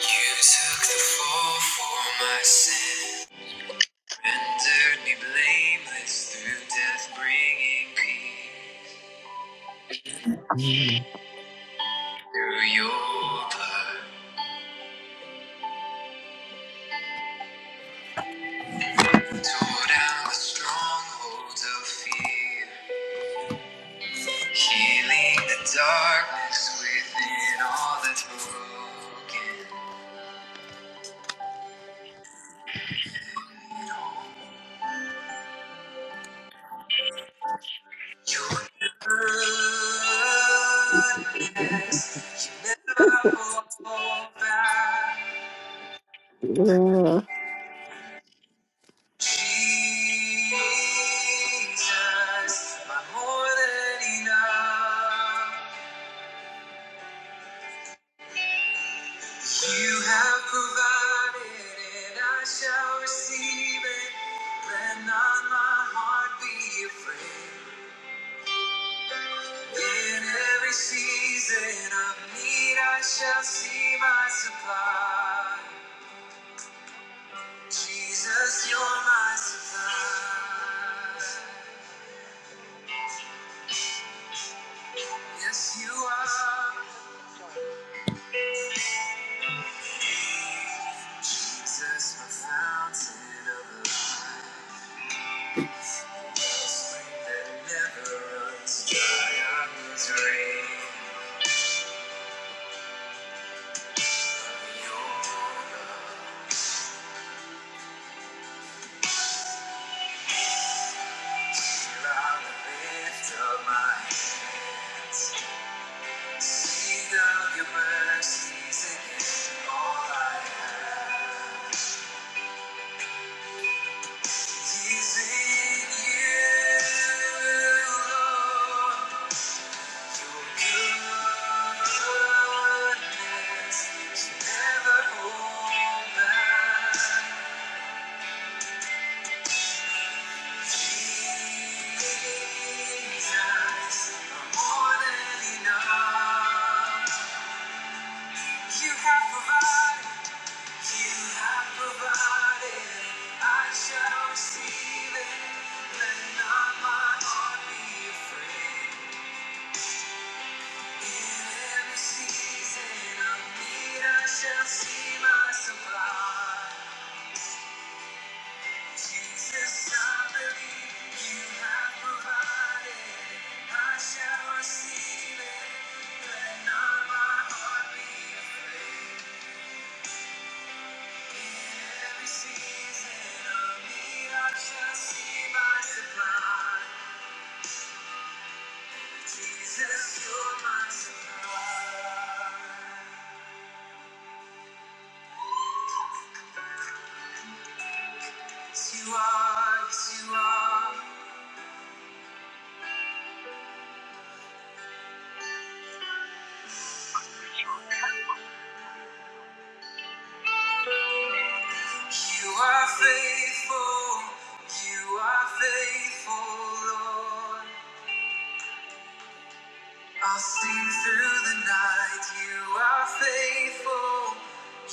You took the fall for my sin, rendered me blameless through death, bringing peace Yeah. through your blood. Tore down the strongholds of fear, healing the darkness within all that's broken. In all your goodness, you never fall back. Jesus, my more than enough. You have provided, and I shall receive it. Let not my heart be afraid. In every season of need, I shall see my supply. Jesus, you're my supply. Yes, you are. Jesus, my fountain of life, that never runs dry. I was raised of your love. Here I lift up my hands. Sing of your mercies again. All I have is in you, Lord. Shall receive it, let not my heart be afraid. Jesus, you're my supply. Yes, you are, yes, you are. You are faithful, you are faithful, Lord. I'll sing through the night. You are faithful,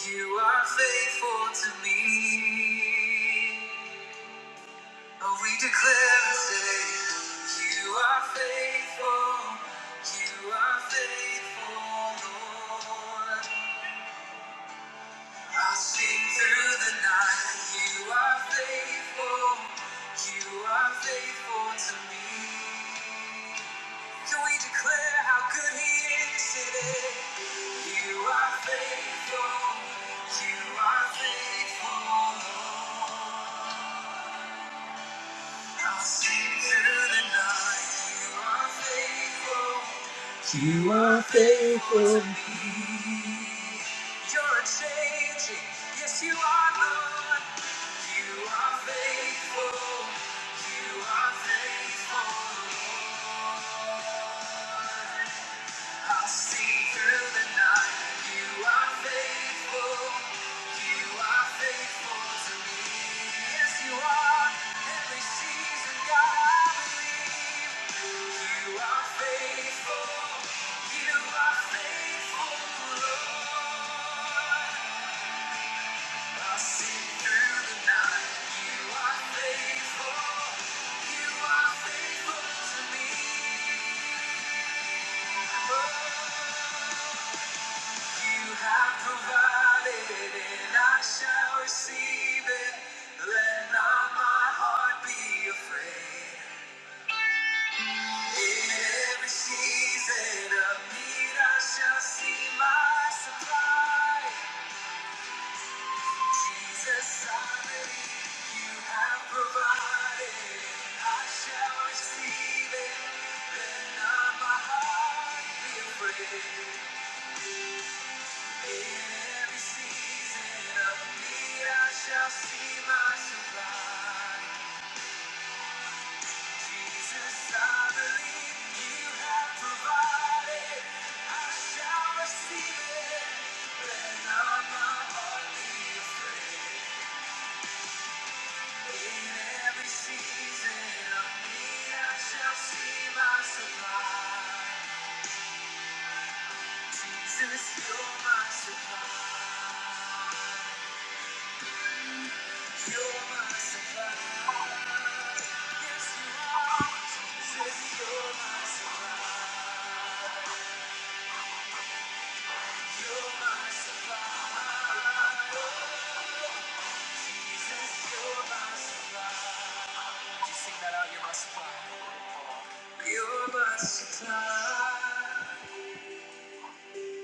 you are faithful to me. Oh, we declare and say, You are faithful, you are faithful, Lord. I'll sing through the night. You are faithful. You are faithful to me. Can we declare how good He is today? You are faithful. You are faithful. Lord. I'll sing through the night. You are faithful. You are faithful to me. You're changing. Yes, you are, Lord. You are faithful. You are faithful, Lord i see through the night. You are faithful. You are faithful to me. Yes, you are. Every season, God, I believe. You are faithful. You are faithful, Lord. i see through the night. You are faithful. You are faithful to me. Oh. You have provided, and I shall receive it. Let not my heart be afraid. In every season of need, I shall see my supply. Jesus, I believe you have provided. I shall receive it. Let not my heart be afraid. Jesus, you're my supply, you're my supply, yes you are. Jesus, you're my supply.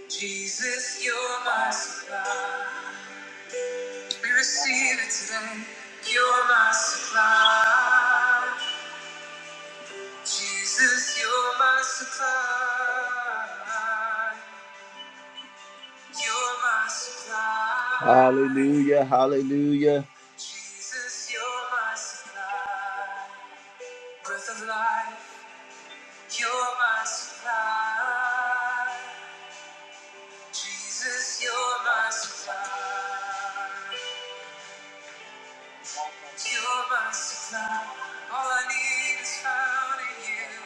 Jesus, you're my supply. We receive it today. You're my supply. Jesus, you're my supply. You're my supply. Hallelujah, hallelujah. Jesus, you're my supply. Breath of life, you're my supply. Jesus, you're my supply. You're my supply. All I need is found in you.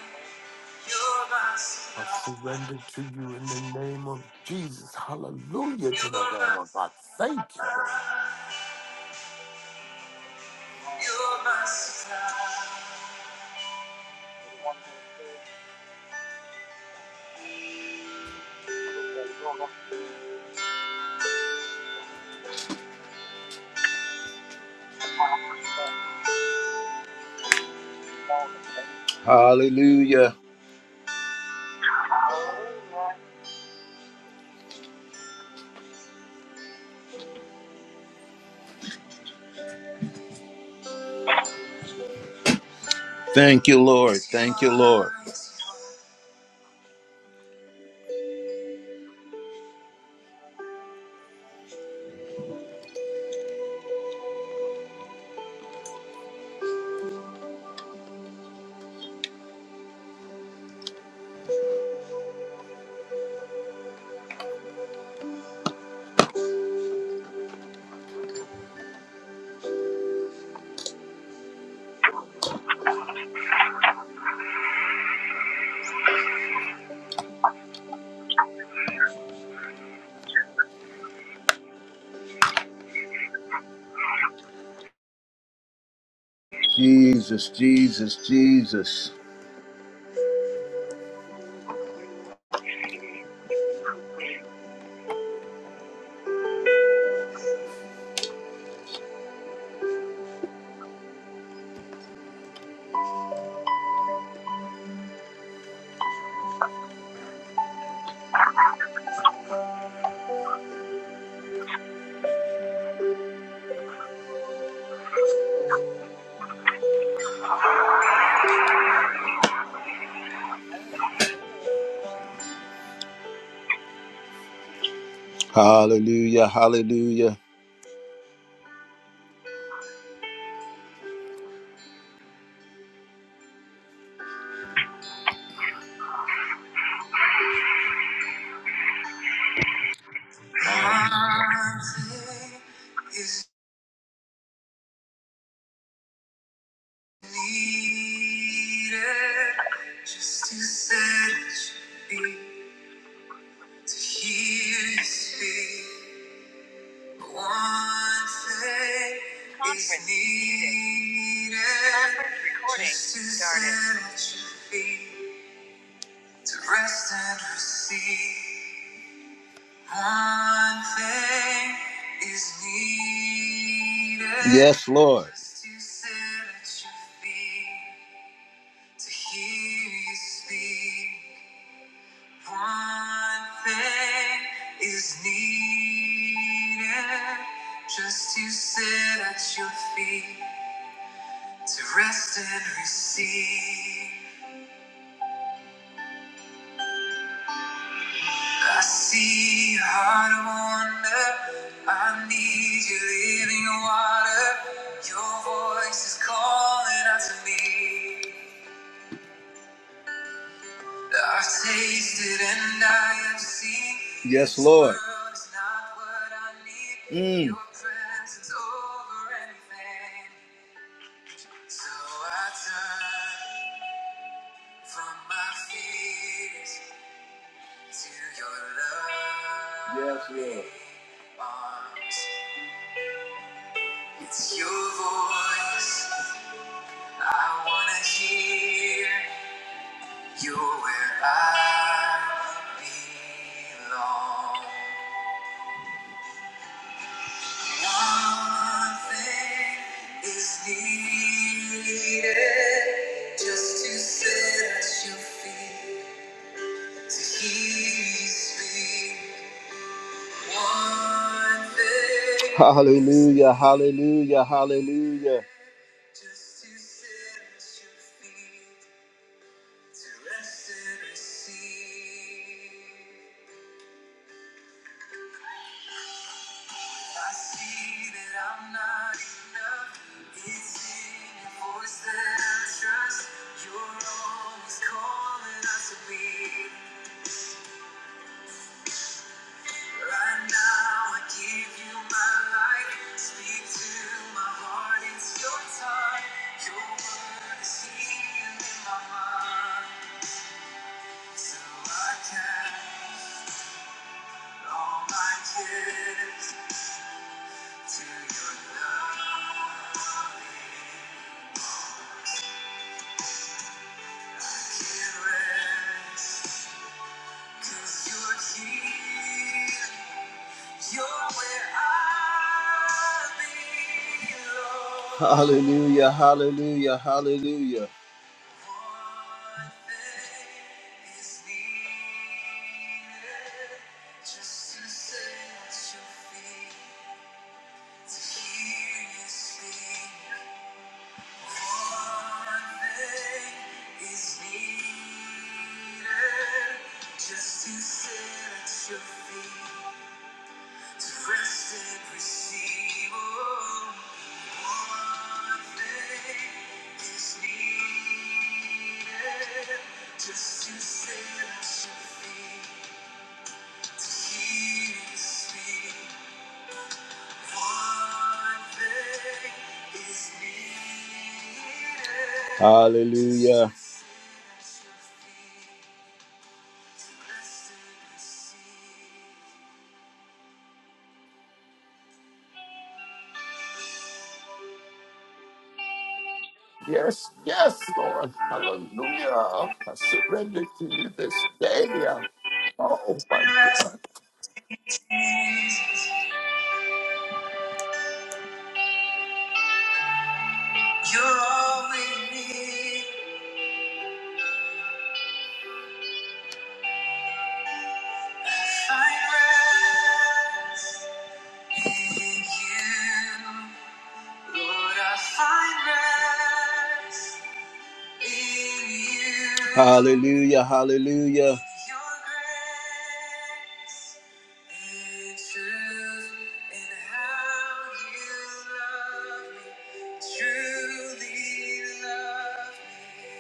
You're my I supply. surrender to you in the name of Jesus. Hallelujah You're to the Lamb my, of God. Thank you, Lord. you're my supply. Hallelujah. Thank you, Lord. Thank you, Lord. Jesus, Jesus, Jesus. Hallelujah, hallelujah. Hallelujah. needed just to set you free, to hear you speak. One thing Conference is needed Needed Conference recording just to started. set you free, to rest and receive. One thing is needed. Yes, Lord. Just to set you free, to hear you speak. One thing is needed just to sit at your feet to rest and receive. I see your heart of wonder. I need you living water. Your voice is calling out to me. Yes, Lord. world Mm. So Yes, Lord. It's your voice I want to hear. You're where I belong. Nothing is needed, just to sit at your feet to hear you speak. One thing Hallelujah, hallelujah, hallelujah. Just to sit at your feet to rest and receive. I see that I'm not enough. It's in your voice that I trust. You're always calling us to be. Right now, I give you my life. Speak to my heart, it's your time. Your word is healing in my mind. So I cast all my cares to your love. I can not rest. Hallelujah, hallelujah, hallelujah. just to sit at your feet. oh, Hallelujah. Yes, yes, Lord. Hallelujah. I surrender to you this day. Oh, my God. You're all we need. Find rest in you. Lord, I find rest in you. Hallelujah, hallelujah. Your grace and truth and how you love me, truly love me.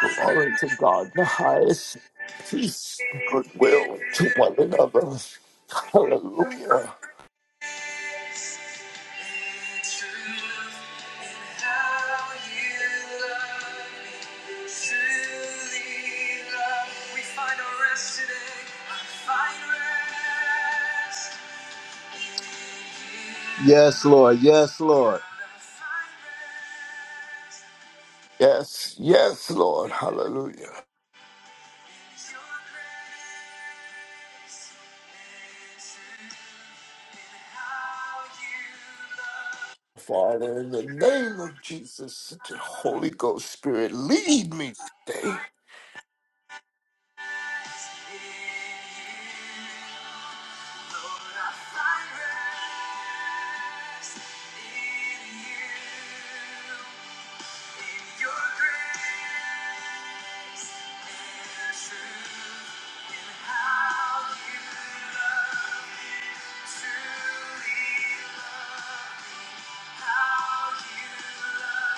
Glory to God, the highest peace, goodwill to one another. Hallelujah. Yes, Lord. Yes, Lord. Yes, yes, Lord. Hallelujah. in Father, in the name of Jesus, the Holy Ghost Spirit, lead me today. your grace is truth in how you love. Truly love how you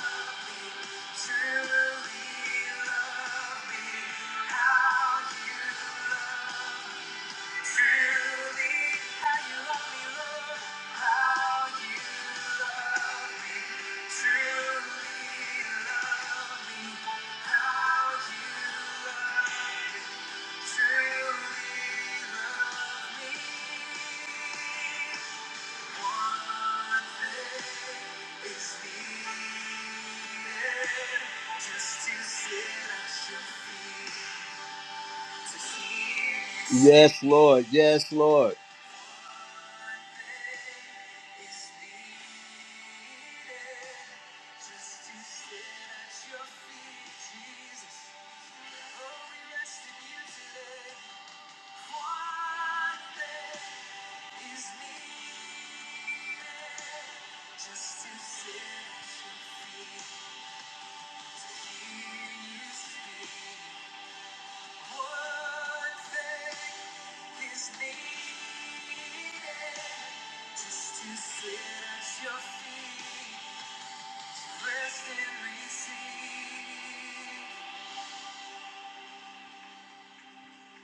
love. Truly love me. Yes, Lord. Yes, Lord. is needed just to set you free, to hear you speak. One thing is needed just to sit at your feet, to rest and receive,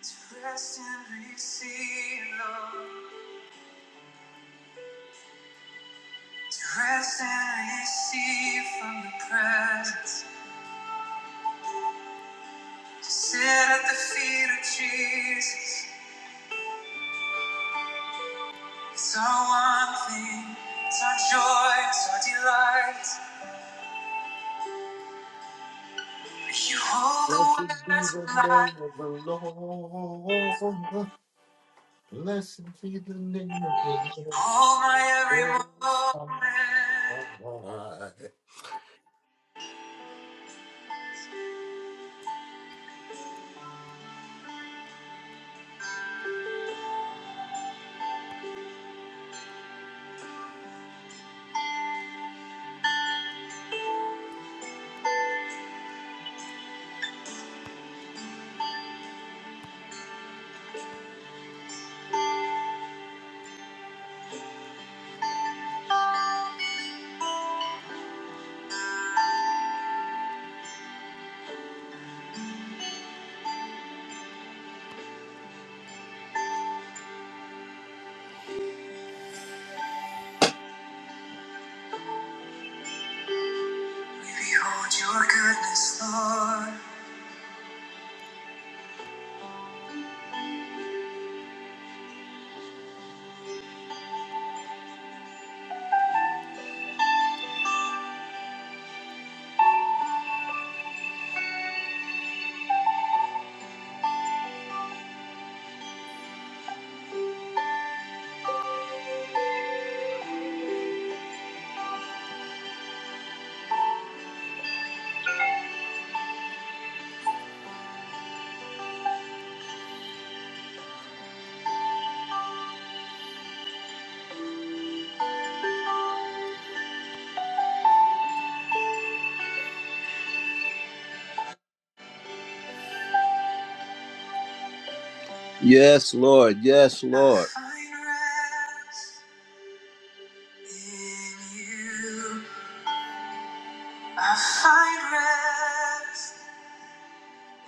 to rest and receive, Lord, to rest and receive from the presence. To Sit at the feet of Jesus. It's our one thing. It's our joy. It's our delight. You hold the Blessed be words of the name life. of the Lord. Blessed be the name of the You hold my every Lord. Most High. moment. We behold your goodness, Lord. Yes, Lord. Yes, Lord. I find rest in you. I find rest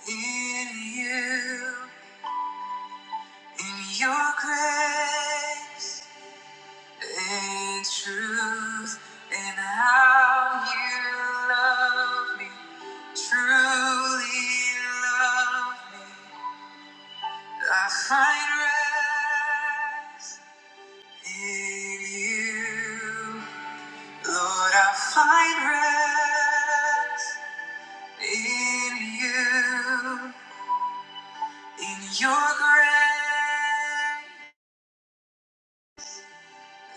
in you. In your grace. In truth, in how you love me, truly love me, I find rest in you. Lord, I find rest in you, in your grace.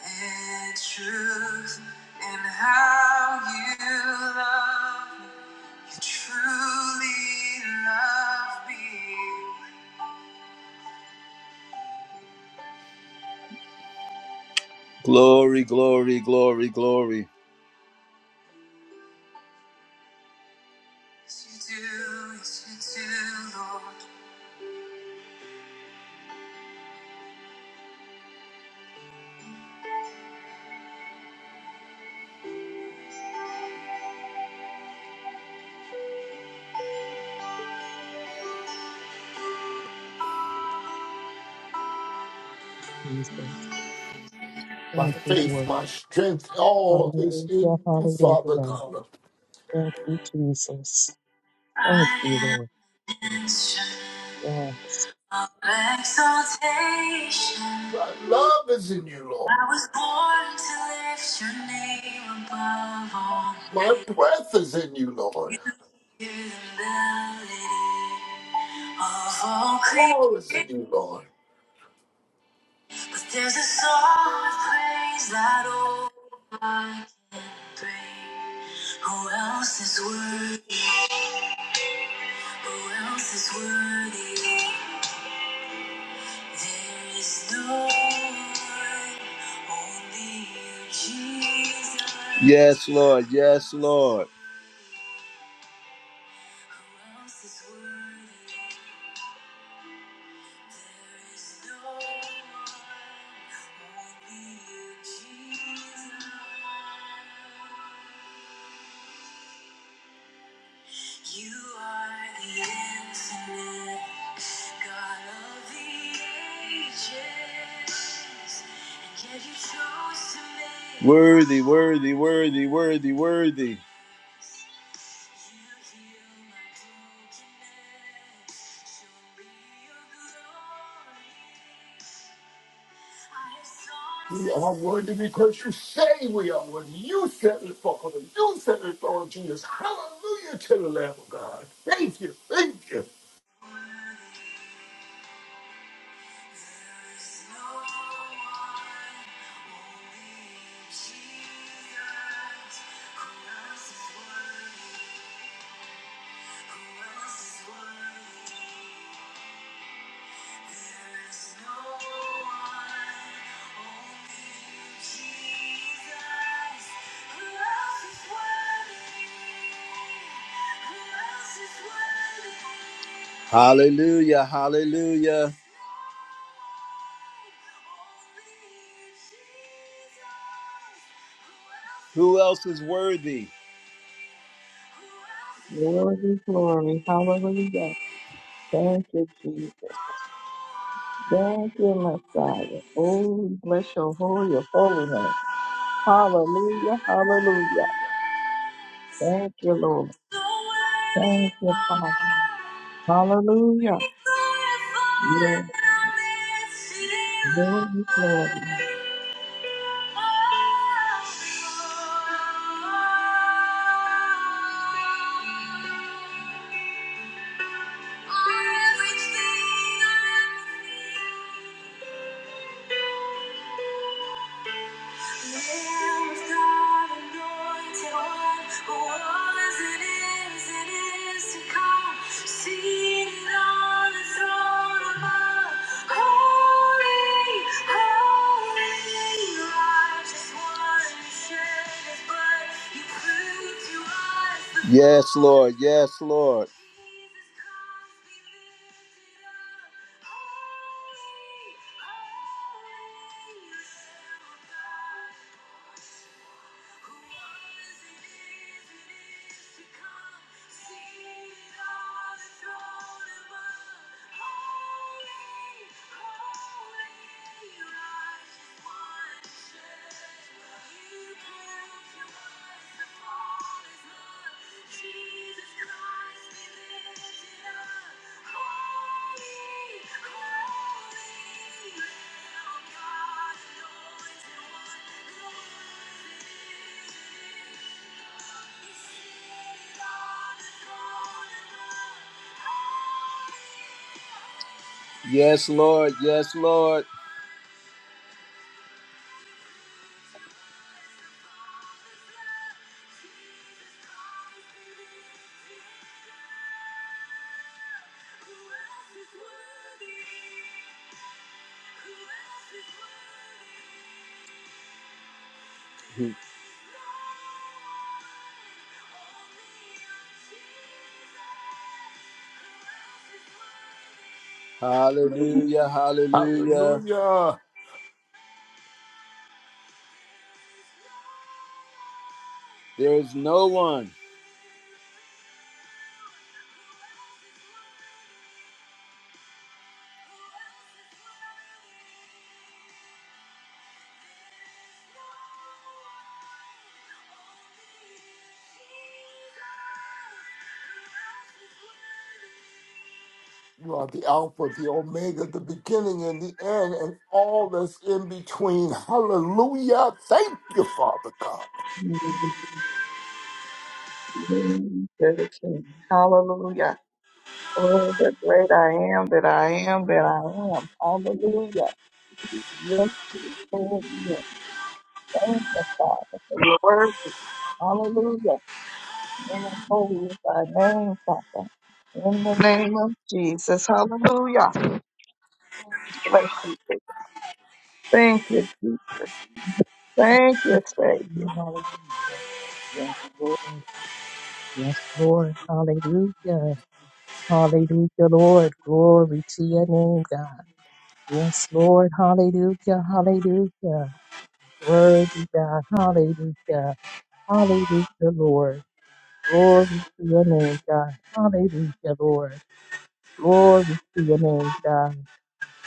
And truth in how you love me. You truly love me. Glory, glory, glory, glory. Yes, you do, yes, you do, Lord. Jesus. My Thank you, faith, Lord. my strength, all is Hallelujah, in you, Father hallelujah. God. Thank you, Jesus. Thank you, I Lord. am instrument Yes. of exaltation. My love is in you, Lord. I was born to lift your name above My all. breath is in you, Lord. You're the melody of all creation. All is in you, Lord. But there's a song of praise that only I can bring. Who else is worthy? Who else is worthy? There is no one, only you, Jesus. Yes, Lord. Yes, Lord. Who else is worthy? no worthy, worthy, worthy, worthy, worthy. We are worthy because you say we are worthy. You said it, Father. You said it, Lord Jesus. Hallelujah to the Lamb of God. Thank you. Thank you. Hallelujah, hallelujah. Who else is worthy? Glory, glory. Hallelujah. Thank you, Jesus. Thank you, Messiah. Oh, we bless your holy, your holy name. Hallelujah. Hallelujah. Thank you, Lord. So worthy. Thank you, Father. Hallelujah. Everything I Yes, glory, glory. am. Yes, Lord. Yes, Lord. Holy, holy, righteous one, you Yes, Lord. Yes, Lord. Hallelujah. Hallelujah. Hallelujah. There is no one. You are the Alpha, the Omega, the beginning and the end, and all that's in between. Hallelujah. Thank you, Father God. Glory To the King. Hallelujah. Oh, the great I am that I am that I am. Hallelujah. Yes, Lord. Yes. Thank you, Father, for your word. Hallelujah. and I'm holy is thy name, Father. In the name of Jesus. Hallelujah. Thank you. Thank you. Jesus. Thank you, Savior. Hallelujah. Yes, Lord. Yes, Lord. Hallelujah. Hallelujah, Lord. Glory to your name, God. Yes, Lord. Hallelujah, hallelujah. Worthy God. Hallelujah. Hallelujah, Lord. Glory to your name, God. Hallelujah, Lord. Glory to your name, God.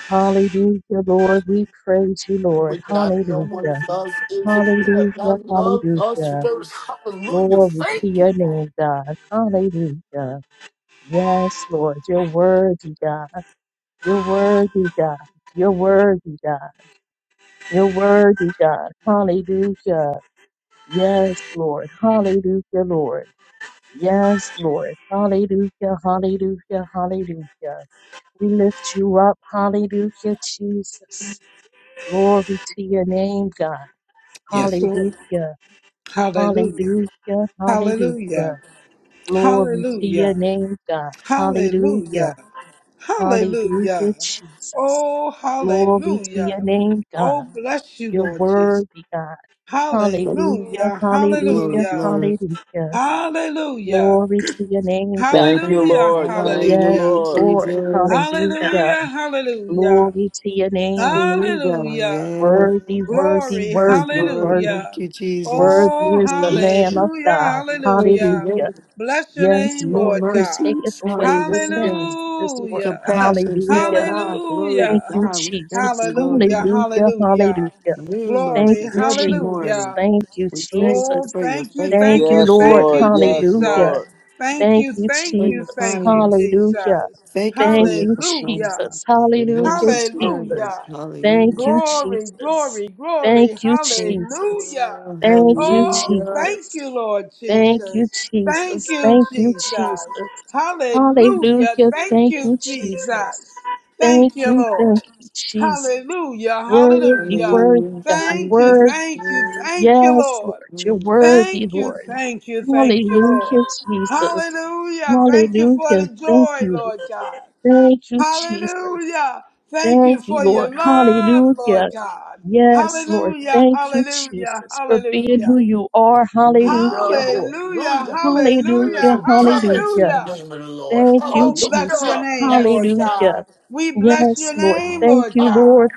Hallelujah, Lord. We praise you, We Lord. would not know what Hallelujah. love is if you had Hallelujah. not loved us Hallelujah. first. Hallelujah. Glory to Thank you, your Father. name, God. Hallelujah. Yes, Lord. You're worthy, God. You're worthy, God. You're worthy, God. You're worthy, God. Hallelujah. Yes, Lord. Hallelujah, Lord. Yes, Lord. Hallelujah. Hallelujah. Hallelujah. We lift you up. Hallelujah, Jesus. Glory to your name, God. Yes, Lord. Hallelujah. Hallelujah. Hallelujah. Hallelujah. Hallelujah. Glory to your Hallelujah. name, God. Hallelujah. Hallelujah. Hallelujah, Hallelujah. Jesus. Oh, Glory to your hallelujah. name, Oh, God. bless you, You're Lord Jesus. worthy, God. Hallelujah. Hallelujah. Glory, Hallelujah. Hallelujah. glory. Hallelujah. Hallelujah. Glory to your name, God. Thank you, Hallelujah. Lord. Thank you, Yes, Hallelujah. Hallelujah, Lord. Lord. Jesus. Hallelujah. Hallelujah. Hallelujah. Glory to your name, God. We go. Hallelujah. Worthy, worthy, Yes. Glory, Yes, worthy, Lord. worthy. Thank hallelujah. you, Jesus. Worthy Oh, is the Lamb of hallelujah, God. Worthy, hallelujah. Hallelujah. Bless your Yes, name, New Lord Lord, who God. taketh mercies. away the sins Hallelujah. of this world. Hallelujah, Compassion fail Hallelujah. not. Glory hallelujah, to Thank you, God. We thank Jesus. you, Lord. hallelujah, Hallelujah. hallelujah. Hallelujah. New Thank Glory, mercies you, every Jesus. morning. hallelujah. Thank you, We thank you Oh, Jesus. for your thank you, faithfulness. Thank thank you, you, Yes, Lord. thank Lord. you, Hallelujah. Yes, Hallelujah. Lord. Jesus. Thank Thank you, you, thank For you, your Jesus. thank you, kindness. Hallelujah. Jesus. Thank you for Thank your you, Hallelujah, compassion. Jesus. Your Hallelujah, mercy toward Jesus. us. hallelujah, Hallelujah. Thank you, Glory, Jesus. glory, Thank glory. you, Thank you, Jesus. Hallelujah. Lord. Thank you, Oh, Hallelujah. thank Jesus. you, Lord Thank you, Jesus. Thank Jesus. you, Thank you, Jesus. Jesus. Hallelujah. Hallelujah. Thank Thank you, you, Jesus. Jesus. Thank Thank you, you, Lord. thank you, Jesus. Hallelujah. Worthy, Hallelujah. worthy, Hallelujah. God. Thank Thank you, you. Worthy. thank you, Lord. thank you, Yes, Lord. Lord. You're Thank worthy, Thank you, Lord. thank you, thank you, Hallelujah, Lord. Jesus. Hallelujah. Thank you for Hallelujah. the Thank joy, you. Lord God. Thank you, Jesus. Hallelujah. Thank Thank you you, for Lord. your love, Hallelujah. Lord God. Yes, Lord. Hallelujah, Thank you, hallelujah, Jesus, for being who hallelujah. you are. Hallelujah, Hallelujah. Lord. Hallelujah, Hallelujah. There is Hallelujah, hallelujah, endurance in hallelujah. the hallelujah. name of the Lord. Thank you, Oh, bless Jesus. your Hallelujah. name, Yes. Lord yes. Hallelujah. God. We bless Yes, your Lord. name, Thank Lord you, Ah, God. Lord.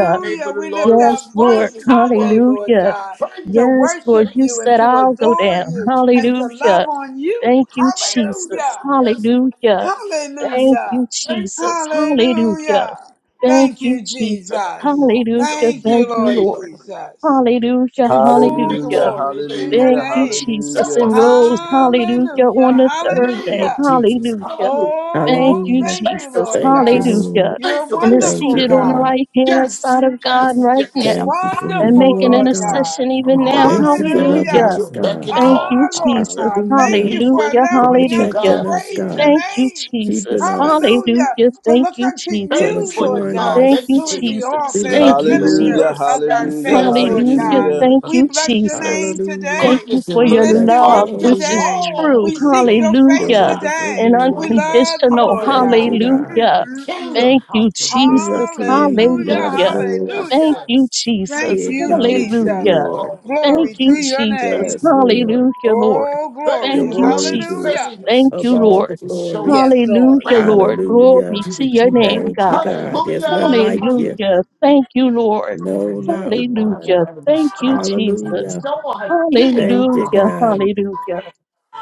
The name of the We lift Lord is Yes, a our Lord. strong voices tower. today, Lord Hallelujah. God, to Praise. Yes, Lord. worship You Thank you and said you. to I'll go adore down. you and to Jesus. love Hallelujah. on you. Thank you, Yes, Jesus. Hallelujah. Lord. Yes, Lord. Hallelujah. Yes, yes, Thank Lord. you, Hallelujah. Thank you. Jesus. Thank you. Hallelujah. Hallelujah. Thank Thank you, you, Jesus. Oh, you Jesus. know Hallelujah. what's up Thank Thank you, again you, Lord today, Lord. Lord. Jesus. Hallelujah. We Oh, submit Hallelujah. to Hallelujah. you glory to today, your Lord. Hallelujah. Thank you, name. Jesus, So Hallelujah. and much what rose, you have us to do. hallelujah, on In Hallelujah. the the third name day. of Hallelujah. Jesus. Hallelujah. Hallelujah. Oh, Thank oh, you, Hallelujah. thank Thank you, you, Jesus. Lord Holy Thank you, God. Ghost. Lord. Hallelujah. You're a Thank you, And Holy is Thank you, wonderful seated Spirit. on the God. God. right hand Mm, Yes, side mm, of God yes, mm. right now yes. Thank you for who and Wonderful, you making are, Lord God. God. intercession even Oh, now. we Thank you for stand loving Hallelujah. at Hallelujah. your us, beck and God. Thank call, you, Ah, Father. Lord Jesus. God, thank Hallelujah. you We for wait Hallelujah. for For you allowing to us to Hallelujah. protecting guide us, us in praise your God. Thank you, you. name. Jesus. Keeping us, Hallelujah. Hallelujah. To Thank look you, unto for Thank you Jesus. you, for your Lord maturing love. God, Thank Thank you you, us. who for is your the Jesus. We author forgiveness. and the love Thank Thank you, you, you for your finisher Hallelujah. Lord. mercy. Jesus. of our We Yes, Hallelujah. faith, yes, Lord celebrate you, yes. Hallelujah. God. Hallelujah. Lord. Thank We you, bless your Jesus. name Hallelujah. Thank today. you Goodness and for We your mercy lift Bless you your love, up follows holy us which is today. name, true. We all the seek days your of our your face Hallelujah. lives. wonderful today. We And dwell We name. in the love you, unconditional. house Lord of the Thank you, Lord, God. God. Hallelujah. the Mm-mm-mm. kingdom Thank you, house of the King of Jesus. kings, Hallelujah. Lord of Hallelujah. Yes, yes, Thank lords. Hallelujah. you, yes. We Thank Jesus. you, acknowledge you, Hallelujah. Jesus. Lord. Oh, Thank Lord, Glory to you, thank your you. Jesus. Thank name. Yes, you, thank Lord. you, Hallelujah, Lord. Oh, Thank You're glory. Thank you, you, Lord, for worthy Jesus. Hallelujah. sending us Thank and of you, all teaching the Lord. to show glory. us Yes, the Lord. Hallelujah, way Lord. Hallelujah. Glory to to the your name, kingdom. Thank you, God. God. There's none Hallelujah. like Hallelujah. you. Hallelujah. Thank you, Lord. I have No, read not the one. Bible Hallelujah. out of the Thank you, I have Jesus. Hallelujah. no idea Thank you, about Hallelujah. the God. kingdom. Hallelujah.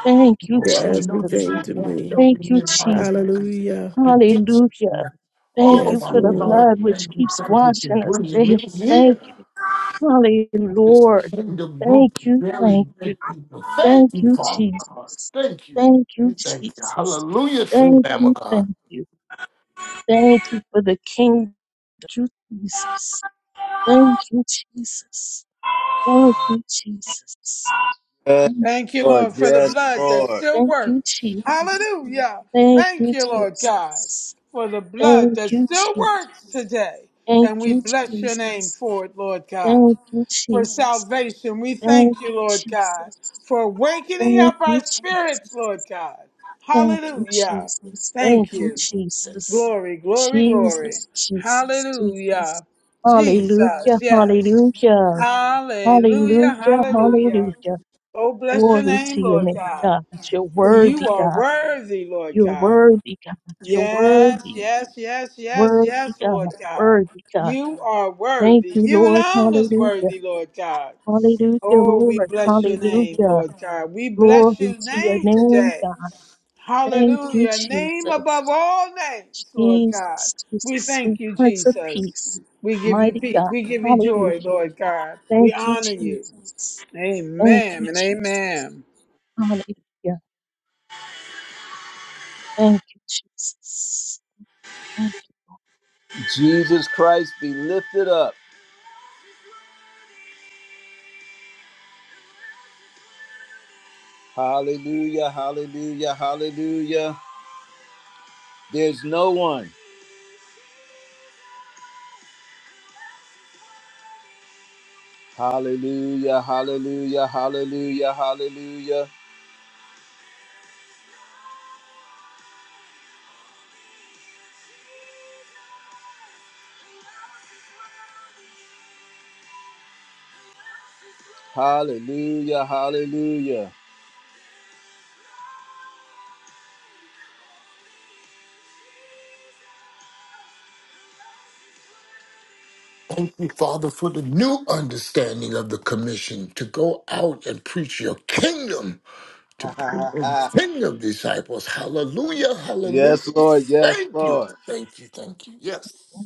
Thank you, Oh, You're but I know Jesus. that you everything were to watching me. over Thank you, me and my Jesus. iniquity, Hallelujah. my addiction. Hallelujah. Thank Oh you Yes, my for the Lord. God, blood which thank you, keeps thank you for washing us bringing daily. me Thank here you. Hallelujah, to this Lord. kingdom group Thank of you. barely Thank you. dead people. Thank Thank you, you, Father God. Jesus. Thank you. Thank Thank you, you. Thank you. Jesus. Hallelujah to the Thank Lamb you. of God. Thank you. Thank you for the kingdom. Thank you, Jesus. Thank you, Jesus. Thank you, Jesus. Yes, Thank Thank you, Lord. Lord, for the Yes, blood that Lord. still thank you, works. Jesus. Hallelujah. Thank Thank you, you, Lord God, Jesus. for the blood Thank that you, still Jesus. works today. Thank And we you, bless your name Jesus. for it, Lord God. Thank you, For Jesus. salvation, we Thank thank you, you, Lord God, Jesus. for awakening Thank up you, our Jesus. spirits, Lord God. Thank you, Hallelujah. Jesus. Thank Thank you, you. Jesus. Glory, glory, glory. Jesus, Jesus, Jesus. Hallelujah. Jesus, Hallelujah, yes. hallelujah, Hallelujah, hallelujah, hallelujah. hallelujah. Oh, bless your Glory to name, your Lord name, God. God. You're For worthy, you are God. worthy, Lord You're God. worthy, God. You're Yes, worthy, yes, yes, yes, worthy, yes, God. Lord God. Worthy, God. You are Thank worthy. you, You Lord. alone is Hallelujah. worthy, Lord God. Hallelujah, Oh, we Lord. bless your name, Hallelujah. Lord God. We bless Glory your to your name name, today. God. Thank you, Hallelujah. Name above Jesus. all names, Lord God. Jesus, We Jesus, sweet thank you, Prince of Jesus. Peace. We give you Mighty peace. God. We give you joy, Hallelujah. Lord God. We Thank you, honor you. Jesus. Thank Amen you, and Jesus. amen. Hallelujah. Thank you, Jesus. Thank Jesus Christ be lifted up. Hallelujah. Hallelujah. Hallelujah. There's no one. Hallelujah. Hallelujah. Hallelujah. Hallelujah. Hallelujah. Hallelujah. Thank you, Father, for the new understanding of the commission to go out and preach your kingdom to send your disciples. Hallelujah, hallelujah. yes, Lord. Yes, Thank you, Lord. thank you, thank you. Yes. you.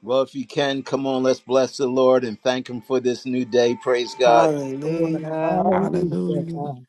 Well, if you can, come on, let's bless the Lord and thank Him for this new day. Praise God. Yes, Lord. Hallelujah. Hallelujah, Hallelujah. God.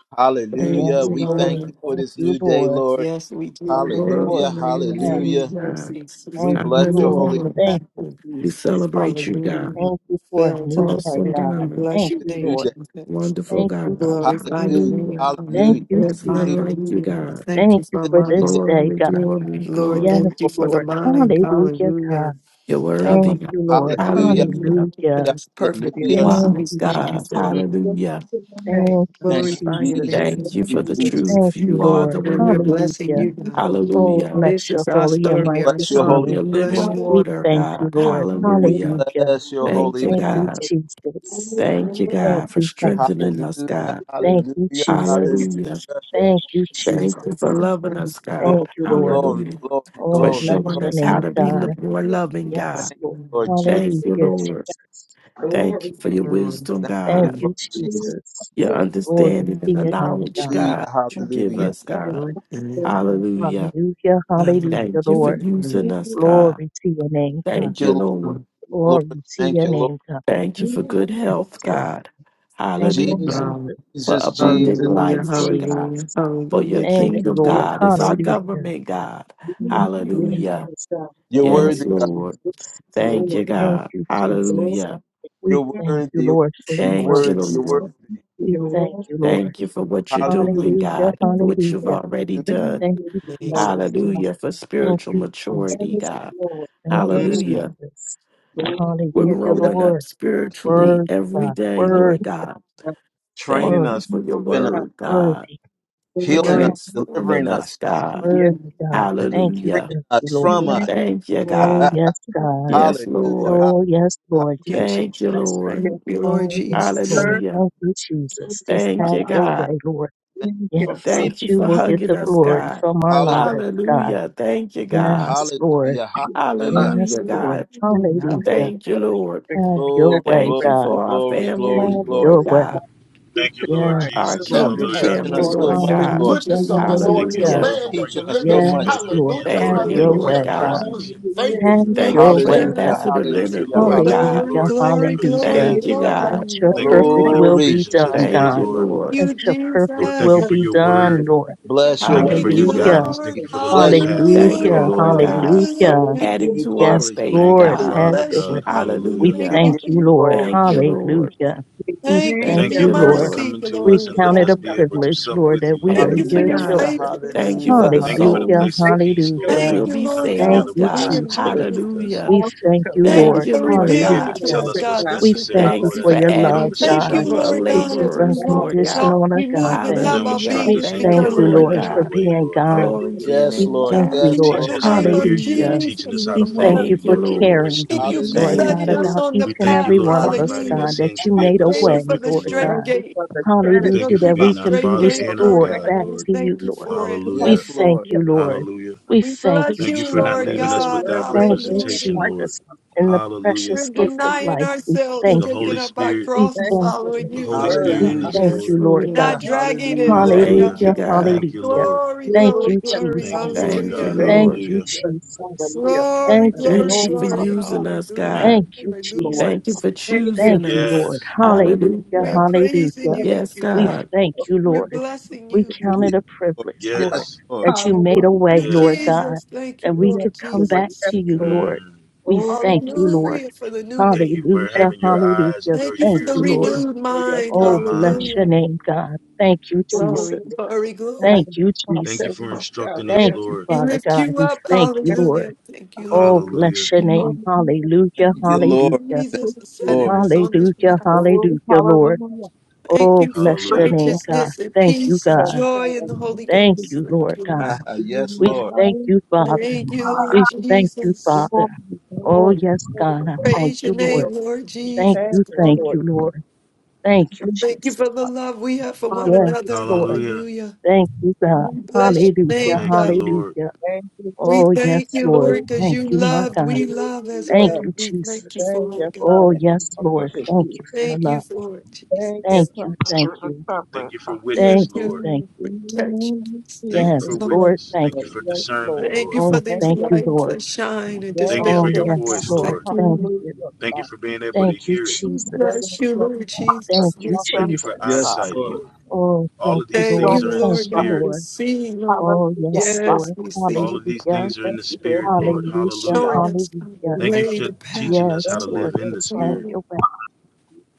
Thank Thank Hallelujah. Yes, you, you, We thank Lord. Lord. you Lord. for Thank this you, new day, Lord. Lord. Yes, we do. We Yes, glorify Lord. Lord. Hallelujah. Thank your you for Yes. your name, Hallelujah. God. mercy. We We Thank Thank bless you, you your for your Lord. holy Hallelujah. Thank you, compassion. We Jesus. celebrate you, God. name Hallelujah. Thank you for a Fail to new day, Awesome nothing. God. We God. bless Thank your for this you, name, new day. Lord. Jesus. Wonderful Thank We you, God. Jesus. glorify your Hallelujah. Hallelujah. name. Thank Hallelujah. Hallelujah. you, There's none Hallelujah. Jesus. like you, Hallelujah. God. Thank Thank you you for This for is the this day mine. day, Glory, God. glory, Lord, Yes, glory. of thank you glory for to the Lord. God. mind. Hallelujah, Hallelujah. God. You're Our worthy, Thank God. mind you, is on Lord. you, but Hallelujah. you Hallelujah. keep Hallelujah. it Hallelujah. perfect Give Hallelujah. peace. Thank We Wise you, thank you God. Jesus. for it. Mm, us Hallelujah. your name, Thank you, Thank Father. you, Glorify your Jesus. Jesus. Thank name, you for Thank Thank the you, you. Jesus. Jesus. Thank truth. you, You are the Lord. And we're word. blessing Hallelujah. Thank you, you God. for being Oh, with us. Hallelujah. bless This your is our holy and We story, our bless righteous your holy name, song. Your name. Lord. Bless you. living Hallelujah. We water, thank you, God. Lord. We Hallelujah. Hallelujah. bless your Thank holy you, name. Thank you, God. Jesus. Thank you, Thank God, for you, Father. strengthening us, Hallelujah. God. Thank you, Hallelujah. Jesus. Hallelujah. Hallelujah. Thank you, Thank you for Jesus. loving us, Glory, God. Thank you, Lord. glory, Hallelujah. glory, Oh, For Oh, glory, bless showing glory. mm, your us how name, to be lo- God. more loving, Thank Yes, God. you, Lord. Lord mm, Jesus. Hallelujah, Thank you, Lord. Jesus. Glory Thank you for to Thank your you, mm, wisdom, Thank okay. you, Thank God, you, Lord you. Jesus. Jesus. your Glory Glory to understanding and the your name, knowledge, God. Hallelujah, God, that you give Yes, hallelujah. us, Lord. God. Um, to you. Glory to Hallelujah. Hallelujah, hallelujah, Thank you for Lord. mm, using you. us, God. Glory to your name, God. Thank Thank you, you, Lord. Lord. um, Lord. Glory to Thank your you, Lord. name, Thank you for good health, God. God. Thank you, Jesus, Hallelujah. um, Jesus. For Jesus, abundant Jesus. Thank Hallelujah, you, life, Lord God. hallelujah, Jesus. For your hallelujah. Thank Thank you, kingdom, you, Lord. God, is Jesus. our Hallelujah. government, God. Glory Thank Thank to you, you. you, Hallelujah. Jesus. Yes, God. You're Thank Glory, Yes, to worthy, you, God. Lord. you. Jesus. glory, to Thank Lord. you. glory you, Thank God. you, to you. Glory Jesus. Hallelujah. We You're thank you, worthy, you're Lord, for worthy, your you're Thank work. you, worthy, you're Jesus. worthy. Lord. to We you. Glory thank to you, Lord. Thank you for what you're doing, Hallelujah. Hallelujah. God, you. for what you've Hallelujah. already hallelujah. Thank done. Thank you, you, Thank you. Father. Jesus. Thank Hallelujah for Thank spiritual you, maturity, you, Jesus. God. Thank you, Mm, Hallelujah. Jesus. We're Hallelujah, yes, growing up Lord. yes. spiritually Worthy every God. day, Word, Lord God. Thank Training word, you us, for your equipping us, word, God, worthy, for healing us, word, transforming delivering us, us, God. Yes. worthy, Mm. God. Thank you, Hallelujah. freeing thank you, us Lord. from us. Thank Thank you, Oh, God. yes, God. hallelujah, Yes, Lord. hallelujah, Oh, yes, Lord, you you, hallelujah. break Thank Jesus. you, us. Lord. Thank you, Lord Oh, yes, Mm, Jesus. Lord. Hallelujah. Thank you, Jesus. Just Thank have you, your God. way, Lord. thank in you Yes, for here, that freedom. Thank you you for will get Mm. hugging the us, glory God. from our Hallelujah! lives, God. Hallelujah. Thank you, God. Yes, Lord. Hallelujah. Hallelujah. Father. Yes, Hallelujah, Lord. God. That Hallelujah. Thank you, Lord. the Have your Glory, content of way, glory, Thank it you God. for our glory, glory, family, Have your Lord glory. way. God, to Thank you, the Lord high. He our Yes, looks Jesus. Never Lord. with You're kingdom have Hallelujah. I teaching family, You us thought look so I'd Lord see good to much, the Thank God. you, Lord. Hallelujah. goodness of the Jesus. Thank Lord in you, the Hallelujah. Hallelujah. Lord, for Hallelujah. land of Teaching the bringing us us Yes, so back living. much. Yes, together hallelujah. Lord. again, Hallelujah, Have Lord. Thank Yes, you, Thank your you yes. for Hallelujah. Lord hallelujah, your way, God. God. presence. hallelujah. Thank Hallelujah. you, Have thank Thank On you your you, for Hallelujah. way, thank you. God. Ambassador Thank you, Leonard, Hallelujah. Lord. Lord Thank God. you, Hallelujah. Hallelujah. Glory, Hallelujah, Lord. Thank you Father. glory, for this glory, hallelujah. day. Thank In you, the name of Let God. glory. your Thank you for, perfect for Hallelujah. the will Glory. be provisions Jesus. of done, Yes, today, Thank Father. God. you, Lord. Thank Lord. Let you, your perfect Lord, thank will you Jesus. Yes, for be your done, word. Lord. Jesus. Bless your Thank you for Thank your wonderful you, Hallelujah. Hallelujah, guidance. Lord. Thank name. Thank you for the lit Bless you. path, Lord. Thank you, Hallelujah. hallelujah, Lord Hallelujah. God, for hallelujah. We Hallelujah. give adding you to our Yes, glory. faith, Thank you, Lord, We God. have Father your Bless way. God. you, God. We Hallelujah. Thank We Hallelujah. you thank give for you, you your Lord. glory. Thank you, Lord. Hallelujah. We Thank you thank for Thank Thank your you, you, you, Lord, for Lord. Lord. mercy, coming to We us glory and to count letting it us a God. be able to privilege, sup Lord, with that you, we Thank are Lord. you Thank for you, your your Hallelujah. God. children. faithfulness, Thank you for Hallelujah. Lord. the Hallelujah. Thank you for the Hallelujah, place souls of peace, that Lord. Thank hallelujah. will Thank you you, for be Lord coming Thank together God, saved, for you, with being us God. and one Jesus. speaking with with us. you. Hallelujah. We thank you, Thank you Thank Lord. you, for Lord being Hallelujah. revealing able God. to to tell us, us what's God, the We necessary, thank you Thank Lord, secrets. you for as for you your have a adding love, to the Thank conversation God, you, with number us, of Lord Lord. which God, is as we laborers, walk, Lord God. unconditional talk, and we move, and agape. have Now our Hallelujah. instruct being We is us in Thank your thank you, because of you, word you, Lord and Lord, in for your God. Lord God. way, being Lord. God. Glory Hallelujah. to your Yes, We name, Lord. thank God. Thank you, You're Yes, you in Lord. teaching the Lord. us how to name of hear you. You're Hallelujah. Hallelujah. teaching Jesus, us how to We Lord. follow thank you you, Thank you, for Lord. You're, Lord. we're caring, Thank you students. for you. Lord Hallelujah. God, Thank setting you. us Lord. about on each the We and thank you, path, every Lord, one for of us, inviting Hallelujah. hallelujah. God, us that in to you be made able a to Thank Hallelujah. sup you way, for with the you, Lord Lord. straight Thank God. you gate. for the We We thank go you Hallelujah, Trinity, for that through the we Father. being our can be straight Father gate, Glory and our Lord restored to God, God, and back we Lord. to you, thank you Lord. you. for it. We Hallelujah. Yes, thank Lord. Hallelujah. you, Lord. Hallelujah. We We thank Thank bless you, Thank you you, you, for not Father, Lord that leaving Jesus. your us God. word without is the Thank you, word of Hallelujah. representation, life. Lord. Jesus. Father. In the Hallelujah. We're precious Thank gift of denying life, we ourselves, thank The you. taking Holy up our Spirit, We cross and thank you for you. following the your you, Holy Lord word. Spirit We in Hallelujah. God. God. us, thank Yes, you, Lord. We're Lord God. not Lord. Thank you for dragging it, the Hallelujah. Lord truth. Hallelujah. Thank God. you, Hallelujah. God. Thank you, Hallelujah. Lord. Glory, Thank glory, you, Hallelujah, glory. Thank you, Jesus. Father. Lord Thank you, God. Hallelujah. Thank Thank you Lord. for you, Hallelujah. your Jesus. hallelujah, Glory, Thank Father. you, glory, Thank Glory you for to God. glory. Jesus. using us, Thank you, God. Mm. Hallelujah. Thank you, Hallelujah. Lord. Thank you Jesus. for Thank you. Thank choosing you, us. Lord. Yes, Hallelujah. Hallelujah. We're Hallelujah. praising Hallelujah. you, Let us God. Yes, be We the God. thank you, We're people of Lord. blessing We you, him. count Lord. Yes, it a Lord. privilege, Yes, Lord, yes, Lord. that you made Hallelujah. a Thank way, you, Lord yes. God, Jesus. Thank that you, we Yes, could Lord come Lord. back Yes, Jesus. to you, Lord. Lord. Mm. We Oh, God, thank we you, pray. Lord. Hallelujah for the new Thank man. you for Thank Hallelujah. having you your eyes and Hallelujah. your Thank you for Thank the ears, you, Thank Lord, Lord. renewed you for your mind. your Oh, service. bless mind. your Hallelujah. name, God. Thank you, Oh, oh, Jesus. Glory, oh, glory, God, Thank glory. and the you, cross Thank you that Jesus. we for shall instructing us, Thank live you, Lord. We Father lift God. you We up. with thank you, and Lord. Hallelujah. Thank you, Oh, Lord. bless Hallelujah. your be more name. than we Hallelujah, Thank can you, Lord Lord. hallelujah, Thank hope Jesus is you, setting Lord. for. us hallelujah, on this path. Oh, hallelujah, Lord. hallelujah. Thank Oh, you for bless First your Hallelujah. name, step, God. righteousness and Thank you, peace and yes, God. God, joy in the and this Holy is Thank the Ghost. you, God. Thank Lord you, Lord. God. Ah, We give yes, you are We the Lord. thank you, highest Father. Thank you, praise. Lord We thank you, Jesus. Father. Glory, Oh, glory, yes, glory God. I to thank Praise your you, Lord. your name, Lord Jesus. Thank family, you, thank Glory. Lord. you, Lord. Thank you, Thank you, Thank you Jesus. for the love we have for one Hallelujah. Yes, another. Lord. Hallelujah. Hallelujah. Thank you, God. Thank We you, bless Lord. Hallelujah, your name, Thank you, God. Lord. hallelujah. Thank you, We Oh, thank yes, you, Jesus. Lord. Lord, because Thank you you, my loved. God. We love as Thank Hallelujah. you, well. We thank you Jesus. Thank for you, it, God. Oh, Father. yes, for Lord. Lord. Thank you. you for the Thank you love. for it, Thank you, Thank Jesus. Father, you, thank for the you. Thank you for coverage. witness, Thank Thank you, Lord. thank you for you. protection. Hallelujah, Thank you Yes, Yes, Jesus. for Yes, Lord. Lord. witness. Thank Thank you Lord. you. for Yes, discernment, Lord. Thank you Lord. for Oh, Thank these thank you, you, lights Father. Lord. that shine and Thank you Thank dispel for Oh, your you, yes, voice, darkness. Father. Lord. Lord. Thank Thank you. you. Hallelujah, Thank you Father. for being able to Thank you, hear it. We Jesus. Thank Bless you, you, Lord Jesus. Thank Father. you, You Yes, kept Thank you Lord. for us, Yes, Jesus. Father. eyesight, Lord. Lord. Oh, All You thank of you, these Thank storm, Lord. you, things are in the Thank Lord you, Father. spirit. God. We Lord. see, Lord. Oh, Hallelujah, yes, Father. Yes, Lord. we All see. of these We Hallelujah. things are in Thank the you for spirit, Thank Lord. everything, you for Hallelujah. Hallelujah. showing Father. us the We Hallelujah. Thank you way, for the path. teaching us Yes, how to Thank to the Lord. live you, in the Just have Father. spirit. Lord. your way.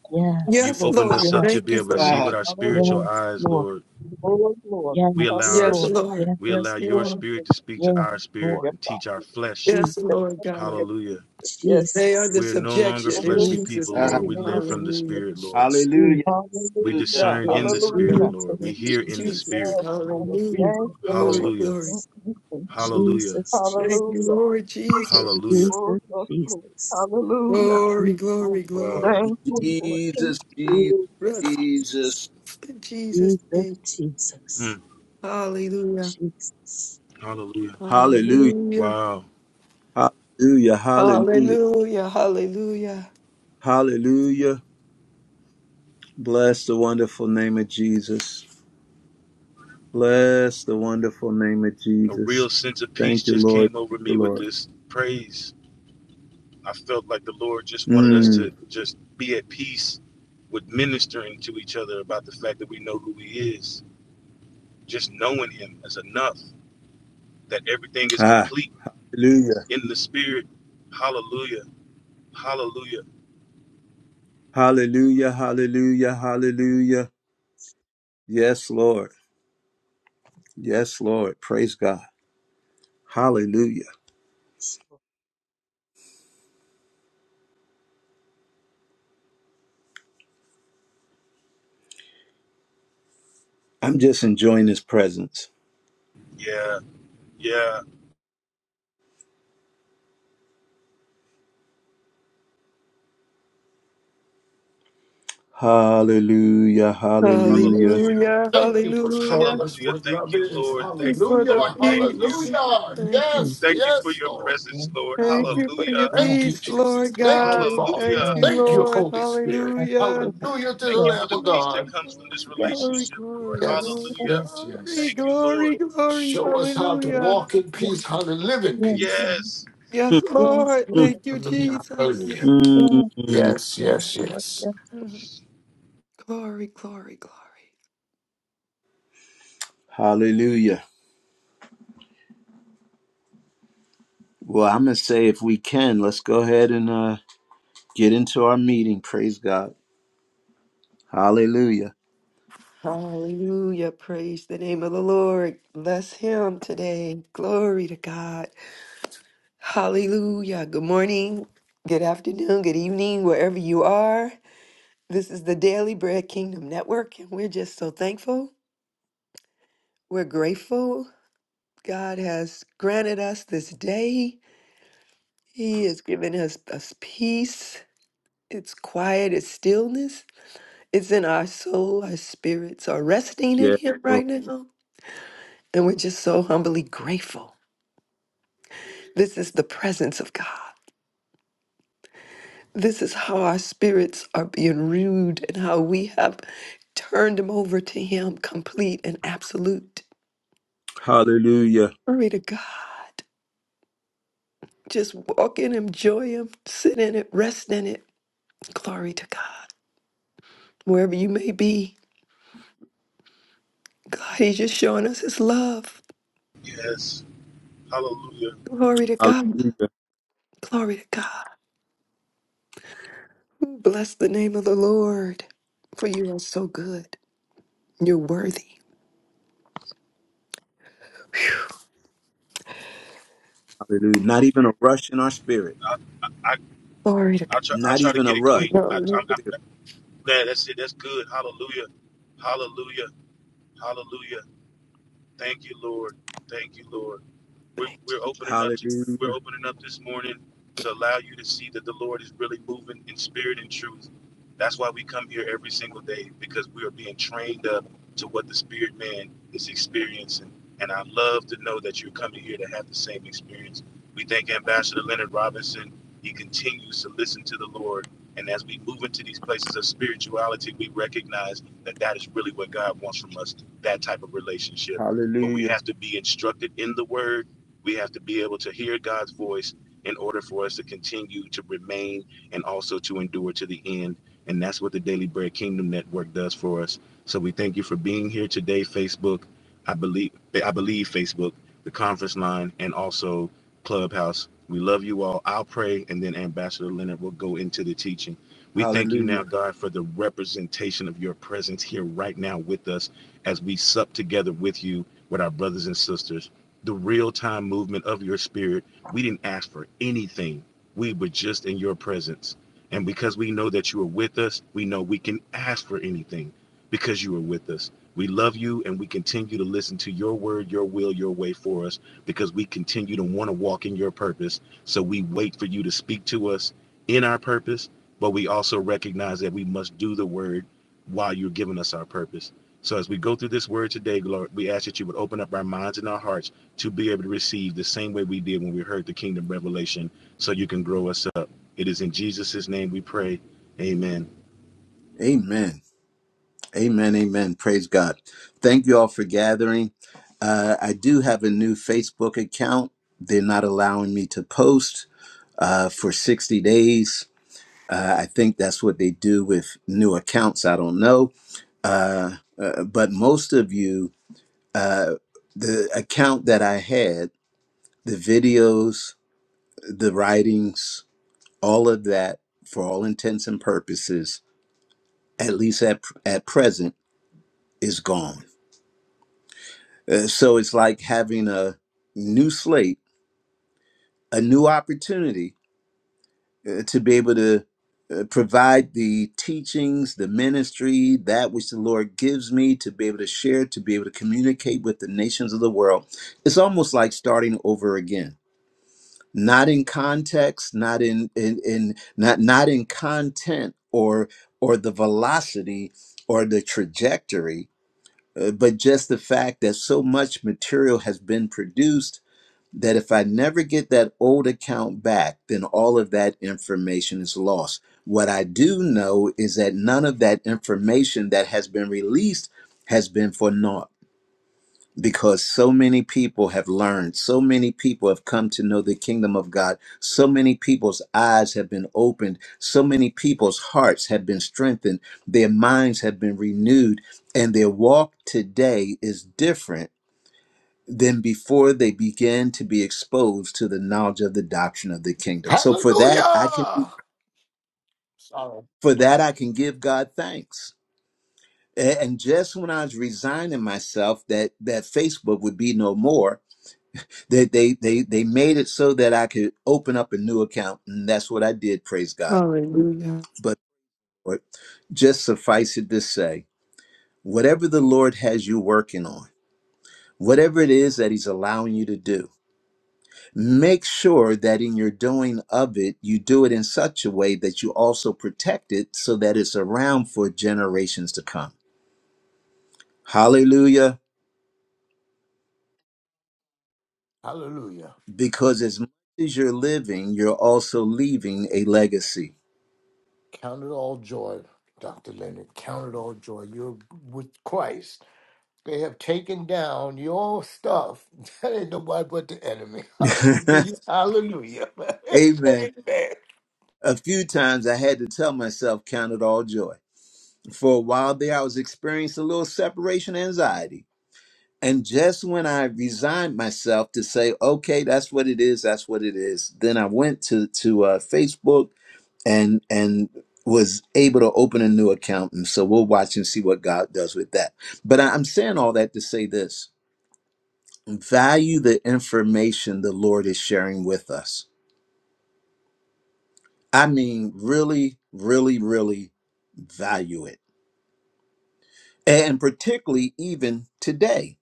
Yes, You've Yes, Lord. opened us Lord. up Yes, to Thank be you able to for. see Ah, with our Hallelujah, spiritual yes, eyes, Lord. Lord. Lord, Lord. We allow Yes, our Yes, Hallelujah, Lord. Lord. Yes, we Yes, allow your yes, Lord. spirit to Lord. speak to yes, our spirit Lord. Yes, and teach Father. our flesh. Je- Yes, Lord God. Yes, Hallelujah. yes. They Jesus, under We're no longer subjection Glory, in fleshly Jesus, people, Jesus' glory, ah, Lord. name. We glory. live Jesus, to from the Hallelujah. you. spirit, Lord. hallelujah. Jesus, We Hallelujah. Hallelujah, discern in the Glory to spirit, God. hallelujah. Jesus, Lord. We Thank hear you, in the Jesus, Jesus. spirit. Yes, Lord. Hallelujah. Thank you, Glory, Lord. Hallelujah. glory. Mm, Jesus, Jesus, mm, mm. Jesus, Hallelujah. Thank you, Hallelujah. Lord Oh, Jesus. Hallelujah. Jesus, yes, Jesus, Lord. Jesus, Jesus, Hallelujah. Glory, glory, oh, Wow. glory. Thank you, Lord. Jesus, Jesus, Jesus, Rest Jesus, Jesus. in Jesus' name. Jesus, Mm. Jesus, Hallelujah. Jesus. Hallelujah. Hallelujah. Hallelujah. Wow. Hallelujah. Hallelujah. Hallelujah. Hallelujah. Hallelujah. Bless the wonderful name of Jesus. Bless the wonderful name of a real Jesus. sense of peace Thank you, just Lord. came Thank over you, me with Lord. this praise. I felt like the Lord just wanted us to Mm. just be at peace with ministering to each other about the fact that we know who He is. Just knowing Him is enough, that everything is Ah, complete hallelujah. in the Spirit. Hallelujah. Hallelujah. Hallelujah. Hallelujah. Hallelujah. Yes, Lord. Yes, Lord. Praise God. Hallelujah. I'm just enjoying his presence. Yeah. Yeah. Hallelujah. Hallelujah. Hallelujah. Hallelujah. Thank you for showing Hallelujah. us Hallelujah. what Thank love you, is. Lord. Thank you Thank you, for the Hallelujah, Lord. Thank you. Mm, peace. hallelujah. mm, Thank you. mm, Yes, for Thank you for yes, your Lord. Yes, presence, Lord. Thank Lord. you for your Hallelujah. Yes, Thank you, peace, Jesus. Lord Thank God. you, We Father. Hallelujah. thank oh, you, Thank thank you, you. Lord. Holy Spirit. Yes, Hallelujah. open. Hallelujah to the Thank you Yeah, for Lamb the of peace God. that Glory, comes from this yes. glory, relationship, Lord. glory, glory, Yes, Yeah, Hallelujah. yes, glory, yes. Thank you, glory, Lord. glory, glory. Show us how to yeah, Hallelujah. walk in yes, peace, how yes, to live in Yes. peace. Lord. Yes. Yes, Yes, Lord. Lord. Mm, Thank you, Hallelujah. Hallelujah. Jesus. mm, Yeah, mm. Yes, yes, yes, Lord. yes. Yes, Mhm. Glory, glory, glory. hallelujah. Well, I'm going to say if we can, let's go ahead and uh, get into our meeting. Praise God. Hallelujah. Hallelujah. Praise the name of the Lord. Bless him today. Glory to God. Hallelujah. Good morning, good afternoon, good evening, wherever you are. This is the Daily Bread Kingdom Network, and we're just so thankful. We're grateful. God has granted us this day. He has given us, us peace. It's quiet, it's stillness. It's in our soul. Our spirits are resting in Yes, Him Lord. right now. And we're just so humbly grateful. This is the presence of God. This is how our spirits are being renewed, and how we have turned them over to Him, complete and absolute. Hallelujah. Glory to God. Just walk in, enjoy Him, sit in it, rest in it. Glory to God. Wherever you may be, God, He's just showing us His love. Yes. Hallelujah. Glory to God. Hallelujah. Glory to God. Bless the name of the Lord, for you are so good. You're worthy. Hallelujah. Not even a rush in our spirit. I Glory to I try I Not try to even a get it, rush. Queen. I, God. i i man, that's it. That's good. Hallelujah. Hallelujah. Hallelujah. Thank you, Lord. Thank you, Lord. we're, we're opening up to we're Hallelujah. opening up this morning to allow you to see that the lord is really moving in spirit and truth that's why we come here every single day because we are being trained up to what the spirit man is experiencing and i love to know that you're coming here to have the same experience we thank ambassador leonard robinson he continues to listen to the lord and as we move into these places of spirituality we recognize that that is really what god wants from us that type of relationship but we Hallelujah. have to be instructed in the word we have to be able to hear God's voice in order for us to continue to remain and also to endure to the end. And that's what the Daily Bread Kingdom Network does for us. So we thank you for being here today, Facebook. I believe I believe Facebook, the conference line, and also Clubhouse. We love you all. I'll pray, and then Ambassador Leonard will go into the teaching. We thank you now, Hallelujah. God, for the representation of your presence here right now with us as we sup together with you, with our brothers and sisters the real time movement of your spirit. We didn't ask for anything. We were just in your presence. And because we know that you are with us, we know we can ask for anything because you are with us. We love you and we continue to listen to your word, your will, your way for us because we continue to want to walk in your purpose. So we wait for you to speak to us in our purpose, but we also recognize that we must do the word while you're giving us our purpose. So as we go through this word today, Lord, we ask that you would open up our minds and our hearts to be able to receive the same way we did when we heard the kingdom revelation, so you can grow us up. It is in Jesus' name we pray. Amen. Amen. Amen, amen. Praise God. Thank you all for gathering. Uh, I do have a new Facebook account. They're not allowing me to post uh, for 60 days. Uh, I think that's what they do with new accounts. I don't know. Uh, uh, but most of you, uh, the account that I had, the videos, the writings, all of that, for all intents and purposes, at least at, at present, is gone Uh, so it's like having a new slate, a new opportunity uh, to be able to uh, provide the teachings, the ministry, that which the Lord gives me to be able to share, to be able to communicate with the nations of the world. It's almost like starting over again, not in context, not in in, in not not in content or or the velocity or the trajectory, uh, but just the fact that so much material has been produced that if I never get that old account back, then all of that information is lost. What I do know is that none of that information that has been released has been for naught because so many people have learned, so many people have come to know the kingdom of God, so many people's eyes have been opened, so many people's hearts have been strengthened, their minds have been renewed, and their walk today is different than before they began to be exposed to the knowledge of the doctrine of the kingdom. So for that I can Hallelujah. Sorry. for that I can give God thanks. A- And just when I was resigning myself that that Facebook would be no more, that they, they they made it so that I could open up a new account, and that's what I did. Praise God. Hallelujah. But Lord, just suffice it to say, whatever the Lord has you working on, whatever it is that He's allowing you to do. Make sure that in your doing of it, you do it in such a way that you also protect it so that it's around for generations to come. Hallelujah. Hallelujah. Because as much as you're living, you're also leaving a legacy. Count it all joy, Dr. Leonard. Count it all joy. You're with Christ. They have taken down your stuff. That ain't nobody but the enemy. Hallelujah. Amen. Amen. A few times I had to tell myself, count it all joy. For a while there, I was experiencing a little separation anxiety And just when I resigned myself to say, okay, that's what it is, that's what it is, then I went to to uh, Facebook and and was able to open a new account. And so we'll watch and see what God does with that. But I- I'm saying all that to say this: value the information the Lord is sharing with us. I mean, really, really, really value it, and particularly even today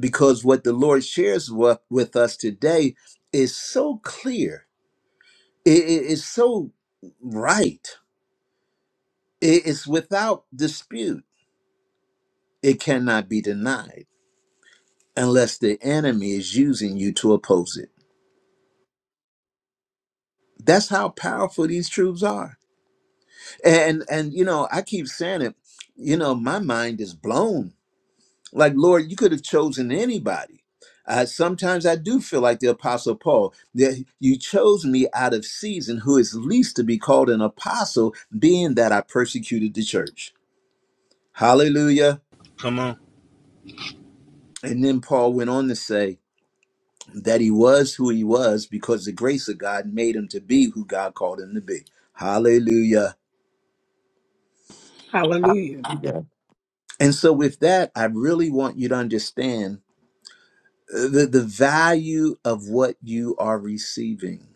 because what the Lord shares wa- with us today is so clear. It is so right. It is without dispute. It cannot be denied unless the enemy is using you to oppose it. That's how powerful these truths are. And and you know, I keep saying it, you know, my mind is blown Like, Lord, you could have chosen anybody. Uh, sometimes I do feel like the Apostle Paul, that you chose me out of season, who is least to be called an apostle, being that I persecuted the church. Hallelujah. Come on. And then Paul went on to say that he was who he was because the grace of God made him to be who God called him to be. Hallelujah. Hallelujah. Hallelujah. And so, with that, I really want you to understand uh, the, the value of what you are receiving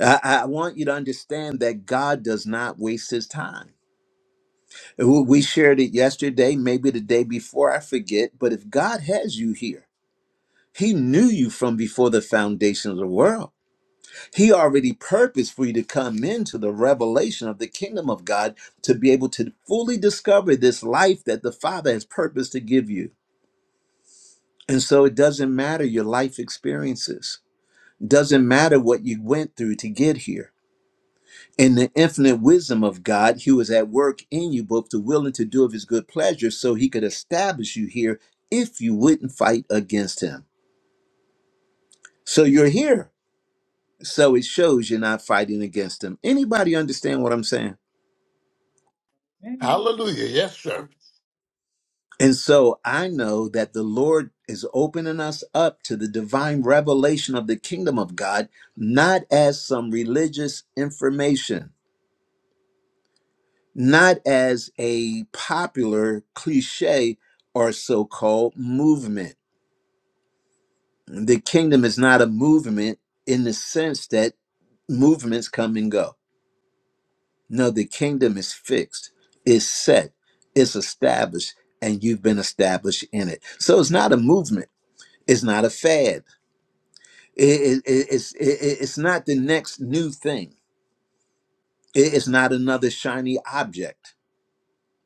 I, I want you to understand that God does not waste his time. W- We shared it yesterday, maybe the day before, I forget, but if God has you here, he knew you from before the foundation of the world. He already purposed for you to come into the revelation of the kingdom of God to be able to fully discover this life that the Father has purposed to give you. And so it doesn't matter your life experiences, doesn't matter what you went through to get here In the infinite wisdom of God, he was at work in you both to will and to do of his good pleasure, so he could establish you here if you wouldn't fight against him. So you're here. So it shows you're not fighting against him. Anybody understand what I'm saying? Amen. Hallelujah. Yes, sir. And so I know that the Lord is opening us up to the divine revelation of the kingdom of God, not as some religious information, not as a popular cliche or so called movement The kingdom is not a movement in the sense that movements come and go. No, the kingdom is fixed, is set, is established, and you've been established in it. So it's not a movement, it's not a fad, It- it- it's, it- it's not the next new thing, It- it's not another shiny object.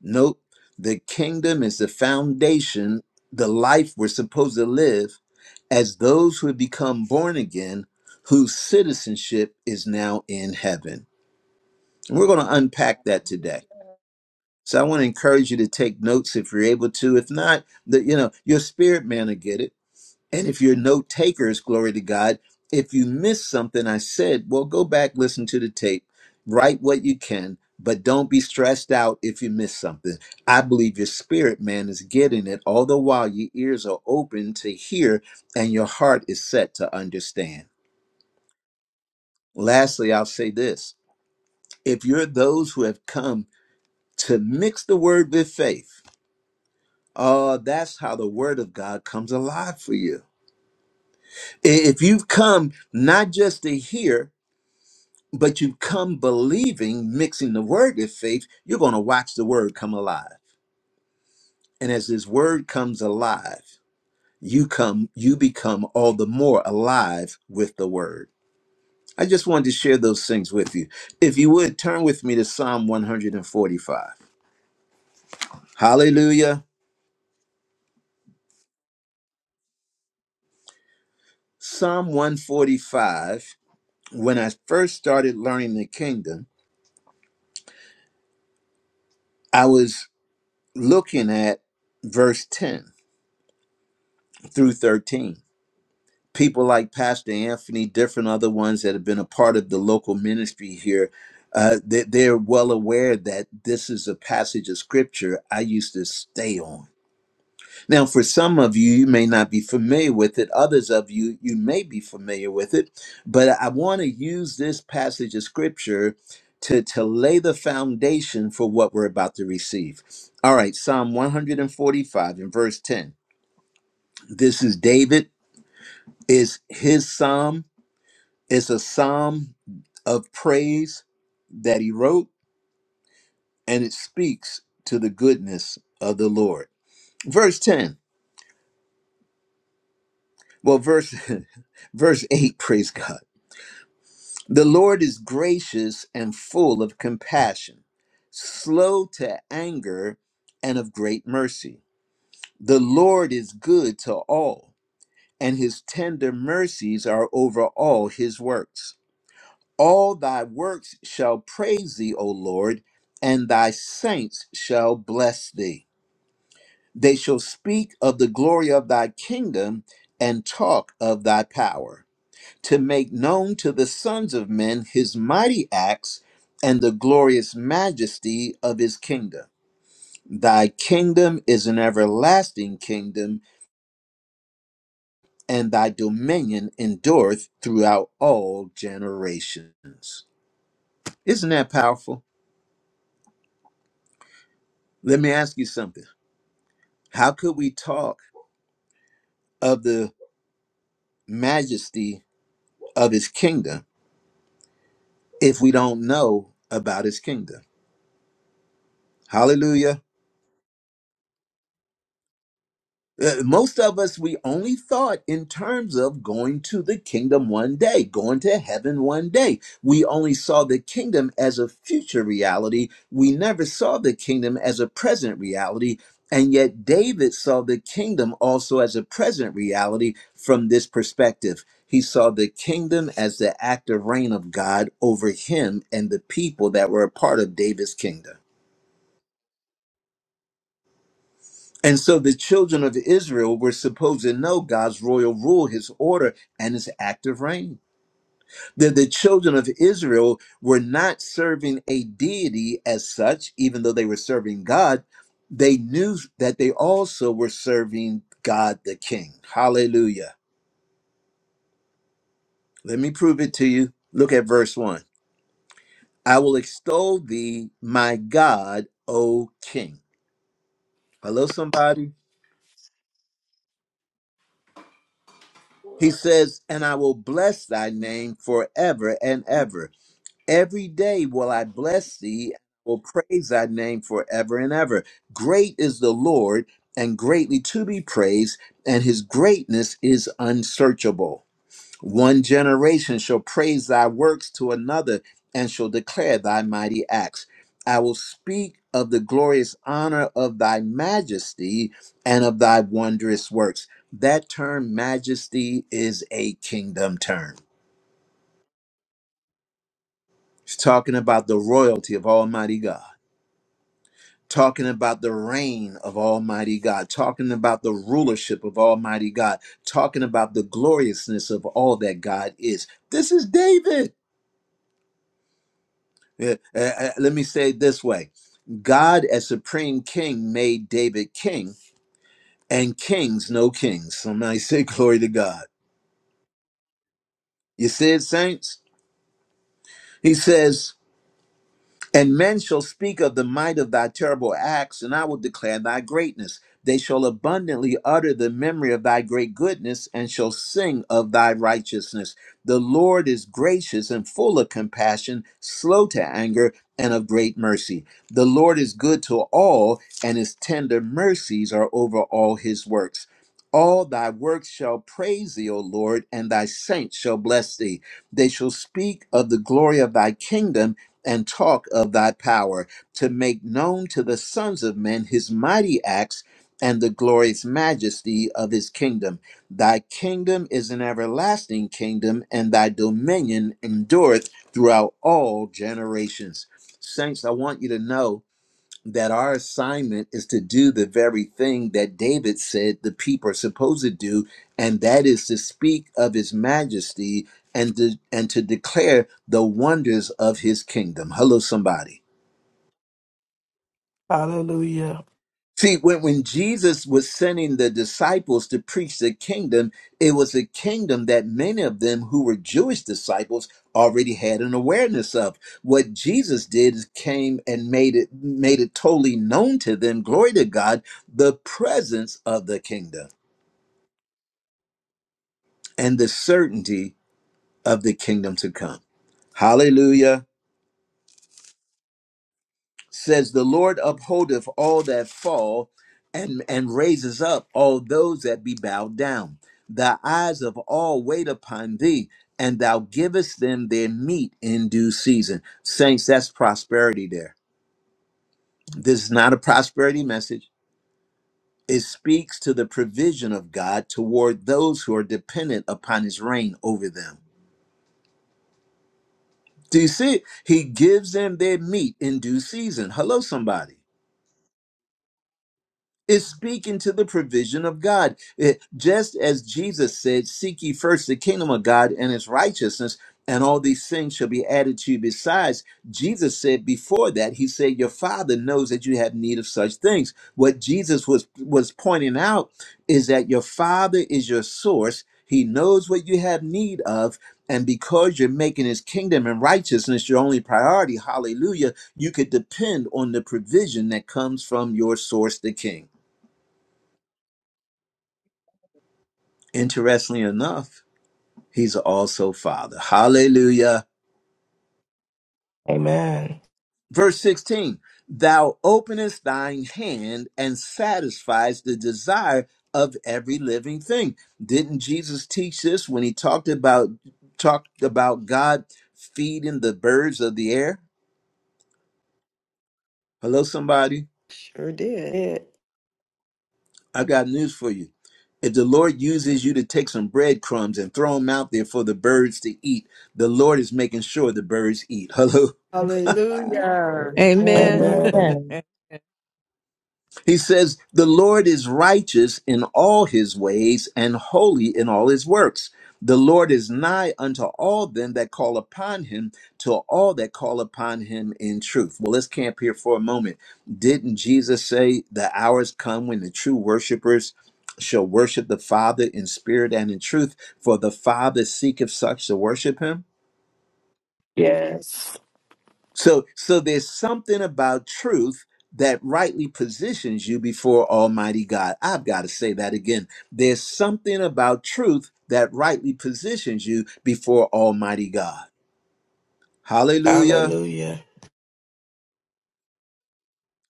Nope. The kingdom is the foundation, the life we're supposed to live as those who have become born again, whose citizenship is now in heaven. And we're going to unpack that today. So I want to encourage you to take notes if you're able to. If not, that you know, your spirit man will get it and if you're note takers, glory to God, if you miss something I said, well, go back, listen to the tape, write what you can, but don't be stressed out if you miss something. I believe your spirit man is getting it, all the while your ears are open to hear and your heart is set to understand. Lastly, I'll say this if you're those who have come to mix the word with faith, oh, that's how the word of God comes alive for you. I- If you've come not just to hear, but you come believing, mixing the word with faith, you're going to watch the word come alive. And as this word comes alive, you come you become all the more alive with the word. I just wanted to share those things with you. If you would turn with me to Psalm 145. Hallelujah. Psalm 145. When I first started learning the kingdom, I was looking at verse 10 through 13 people like Pastor Anthony, different other ones that have been a part of the local ministry here, uh, they, they're well aware that this is a passage of scripture I used to stay on. Now, for some of you, you may not be familiar with it. Others of you, you may be familiar with it. But I want to use this passage of scripture to, to lay the foundation for what we're about to receive. All right, Psalm 145 and verse 10. This is David, is his psalm It's a psalm of praise that he wrote, and it speaks to the goodness of the Lord. Verse 10, well, verse verse 8, praise God. The Lord is gracious and full of compassion, slow to anger and of great mercy. The Lord is good to all, and his tender mercies are over all his works. All thy works shall praise thee, O Lord, and thy saints shall bless thee. They shall speak of the glory of thy kingdom and talk of thy power, to make known to the sons of men his mighty acts and the glorious majesty of his kingdom. Thy kingdom is an everlasting kingdom, and thy dominion endureth throughout all generations. Isn't that powerful? Let me ask you something. How could we talk of the majesty of his kingdom if we don't know about his kingdom? Hallelujah. Uh, most of us we only thought in terms of going to the kingdom one day going to heaven one day we only saw the kingdom as a future reality we never saw the kingdom as a present reality and yet david saw the kingdom also as a present reality from this perspective he saw the kingdom as the active reign of god over him and the people that were a part of david's kingdom And so the children of Israel were supposed to know God's royal rule, his order, and his active reign. That the children of Israel were not serving a deity as such, even though they were serving God. They knew that they also were serving God the King. Hallelujah. Let me prove it to you. Look at verse 1. I will extol thee, my God, O King. Hello, somebody. He says, and I will bless thy name forever and ever. Every day will I bless thee, will praise thy name forever and ever. Great is the Lord, and greatly to be praised, and his greatness is unsearchable. One generation shall praise thy works to another, and shall declare thy mighty acts. I will speak of the glorious honor of thy majesty and of thy wondrous works. That term, majesty, is a kingdom term. It's talking about the royalty of Almighty God. talking about the reign of Almighty God, talking about the rulership of Almighty God, talking about the gloriousness of all that God is. This is David. Uh, uh, uh, let me say it this way God, as supreme king, made David king, and kings, no kings. Somebody say, Glory to God. You see it, saints? He says, And men shall speak of the might of thy terrible acts, and I will declare thy greatness. They shall abundantly utter the memory of thy great goodness, and shall sing of thy righteousness. The Lord is gracious and full of compassion, slow to anger, and of great mercy. The Lord is good to all, and his tender mercies are over all his works. All thy works shall praise thee, O Lord, and thy saints shall bless thee. They shall speak of the glory of thy kingdom and talk of thy power to make known to the sons of men his mighty acts and the glorious majesty of his kingdom. Thy kingdom is an everlasting kingdom, and thy dominion endureth throughout all generations. Saints, I want you to know that our assignment is to do the very thing that David said the people are supposed to do, and that is to speak of his majesty and to, and to declare the wonders of his kingdom. Hello, somebody. Hallelujah. See, when, when Jesus was sending the disciples to preach the kingdom, it was a kingdom that many of them who were Jewish disciples already had an awareness of. What Jesus did is came and made it made it totally known to them, glory to God, the presence of the kingdom and the certainty of the kingdom to come. Hallelujah. says the lord upholdeth all that fall and and raises up all those that be bowed down the eyes of all wait upon thee and thou givest them their meat in due season saints that's prosperity there this is not a prosperity message it speaks to the provision of god toward those who are dependent upon his reign over them do you see it? he gives them their meat in due season hello somebody is speaking to the provision of God. It- just as Jesus said, Seek ye first the kingdom of God and its righteousness, and all these things shall be added to you besides. Jesus said before that, He said, Your Father knows that you have need of such things. What Jesus was, was pointing out is that your Father is your source. He knows what you have need of. And because you're making his kingdom and righteousness your only priority, hallelujah, you could depend on the provision that comes from your source, the King. Interestingly enough, he's also Father. Hallelujah. Amen. Verse 16 Thou openest thine hand and satisfies the desire of every living thing. Didn't Jesus teach this when he talked about talked about God feeding the birds of the air? Hello, somebody. Sure did. I've got news for you. If the Lord uses you to take some breadcrumbs and throw them out there for the birds to eat, the Lord is making sure the birds eat. Hello. Lord. Hallelujah. Amen. Amen, Amen. amen. He says, The Lord is righteous in all his ways and holy in all his works. The Lord is nigh unto all them that call upon him, to all that call upon him in truth. Well, let's camp here for a moment. Didn't Jesus say, The hours come when the true worshipers shall worship the Father in spirit and in truth, for the Father seeketh such to worship him? Yes. So so there's something about truth that rightly positions you before Almighty God. I've got to say that again. There's something about truth that rightly positions you before Almighty God. Hallelujah. Hallelujah.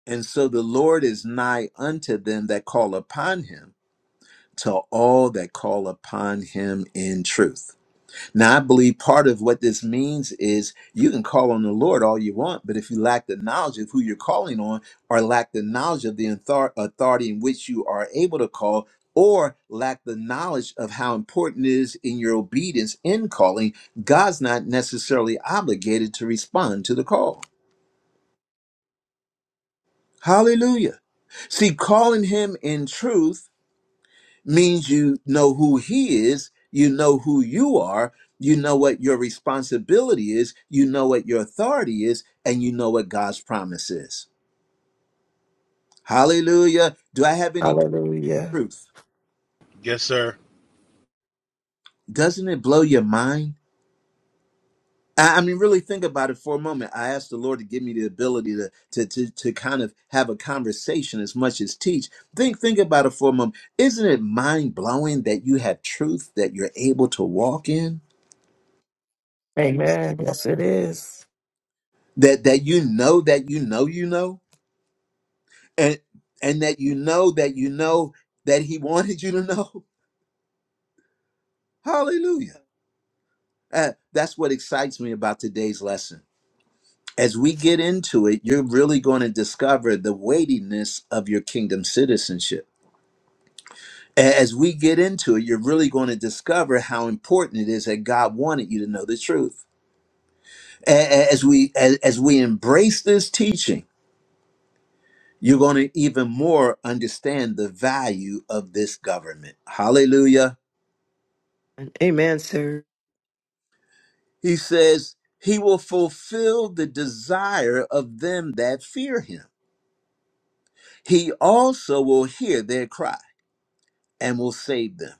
And so the Lord is nigh unto them that call upon him, to all that call upon him in truth. Now, I believe part of what this means is you can call on the Lord all you want, but if you lack the knowledge of who you're calling on, or lack the knowledge of the author- authority in which you are able to call, or lack the knowledge of how important it is in your obedience in calling, God's not necessarily obligated to respond to the call. Hallelujah. See, calling Him in truth means you know who he is, you know who you are, you know what your responsibility is, you know what your authority is, and you know what God's promise is. Hallelujah. Do I have any Hallelujah. proof? Yes, sir. Doesn't it blow your mind? I I mean, really think about it for a moment. I asked the Lord to give me the ability to, to to to kind of have a conversation as much as teach. Think think about it for a moment. Isn't it mind blowing that you have truth that you're able to walk in? Amen. Yes, it is. that that you know that you know you know and and that you know that you know that he wanted you to know hallelujah Uh, that's what excites me about today's lesson as we get into it you're really going to discover the weightiness of your kingdom citizenship A- as we get into it you're really going to discover how important it is that god wanted you to know the truth A- a- as we as, as we embrace this teaching you're going to even more understand the value of this government. Hallelujah. Amen, sir. He says, He will fulfill the desire of them that fear Him. He also will hear their cry and will save them.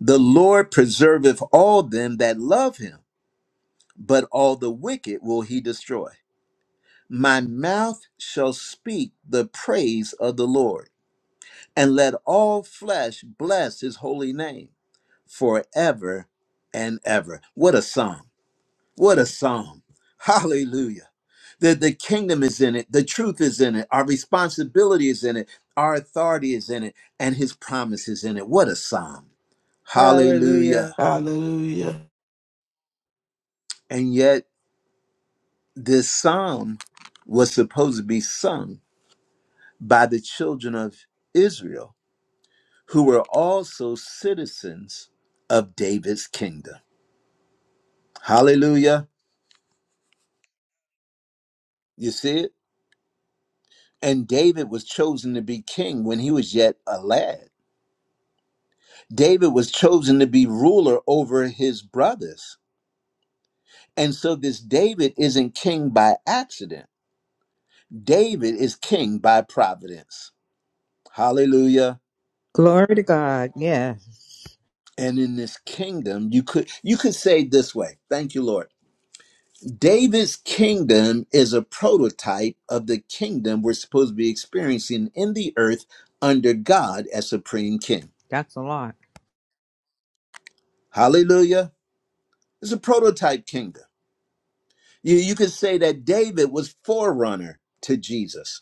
The Lord preserveth all them that love Him, but all the wicked will He destroy. My mouth shall speak the praise of the Lord, and let all flesh bless His holy name. forever and ever. What a psalm! What a psalm! Hallelujah. The, the kingdom is in it, the truth is in it, our responsibility is in it, our authority is in it, and his promise is in it. What a psalm! Hallelujah. Hallelujah. Hallelujah. And yet, this psalm was supposed to be sung by the children of Israel, who were also citizens of David's kingdom. Hallelujah. You see it? And David was chosen to be king when he was yet a lad. David was chosen to be ruler over his brothers. And so this David isn't king by accident. David is king by providence. Hallelujah. Glory to God. Yes, And in this kingdom, you could you could say it this way. Thank you, Lord. David's kingdom is a prototype of the kingdom we're supposed to be experiencing in the earth under God as supreme king. that's a lot. Hallelujah. It's a prototype kingdom. You, you could say that David was forerunner to Jesus,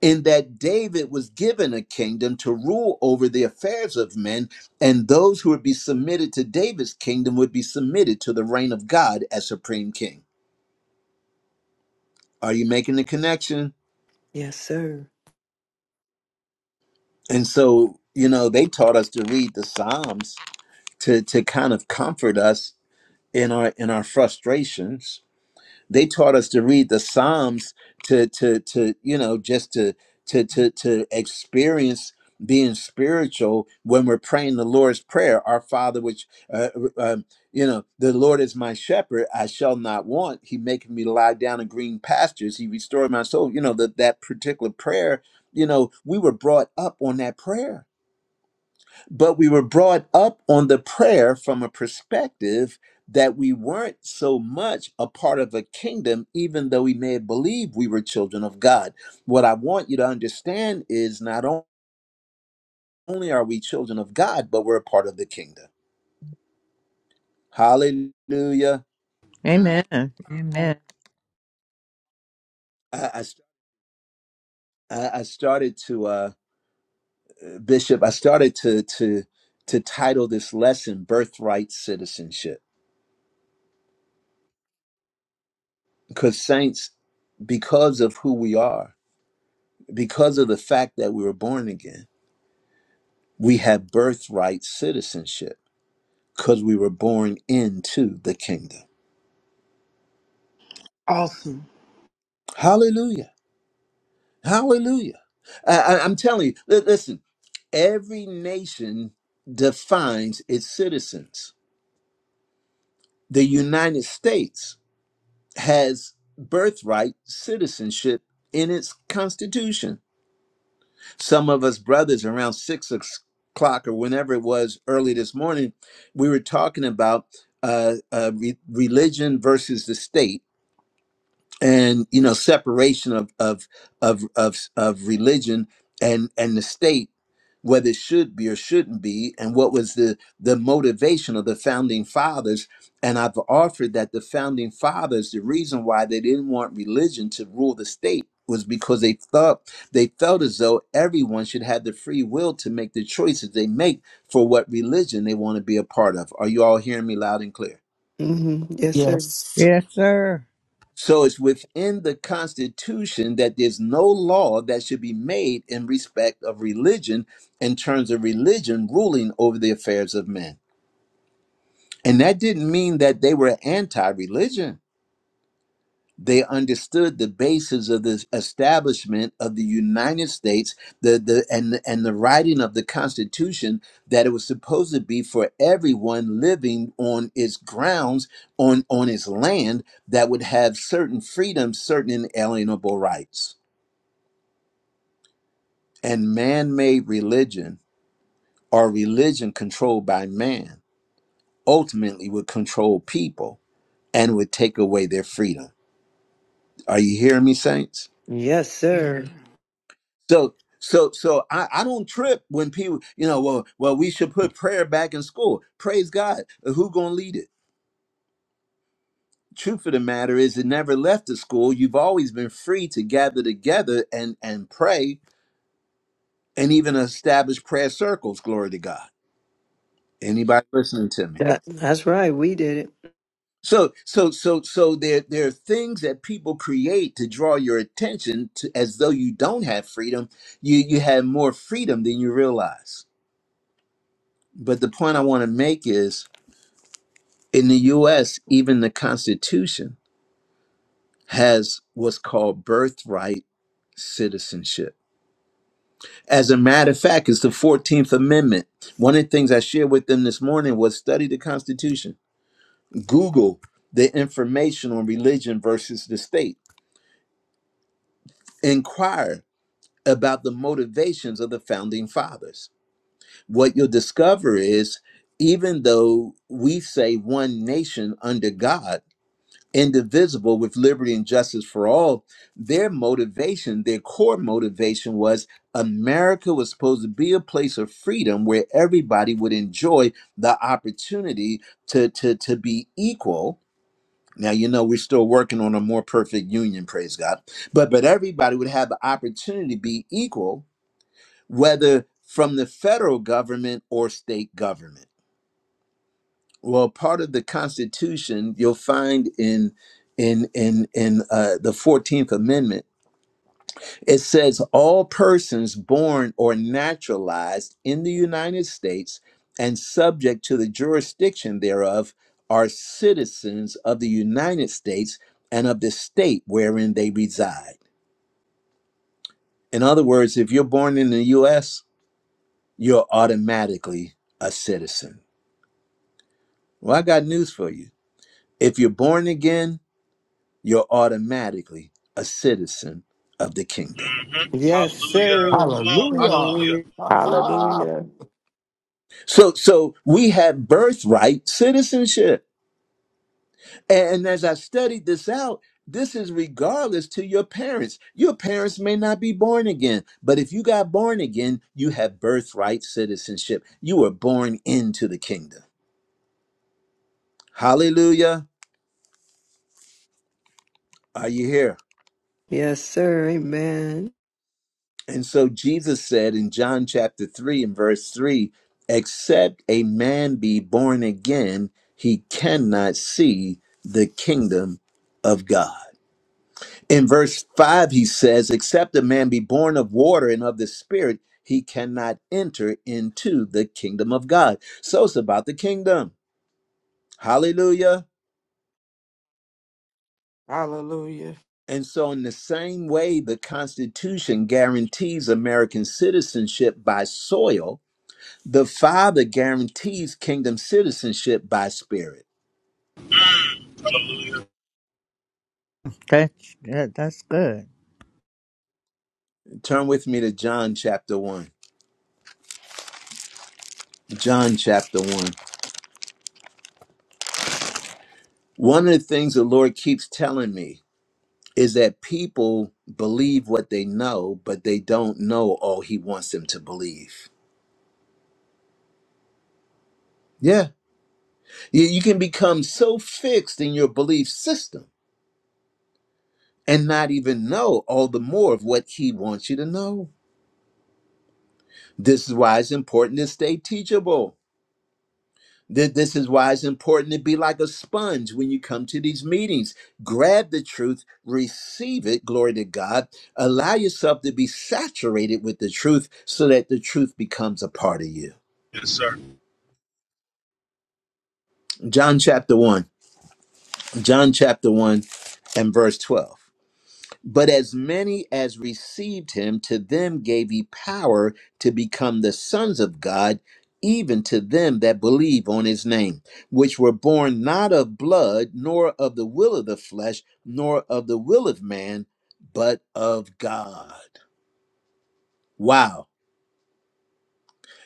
in that David was given a kingdom to rule over the affairs of men, and those who would be submitted to David's kingdom would be submitted to the reign of God as supreme king. Are you making the connection? Yes, sir. And so, you know, they taught us to read the Psalms to, to kind of comfort us in our in our frustrations They taught us to read the Psalms to to to you know just to to to to experience being spiritual when we're praying the Lord's prayer, Our Father, which uh, uh, um, you know, the Lord is my shepherd; I shall not want. He maketh me lie down in green pastures. He restored my soul. You know that that particular prayer. You know, we were brought up on that prayer but we were brought up on the prayer from a perspective that we weren't so much a part of a kingdom, even though we may have believed we were children of God. What I want you to understand is not on- only are we children of God, but we're a part of the kingdom. Hallelujah. Amen. Amen. I, I, st- I I started to, uh, Bishop, I started to, to, to title this lesson Birthright Citizenship because, saints, because of who we are, because of the fact that we were born again, we have birthright citizenship because we were born into the kingdom. Awesome. Hallelujah. Hallelujah. I, I- I'm telling you, li- listen, every nation defines its citizens. The United States has birthright citizenship in its constitution. Some of us brothers around six o'clock or whenever it was early this morning, we were talking about uh, uh, re- religion versus the state and you know separation of of of of of religion and and the state whether it should be or shouldn't be and what was the the motivation of the founding fathers and i've offered that the founding fathers the reason why they didn't want religion to rule the state was because they thought they felt as though everyone should have the free will to make the choices they make for what religion they want to be a part of are you all hearing me loud and clear hmm Yes, sir. Yes. Yes, sir. So it's within the Constitution that there's no law that should be made in respect of religion in terms of religion ruling over the affairs of men. And that didn't mean that they were anti religion. They understood the basis of the establishment of the United States, the, the and and the writing of the Constitution that it was supposed to be for everyone living on its grounds, on on its land that would have certain freedoms, certain inalienable rights. And man-made religion or religion controlled by man ultimately would control people and would take away their freedom. Are you hearing me, saints? Yes, sir. Amen. So so so I, I don't trip when people you know well well we should put prayer back in school. Praise God. Uh, Who gonna lead it? Truth of the matter is it never left the school. You've always been free to gather together and and pray and even establish prayer circles. Glory to God. Anybody listening to me? That, that's right. We did it. So so so so there there are things that people create to draw your attention to as though you don't have freedom. You you have more freedom than you realize. But the point I want to make is In the US, even the Constitution has what's called birthright citizenship. As a matter of fact, it's the 14th Amendment. One of the things I shared with them this morning was study the Constitution, Google the information on religion versus the state, inquire about the motivations of the founding fathers. What you'll discover is even though we say one nation under God, indivisible with liberty and justice for all their motivation their core motivation was america was supposed to be a place of freedom where everybody would enjoy the opportunity to to to be equal now you know we're still working on a more perfect union praise god but but everybody would have the opportunity to be equal whether from the federal government or state government well part of the constitution you'll find in in in in uh, the 14th amendment it says all persons born or naturalized in the united states and subject to the jurisdiction thereof are citizens of the united states and of the state wherein they reside in other words if you're born in the us you're automatically a citizen well i got news for you if you're born again you're automatically a citizen of the kingdom. hmm Yes, Hallelujah. sir. Come on. Hallelujah. Hallelujah. Hallelujah. Hallelujah. So so we have birthright citizenship. And as I studied this out, this is regardless to your parents. Your parents may not be born again, but if you got born again, you have birthright citizenship. You were born into the kingdom. Hallelujah. Are you here? Yes, sir. Amen. And so Jesus said in John chapter 3 and verse 3 Except a man be born again, he cannot see the kingdom of God. In verse 5, he says, Except a man be born of water and of the Spirit, he cannot enter into the kingdom of God. So it's about the kingdom. Hallelujah. Hallelujah. And so, in the same way, the Constitution guarantees American citizenship by soil The Father guarantees kingdom citizenship by spirit. That's that, that's good. Turn with me to John chapter 1. John chapter 1. One of the things the Lord keeps telling me is that people believe what they know, but they don't know all He wants them to believe. Yeah. You you can become so fixed in your belief system and not even know all the more of what He wants you to know. This is why it's important to stay teachable. Th- This is why it's important to be like a sponge when you come to these meetings. Grab the truth, receive it, glory to God. Allow yourself to be saturated with the truth so that the truth becomes a part of you. Yes, sir. John chapter 1, John chapter 1 and verse 12. But as many as received him, to them gave he power to become the sons of God, even to them that believe on his name, which were born not of blood, nor of the will of the flesh, nor of the will of man, but of God. Wow.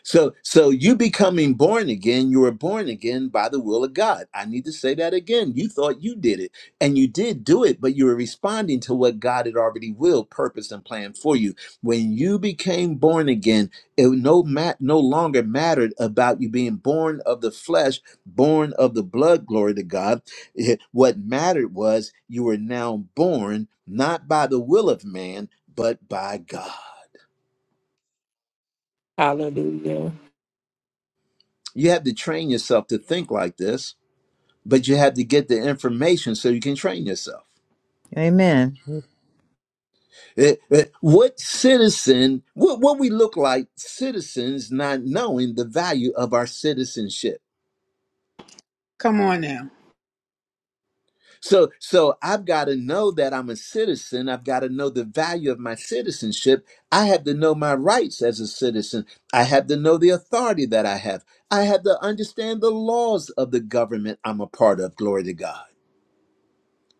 So so you becoming born again, you were born again by the will of God. I need to say that again. You thought you did it and you did do it, but you were responding to what God had already willed, purpose and planned for you. When you became born again, it no mat no longer mattered about you being born of the flesh, born of the blood, glory to God. It- what mattered was you were now born not by the will of man, but by God. Hallelujah. You have to train yourself to think like this but you have to get the information so you can train yourself. Amen. Eh, eh, What citizen, what, what we look like citizens not knowing the value of our citizenship. Come on now. So, so I've got to know that I'm a citizen. I've got to know the value of my citizenship. I have to know my rights as a citizen. I have to know the authority that I have. I have to understand the laws of the government I'm a part of. Glory to God.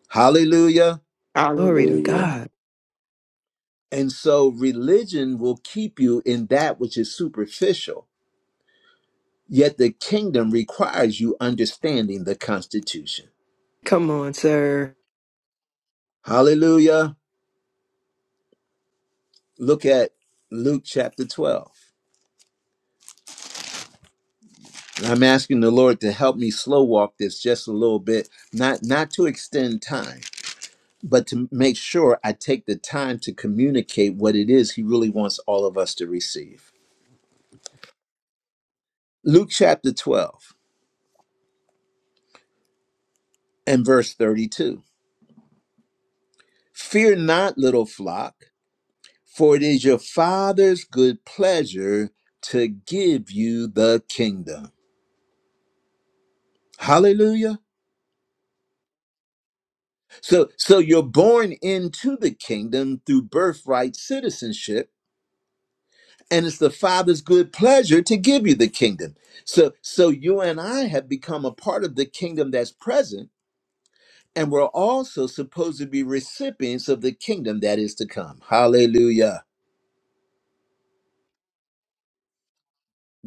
Hallelujah. Glory to Hallelujah. God. And so religion will keep you in that which is superficial, yet the kingdom requires you understanding the constitution. Come on, sir. Hallelujah. Look at Luke chapter 12. And I'm asking the Lord to help me slow walk this just a little bit, not not to extend time, but to make sure I take the time to communicate what it is he really wants all of us to receive. Luke chapter 12 and verse 32. Fear not, little flock, For it is your Father's good pleasure to give you the kingdom. Hallelujah. So so you're born into the kingdom through birthright citizenship and it's the Father's good pleasure to give you the kingdom. So so you and I have become a part of the kingdom that's present and we're also supposed to be recipients of the kingdom that is to come. Hallelujah.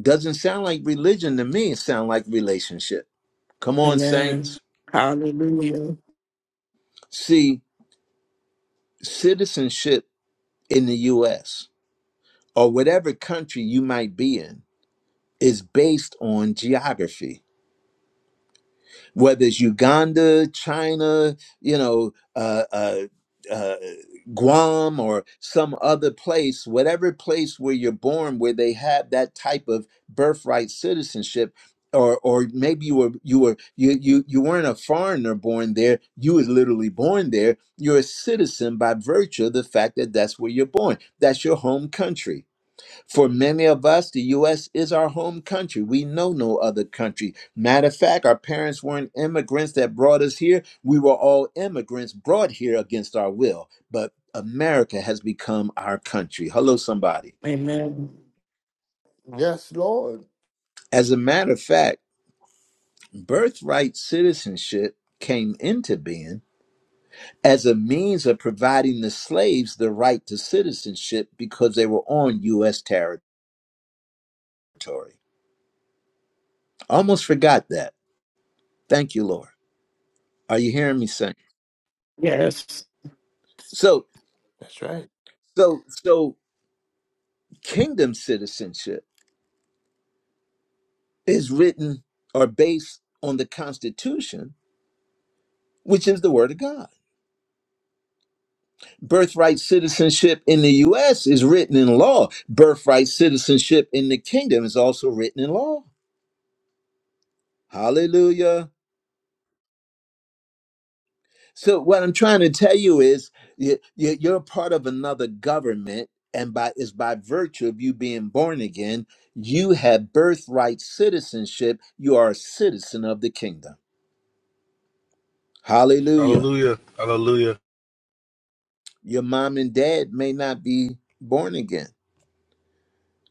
Doesn't sound like religion to me, it sounds like relationship. Come on Amen. saints. Hallelujah. See citizenship in the US or whatever country you might be in is based on geography. whether it's Uganda, China, you know, uh, uh, uh, Guam or some other place, whatever place where you're born, where they have that type of birthright citizenship, or or maybe you were you were you you you weren't a foreigner born there, you was literally born there. You're a citizen by virtue of the fact that that's where you're born. That's your home country for many of us, the U.S. is our home country. We know no other country. Matter of fact, our parents weren't immigrants that brought us here. We were all immigrants brought here against our will. But America has become our country. Hello, somebody. Amen. Yes, Lord. As a matter of fact, birthright citizenship came into being as a means of providing the slaves the right to citizenship because they were on U.S. territory. Almost forgot that. Thank you, Lord. Are you hearing me, Saints? Yes. So That's right. so so kingdom citizenship is written or based on the constitution which is the word of God. Birthright citizenship in the US is written in law. Birthright citizenship in the kingdom is also written in law. Hallelujah. So what I'm trying to tell you is you, you- you're part of another government and by is by virtue of you being born again, you have birthright citizenship. You are a citizen of the kingdom. Hallelujah. Hallelujah. Hallelujah. Your mom and dad may not be born again.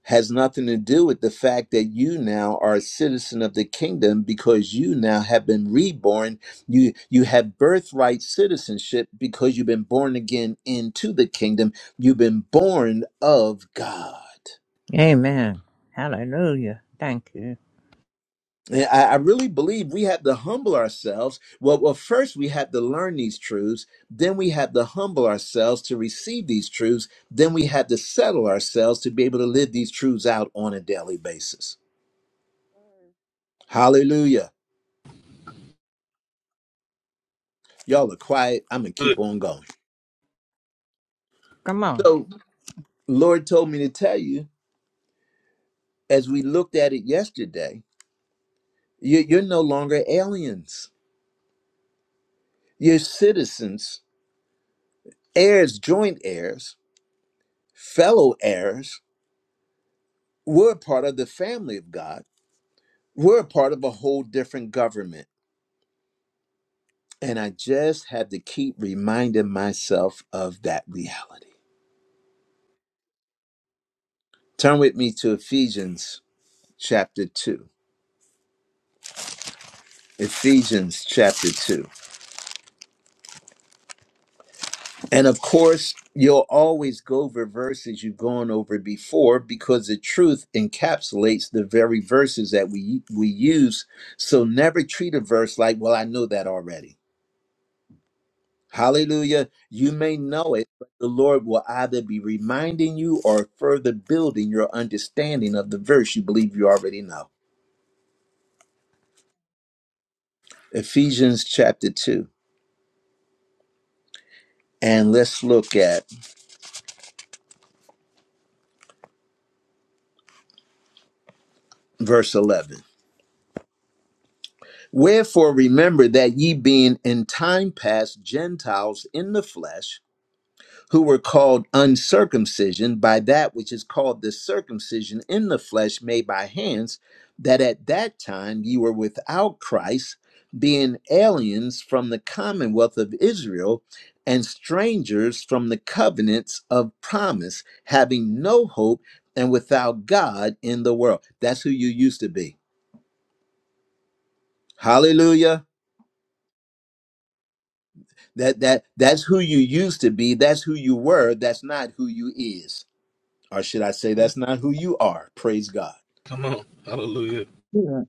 Has nothing to do with the fact that you now are a citizen of the kingdom because you now have been reborn. You you have birthright citizenship because you've been born again into the kingdom. You've been born of God. Amen. Hallelujah. Thank you. And I, I really believe we have to humble ourselves. Well, well, first we have to learn these truths. Then we have to humble ourselves to receive these truths. Then we have to settle ourselves to be able to live these truths out on a daily basis. Hallelujah. Y'all are quiet. I'm going to keep Good. on going. Come on. So, Lord told me to tell you, as we looked at it yesterday, you, you're no longer aliens. You're citizens, heirs, joint heirs, fellow heirs. We're a part of the family of God We're a part of a whole different government. And I just had to keep reminding myself of that reality. Turn with me to Ephesians chapter 2. Ephesians chapter 2. And of course, you'll always go over verses you've gone over before because the truth encapsulates the very verses that we we use. So never treat a verse like, well, I know that already. Hallelujah. You may know it, but the Lord will either be reminding you or further building your understanding of the verse you believe you already know. Ephesians chapter 2. And let's look at verse 11. Wherefore remember that ye being in time past Gentiles in the flesh, who were called uncircumcision by that which is called the circumcision in the flesh made by hands, that at that time you were without Christ, being aliens from the commonwealth of Israel and strangers from the covenants of promise, having no hope and without God in the world. That's who you used to be. Hallelujah. That that that's who you used to be. That's who you were. That's not who you is. Or should I say Hallelujah. that's not who you are? Praise God. Come on. Hallelujah. Hallelujah.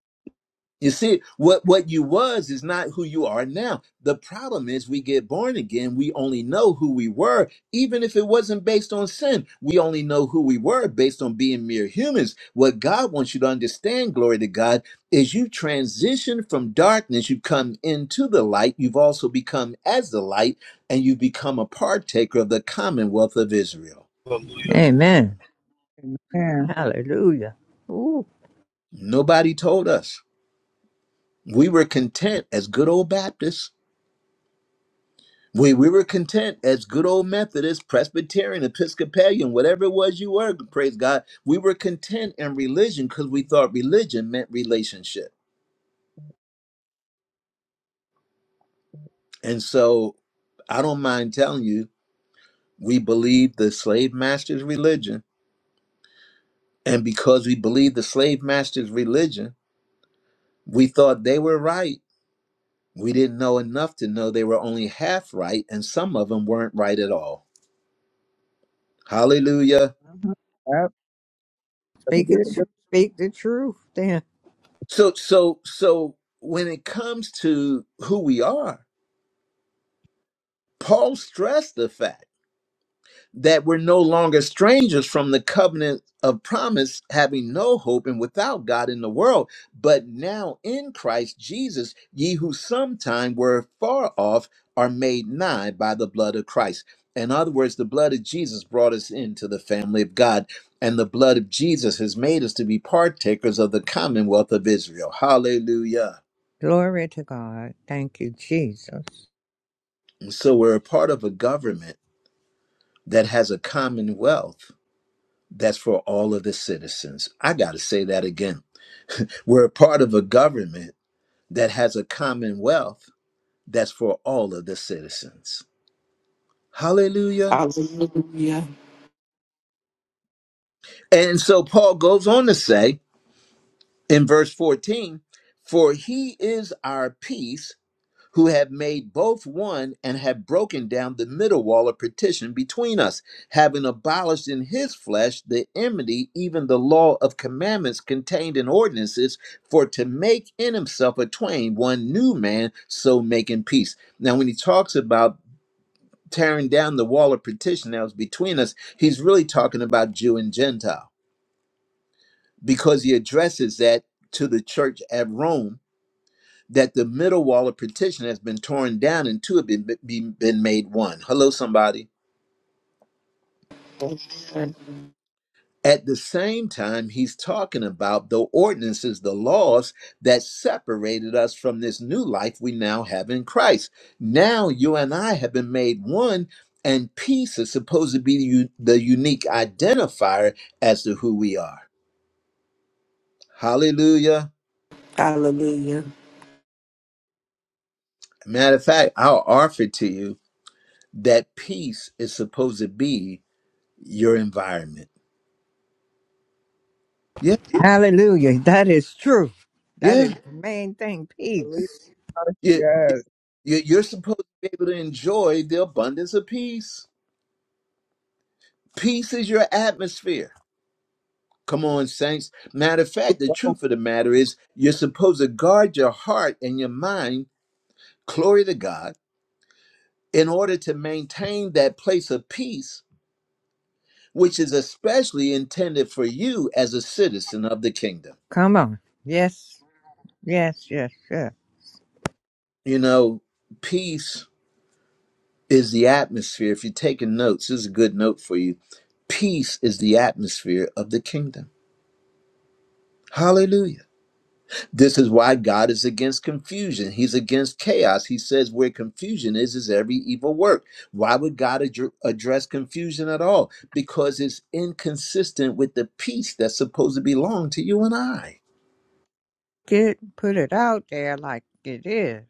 You see, what, what you was is not who you are now. The problem is we get born again. We only know who we were, even if it wasn't based on sin. We only know who we were based on being mere humans. What God wants you to understand, glory to God, is you transition from darkness. You come into the light. You've also become as the light and you become a partaker of the commonwealth of Israel. Hallelujah. Amen. Amen. Hallelujah. Ooh, Nobody told us. We were content as good old Baptists. We, we were content as good old Methodist, Presbyterian, Episcopalian, whatever it was you were, praise God. We were content in religion because we thought religion meant relationship. And so I don't mind telling you, we believe the slave master's religion. And because we believed the slave master's religion, we thought they were right. We didn't know enough to know they were only half right, and some of them weren't right at all. Hallelujah. Uh-huh. Yep. Gotta speak it. get it. Speak the truth. Then So so so when it comes to who we are, Paul stressed the fact that we're no longer strangers from the covenant of promise, having no hope and without God in the world, but now in Christ Jesus, ye who sometime were far off are made nigh by the blood of Christ. In other words, the blood of Jesus brought us into the family of God, and the blood of Jesus has made us to be partakers of the commonwealth of Israel. Hallelujah. glory to God. Thank you, Jesus. So we're a part of a government that has a commonwealth that's for all of the citizens. I got to say that again. We're a part of a government that has a commonwealth that's for all of the citizens. Hallelujah. Hallelujah. And so Paul goes on to say in verse 14, for he is our peace who have made both one and have broken down the middle wall of partition between us, having abolished in his flesh the enmity, even the law of commandments contained in ordinances, for to make in himself a twain one new man, so making peace. Now, when he talks about tearing down the wall of partition that was between us, he's really talking about Jew and Gentile because he addresses that to the church at Rome that the middle wall of partition has been torn down and two have been, been, been made one. Hello, somebody. Amen. At the same time, he's talking about the ordinances, the laws that separated us from this new life we now have in Christ. Now you and I have been made one, and peace is supposed to be the, u- the unique identifier as to who we are. Hallelujah. Hallelujah. Matter of fact, I'll offer to you that peace is supposed to be your environment. Yeah. Hallelujah. That is truth. That Yeah, is the main thing. Believe. Peace. you, Yes. you- you're supposed to be able to enjoy the abundance of peace. Peace is your atmosphere. Come on, saints. Matter of fact, the Oh, truth of the matter is, you're supposed to guard your heart and your mind, glory to God, in order to maintain that place of peace, which is especially intended for you as a citizen of the kingdom. Come on. Yes. Yes. Yes. Yes. You know, peace is the atmosphere. If you're taking notes, this is a good note for you. Peace is the atmosphere of the kingdom. Hallelujah. This is why God is against confusion. He's against chaos. He says where confusion is, is every evil work. Why would God adr- address confusion at all? Because it's inconsistent with the peace that's supposed to belong to you and I. get put it out there like it is.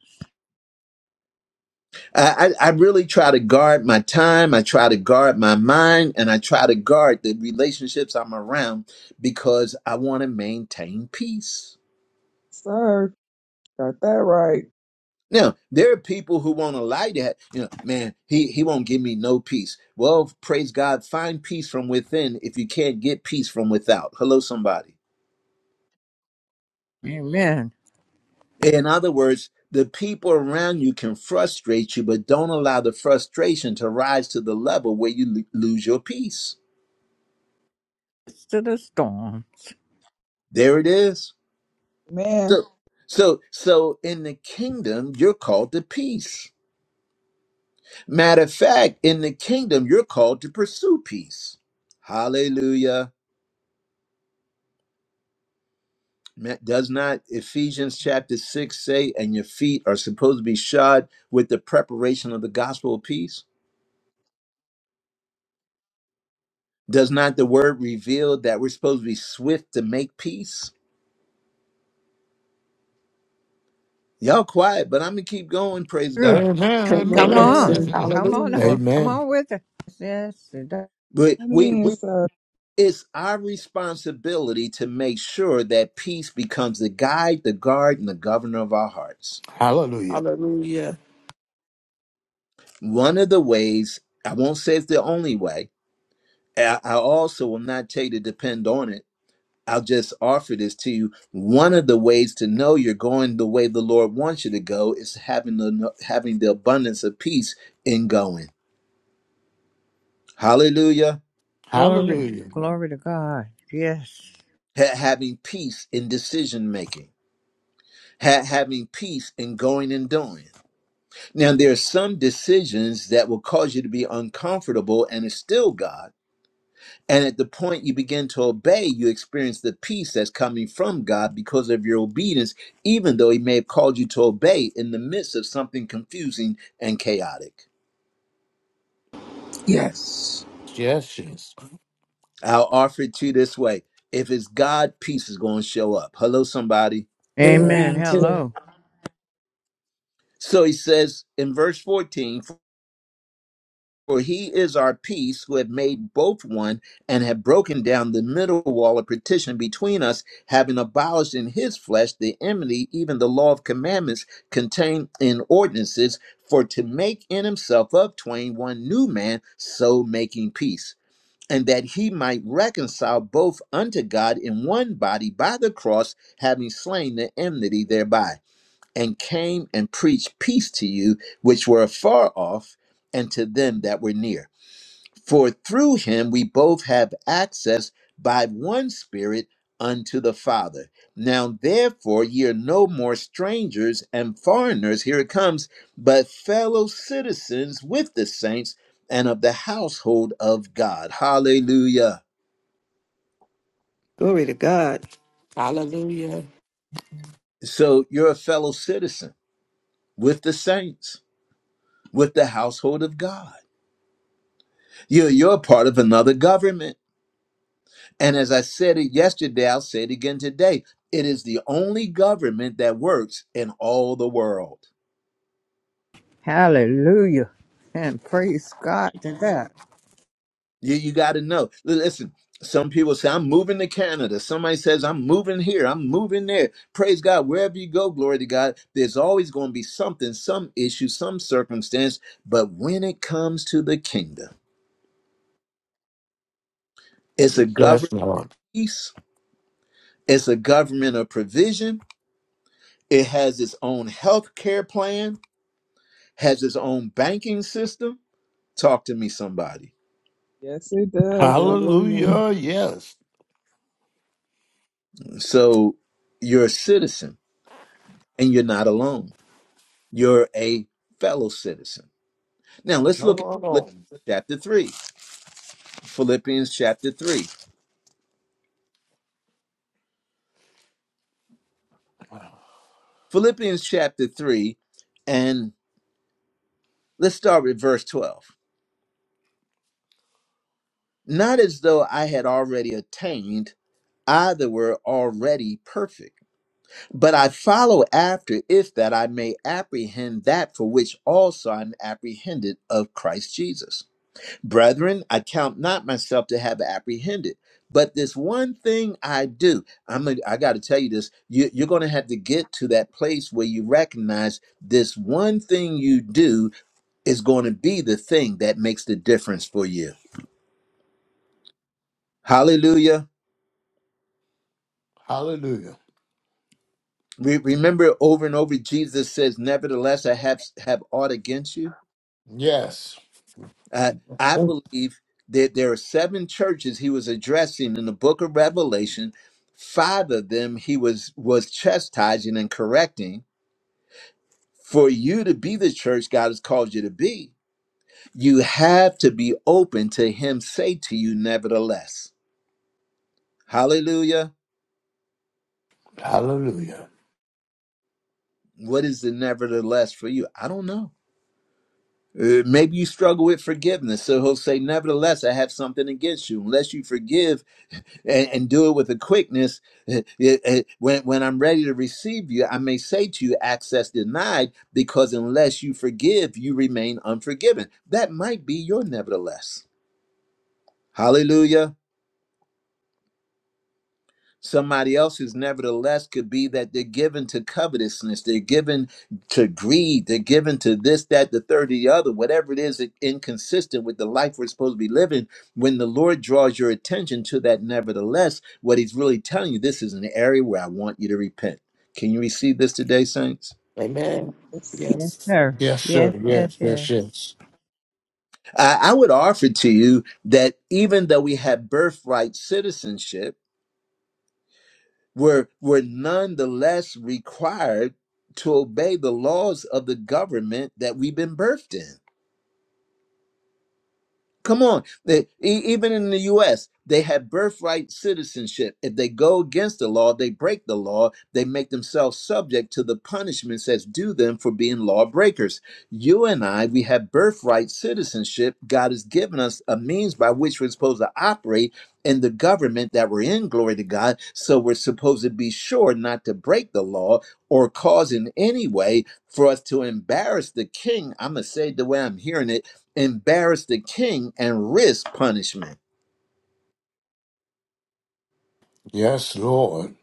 I, I I really try to guard my time. I try to guard my mind and I try to guard the relationships I'm around because I want to maintain peace. sir. Got that right. Now, there are people who want to lie. that. You know, man, he, he won't give me no peace. Well, praise God, find peace from within if you can't get peace from without. Hello, somebody. Amen. In other words, the people around you can frustrate you, but don't allow the frustration to rise to the level where you lo- lose your peace. It's to the storm. There it is. Man. So, so, so in the kingdom, you're called to peace. Matter of fact, in the kingdom, you're called to pursue peace. Hallelujah. Does not Ephesians chapter 6 say, and your feet are supposed to be shod with the preparation of the gospel of peace? Does not the word reveal that we're supposed to be swift to make peace? Y'all quiet, but I'm gonna keep going, praise True. God. Come Amen. Come on, on. Amen. sir. Amen. Come on on. Hallelujah. Come Amen. on with it. Yes. to the- But It we we is, sir. it's our responsibility to make sure that peace becomes the guide, the guard, and the governor of our hearts. Hallelujah. Hallelujah. One of the ways, I won't say it's the only way, I I also will not tell you to depend on it I'll just offer this to you. One of the ways to know you're going the way the Lord wants you to go is having the having the abundance of peace in going. Hallelujah. Glory. Hallelujah. Glory to God. Yes. Ha- having peace in decision making. Ha- having peace in going and doing. Now there are some decisions that will cause you to be uncomfortable, and it's still God And at the point you begin to obey, you experience the peace that's coming from God because of your obedience, even though He may have called you to obey in the midst of something confusing and chaotic. Yes. Yes, yes. I'll offer it to you this way if it's God, peace is going to show up. Hello, somebody. Yeah. Amen. Amen to that. Hello. So he says in verse 14, For he is our peace, who have made both one, and have broken down the middle wall of partition between us, having abolished in his flesh the enmity, even the law of commandments contained in ordinances, for to make in himself of twain one new man, so making peace. And that he might reconcile both unto God in one body by the cross, having slain the enmity thereby, and came and preached peace to you which were afar off, and to them that were near. For through him we both have access by one Spirit unto the Father. Now, therefore, ye are no more strangers and foreigners, here it comes, but fellow citizens with the saints and of the household of God. Hallelujah. Glory to God. Hallelujah. So you're a fellow citizen with the saints, with the household of God. You're, you're a part of another government. And as I said it yesterday, I'll say it again today. It is the only government that works in all the world. Hallelujah. And praise God to that. You, you got to know. L- Listen, some people say, I'm moving to Canada. Somebody says, I'm moving here. I'm moving there. Praise God. Wherever you go, glory to God, there's always going to be something, some issue, some circumstance. But when it comes to the kingdom, it's a Yes, government Lord. peace, it's a government of provision, it has its own health care plan, has its own banking system Talk to me, somebody. Yes, it does, sir. Hallelujah. Hallelujah. Yes. So you're a citizen and you're not alone. You're a fellow citizen. Now let's Come look at on. Philippians chapter 3. Philippians chapter 3. Philippians chapter 3, and let's start with verse 12. Not as though I had already attained, either were already perfect. But I follow after, if that I may apprehend that for which also I'm apprehended of Christ Jesus. Brethren, I count not myself to have apprehended, but this one thing I do. I'm gonna, I got to tell you this. You, you're going to have to get to that place where you recognize this one thing you do is going to be the thing that makes the difference for you. Hallelujah. Hallelujah. Re- remember, over and over, Jesus says, "Nevertheless, I have have aught against you." Yes. Uh, I believe that there are seven churches he was addressing in the book of Revelation. Five of them he was was chastising and correcting. For you to be the church God has called you to be, you have to be open to him say to you, nevertheless. Hallelujah. Hallelujah. What is the nevertheless for you? I don't know. Uh, maybe you struggle with forgiveness. So he'll say, Nevertheless, I have something against you. Unless you forgive, and, and do it with a quickness. When, when I'm ready to receive you, I may say to you, access denied, because unless you forgive, you remain unforgiven. That might be your nevertheless. Hallelujah. Somebody else's, nevertheless, could be that they're given to covetousness, they're given to greed, they're given to this, that, the third, the other, whatever it is, inconsistent with the life we're supposed to be living. When the Lord draws your attention to that, nevertheless, what He's really telling you, this is an area where I want you to repent. Can you receive this today, saints? Amen. Yes. Yes, Yes. sir. Yes, sir. Yes, yes, Yes, yes. yes, yes. I, I would offer to you that even though we have birthright citizenship, were were nonetheless required to obey the laws of the government that we've been birthed in. Come on. They, e- even in the US, they have birthright citizenship. If they go against the law, they break the law, they make themselves subject to the punishments that's due them for being lawbreakers. You and I, we have birthright citizenship. God has given us a means by which we're supposed to operate in the government that we're in, glory to God. So we're supposed to be sure not to break the law or cause in any way for us to embarrass the king. I'm going to say it the way I'm hearing it embarrass the king and risk punishment. Yes, Lord.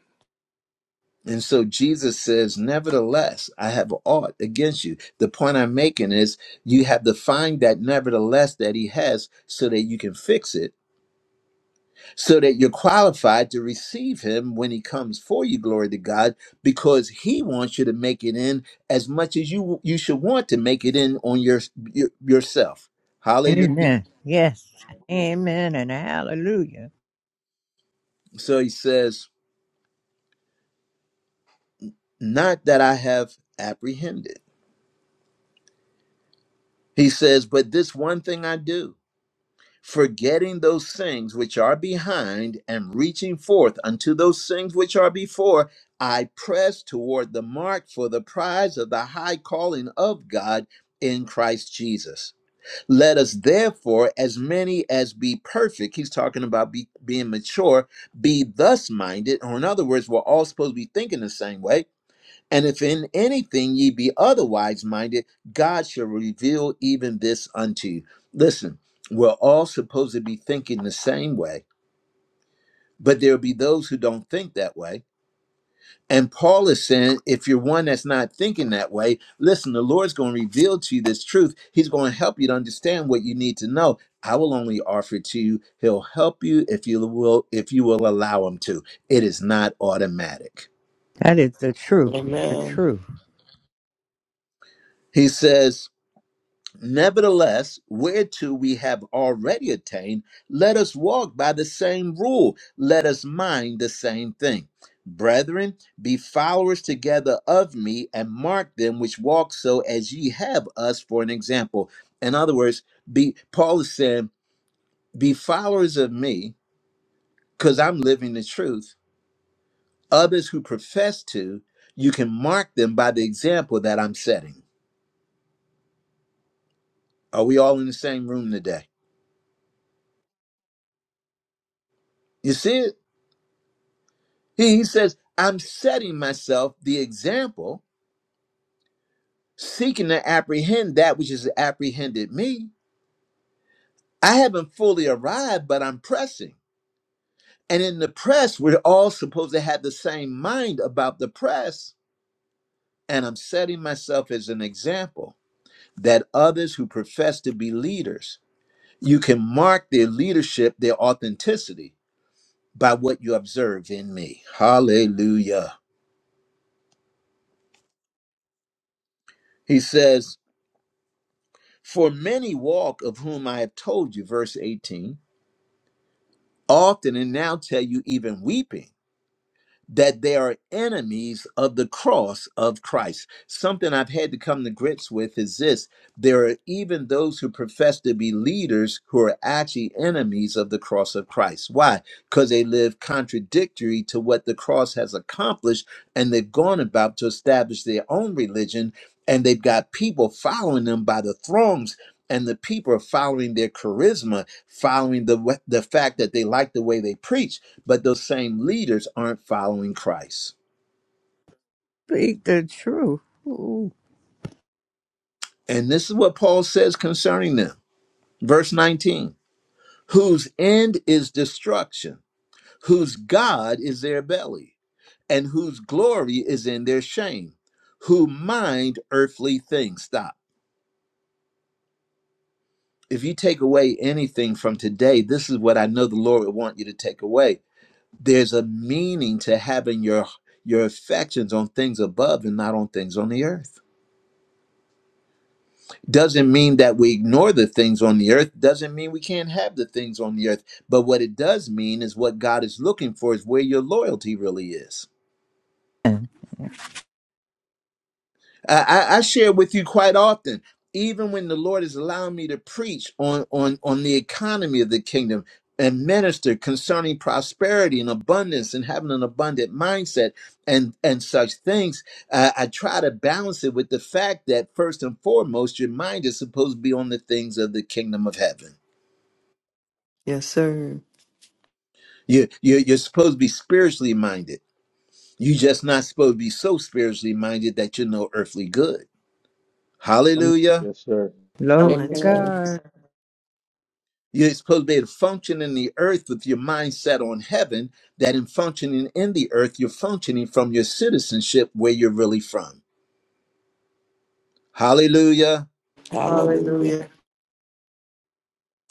And so Jesus says, Nevertheless, I have aught against you. The point I'm making is you have to find that nevertheless that he has so that you can fix it, so that you're qualified to receive him when he comes for you, glory to God, because he wants you to make it in as much as you you should want to make it in on your, your yourself. Hallelujah. Amen. Yes. Amen and hallelujah. So he says, Not that I have apprehended. He says, But this one thing I do, forgetting those things which are behind and reaching forth unto those things which are before, I press toward the mark for the prize of the high calling of God in Christ Jesus. Let us therefore, as many as be perfect, he's talking about be- being mature, be thus minded, or in other words, we're all supposed to be thinking the same way and if in anything ye be otherwise minded, God shall reveal even this unto you. Listen, we're all supposed to be thinking the same way, but there'll be those who don't think that way. And Paul is saying, if you're one that's not thinking that way, listen, the Lord's going to reveal to you this truth. He's going to help you to understand what you need to know. I will only offer it to you. He'll help you if you will, if you will allow him to. It is not automatic. That is the truth. The Amen. truth. He says, Nevertheless, whereto we have already attained, let us walk by the same rule, let us mind the same thing. Brethren, be followers together of me, and mark them which walk so as ye have us for an example. In other words, be Paul is saying, be followers of me, because I'm living the truth. Others who profess to, you can mark them by the example that I'm setting. Are we all in the same room today? You see it? He he says, I'm setting myself the example, seeking to apprehend that which is apprehended me. I haven't fully arrived, but I'm pressing. And in the press, we're all supposed to have the same mind about the press. And I'm setting myself as an example that others who profess to be leaders, you can mark their leadership, their authenticity by what you observe in me. Hallelujah. He says, For many walk, of whom I have told you, verse 18, often and now tell you, even weeping, that they are enemies of the cross of Christ. Something I've had to come to grips with is this there are even those who profess to be leaders who are actually enemies of the cross of Christ. Why? Because they live contradictory to what the cross has accomplished, and they've gone about to establish their own religion, and they've got people following them by the throngs and the people are following their charisma, following the wa- the fact that they like the way they preach, but those same leaders aren't following Christ. Speak the truth. Ooh. And this is what Paul says concerning them. Verse 19, whose end is destruction, whose God is their belly, and whose glory is in their shame, who mind earthly things. Stop. If you take away anything from today, this is what I know the Lord would want you to take away there's a meaning to having your your affections on things above and not on things on the earth doesn't mean that we ignore the things on the earth doesn't mean we can't have the things on the earth but what it does mean is what god is looking for is where your loyalty really is I, I I share with you quite often, even when the Lord is allowing me to preach on, on, on the economy of the kingdom and minister concerning prosperity and abundance and having an abundant mindset and, and such things, uh, I try to balance it with the fact that first and foremost, your mind is supposed to be on the things of the kingdom of heaven. Yes, sir. You, you, you're supposed to be spiritually minded. You're just not supposed to be so spiritually minded that you know earthly good. Come on. Hallelujah. Yes, sir. Glory to Balance. Amen. God. You're supposed to be able to function in the earth with your mind set on heaven, that in functioning in the earth, you're functioning from your citizenship where you're really from. Hallelujah. Hallelujah. Hallelujah.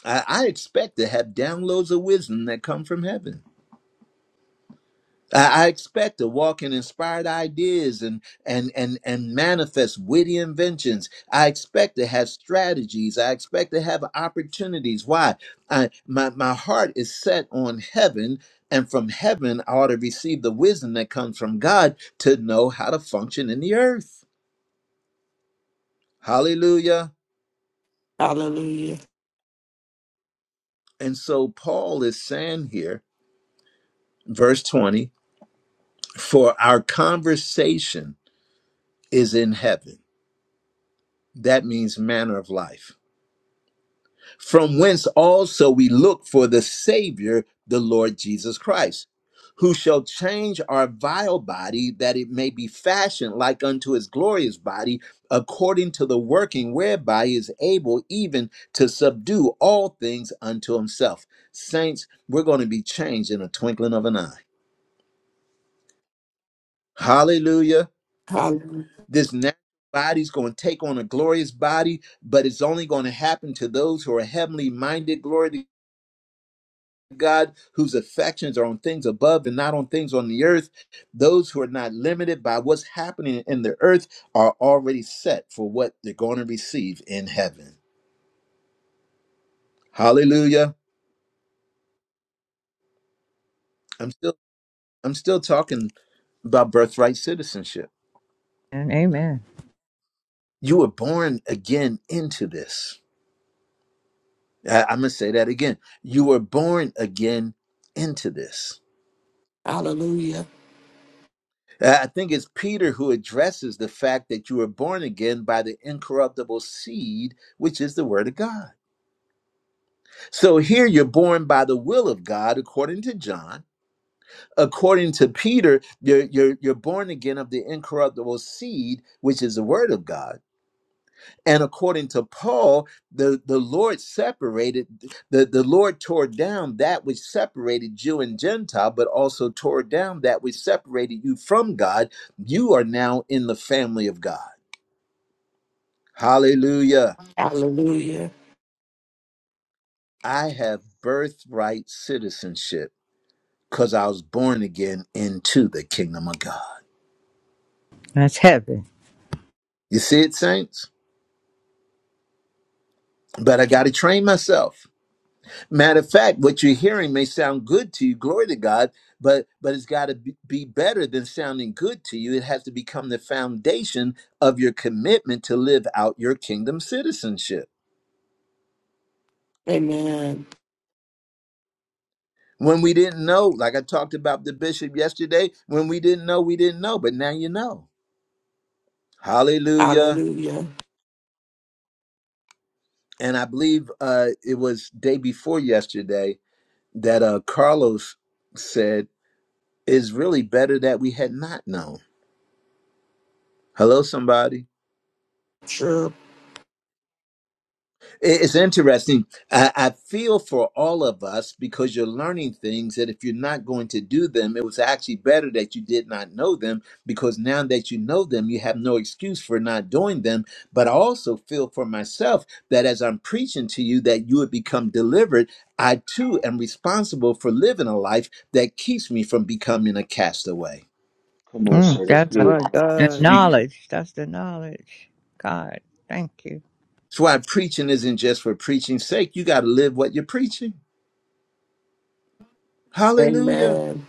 I, I expect to have downloads of wisdom that come from heaven. I I expect to walk in inspired ideas and and and and manifest witty inventions. I expect to have strategies. I expect to have opportunities. Why? I, my my heart is set on heaven, and from heaven I ought to receive the wisdom that comes from God to know how to function in the earth. Hallelujah. Hallelujah. And so Paul is saying here, verse 20, for our conversation is in heaven. That means manner of life from whence also we look for the Savior, the Lord Jesus Christ, who shall change our vile body that it may be fashioned like unto his glorious body, according to the working whereby he is able even to subdue all things unto himself. Saints, we're going to be changed in a twinkling of an eye. Hallelujah. Hallelujah. This natural body's going to take on a glorious body, but it's only going to happen to those who are heavenly minded. Glory to God, whose affections are on things above and not on things on the earth. Those who are not limited by what's happening in the earth are already set for what they're going to receive in heaven. Hallelujah. I'm still I'm still talking about birthright citizenship. And amen. You were born again into this. I, I'm gonna say that again. You were born again into this. Hallelujah. Uh, I think it's Peter who addresses the fact that you were born again by the incorruptible seed, which is the word of God. So here you're born by the will of God, according to John. According to Peter, you're, you're, you're born again of the incorruptible seed, which is the word of God. And according to Paul, the, the Lord separated, the, the Lord tore down that which separated Jew and Gentile, but also tore down that which separated you from God. You are now in the family of God. Hallelujah. Hallelujah. I have birthright citizenship. because I was born again into the kingdom of God. That's heaven. You see it, saints? But I got to train myself. Matter of fact, what you're hearing may sound good to you, glory to God, but but it's got to be better than sounding good to you. It has to become the foundation of your commitment to live out your kingdom citizenship. Amen. When we didn't know, like I talked about the bishop yesterday, when we didn't know, we didn't know, but now you know. Hallelujah. Hallelujah. And I believe uh, it was day before yesterday that uh, Carlos said is really better that we had not known. Hello, somebody. Sure. I- It's interesting. I, I feel for all of us because you're learning things that if you're not going to do them, it was actually better that you did not know them because now that you know them, you have no excuse for not doing them. But I also feel for myself that as I'm preaching to you, that you would become delivered. I too am responsible for living a life that keeps me from becoming a castaway. Come on, Mm, sir. That's that's a, good. My the God. Speak. knowledge. That's the knowledge. God, thank you. That's why preaching isn't just for preaching's sake. You got to live what you're preaching. Hallelujah. Amen.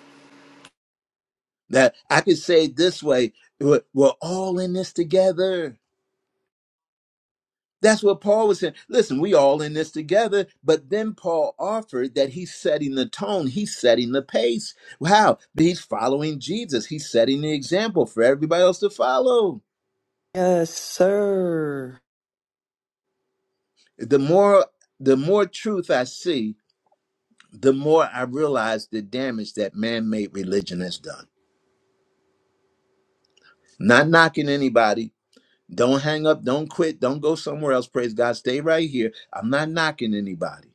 That I could say it this way we're, we're all in this together. That's what Paul was saying. Listen, we all in this together. But then Paul offered that he's setting the tone, he's setting the pace. Wow. He's following Jesus, he's setting the example for everybody else to follow. Yes, sir. The more the more truth I see, the more I realize the damage that man-made religion has done. Not knocking anybody, Don't hang up. Don't quit. Don't go somewhere else. Praise God. Stay right here. I'm not knocking anybody.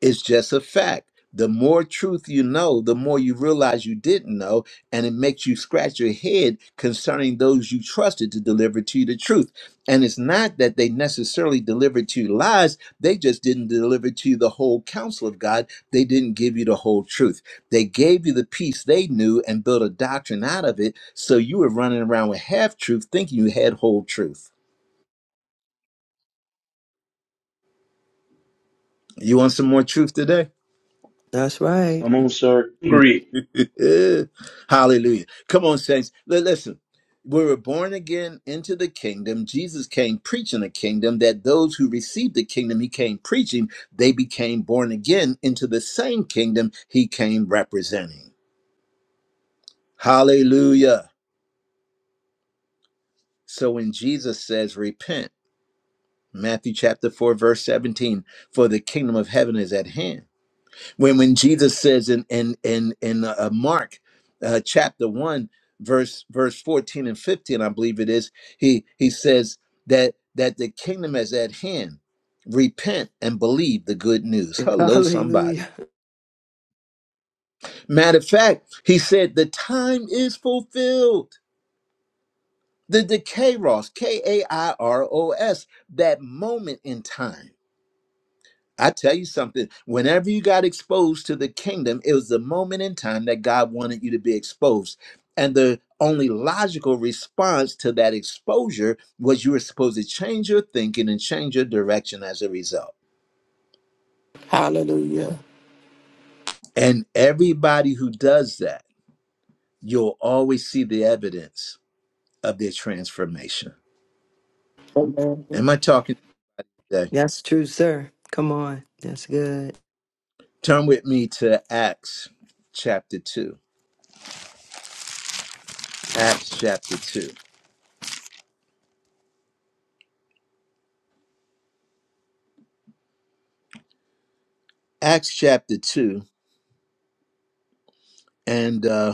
It's just a fact. The more truth you know, the more you realize you didn't know, and it makes you scratch your head concerning those you trusted to deliver to you the truth. And it's not that they necessarily delivered to you lies, they just didn't deliver to you the whole counsel of God. They didn't give you the whole truth. They gave you the piece they knew and built a doctrine out of it, so you were running around with half truth thinking you had whole truth. You want some more truth today? That's right. Come on, sir. Hungry. Hallelujah. Come on, saints. Li- Listen, we were born again into the kingdom. Jesus came preaching a kingdom that those who received the kingdom he came preaching, they became born again into the same kingdom he came representing. Hallelujah. So when Jesus says, repent, Matthew chapter 4, verse 17, for the kingdom of heaven is at hand. when when Jesus says in in in in uh, uh, Mark uh, chapter one verse verse fourteen and fifteen, I believe it is, he he says that that the kingdom is at hand. Repent and believe the good news. Hello, somebody. Hallelujah. Matter of fact, he said the time is fulfilled. The the kairos, K A I R O S, that moment in time I tell you something, whenever you got exposed to the kingdom, it was the moment in time that God wanted you to be exposed. And the only logical response to that exposure was you were supposed to change your thinking and change your direction as a result. Hallelujah. And everybody who does that, you'll always see the evidence of their transformation. Amen. Am I talking today? That's true, sir. Come on. That's good. Turn with me to Acts chapter 2. Acts chapter 2. Acts chapter 2. And uh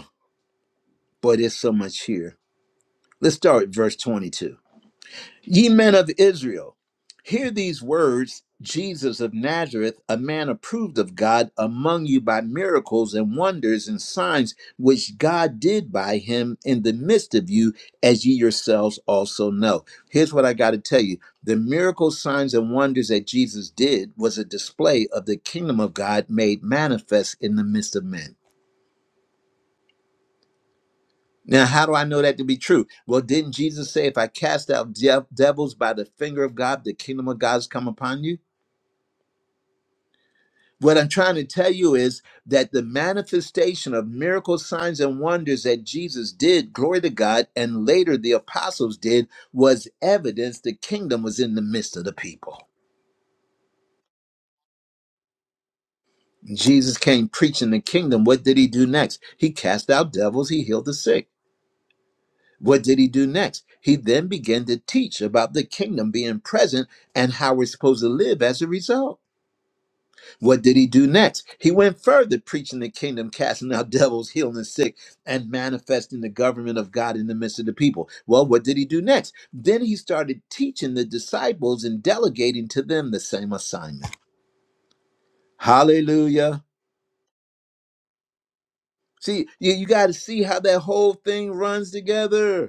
Boy, there's so much here. Let's start at verse 22. Ye men of Israel, hear these words Jesus of Nazareth, a man approved of God among you by miracles and wonders and signs which God did by him in the midst of you, as ye yourselves also know. Here's what I got to tell you the miracles, signs, and wonders that Jesus did was a display of the kingdom of God made manifest in the midst of men. Now, how do I know that to be true? Well, didn't Jesus say, if I cast out dev- devils by the finger of God, the kingdom of God has come upon you? What I'm trying to tell you is that the manifestation of miracles, signs, and wonders that Jesus did, glory to God, and later the apostles did, was evidence the kingdom was in the midst of the people. Jesus came preaching the kingdom. What did he do next? He cast out devils, he healed the sick. What did he do next? He then began to teach about the kingdom being present and how we're supposed to live as a result. What did he do next? He went further preaching the kingdom, casting out devils, healing the sick, and manifesting the government of God in the midst of the people. Well, what did he do next? Then he started teaching the disciples and delegating to them the same assignment. Hallelujah. See, you, you got to see how that whole thing runs together.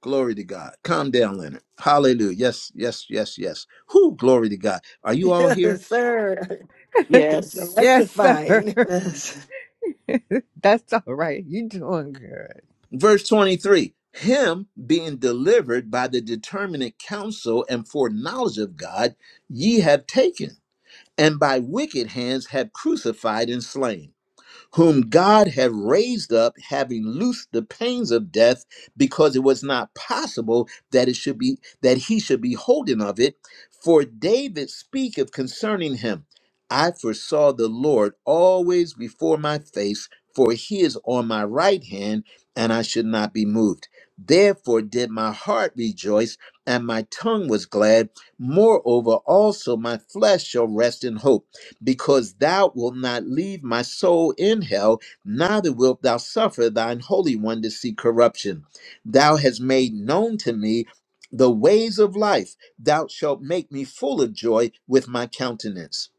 Glory to God. Calm down, Leonard. Hallelujah. Yes, yes, yes, yes. Whew, glory to God. Are you all here? Yes, sir. It's Yes. Yes, sir. electrifying. Yes. that's all right. You doing good. Verse 23 Him being delivered by the determinate counsel and foreknowledge of God, ye have taken, and by wicked hands have crucified and slain whom God had raised up, having loosed the pains of death, because it was not possible that it should be that he should be holding of it. For David speaketh concerning him, I foresaw the Lord always before my face, for he is on my right hand, and I should not be moved. Therefore did my heart rejoice, and my tongue was glad. Moreover, also my flesh shall rest in hope because thou wilt not leave my soul in hell, neither wilt thou suffer thine holy one to see corruption. Thou hast made known to me the ways of life, thou shalt make me full of joy with my countenance.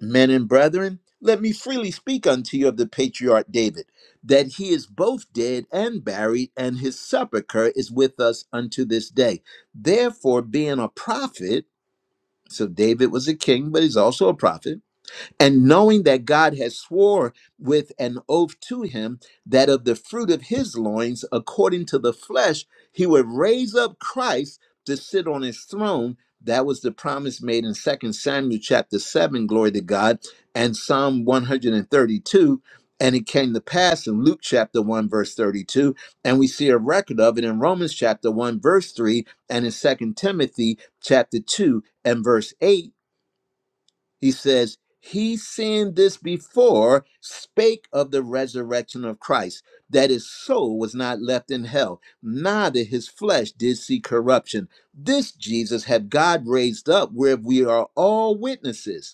Men and brethren, let me freely speak unto you of the patriarch David, that he is both dead and buried, and his sepulchre is with us unto this day. Therefore, being a prophet, so David was a king, but he's also a prophet and knowing that God has swore with an oath to him that of the fruit of his loins, according to the flesh, he would raise up Christ to sit on his throne. That was the promise made in Second Samuel chapter 7, glory to God, and Psalm 132. And it came to pass in Luke chapter 1, verse 32. And we see a record of it in Romans chapter 1, verse 3, and in Second Timothy chapter 2 and verse 8 he says, He seeing this before spake of the resurrection of Christ, that his soul was not left in hell, neither his flesh did see corruption. This Jesus had God raised up, where we are all witnesses.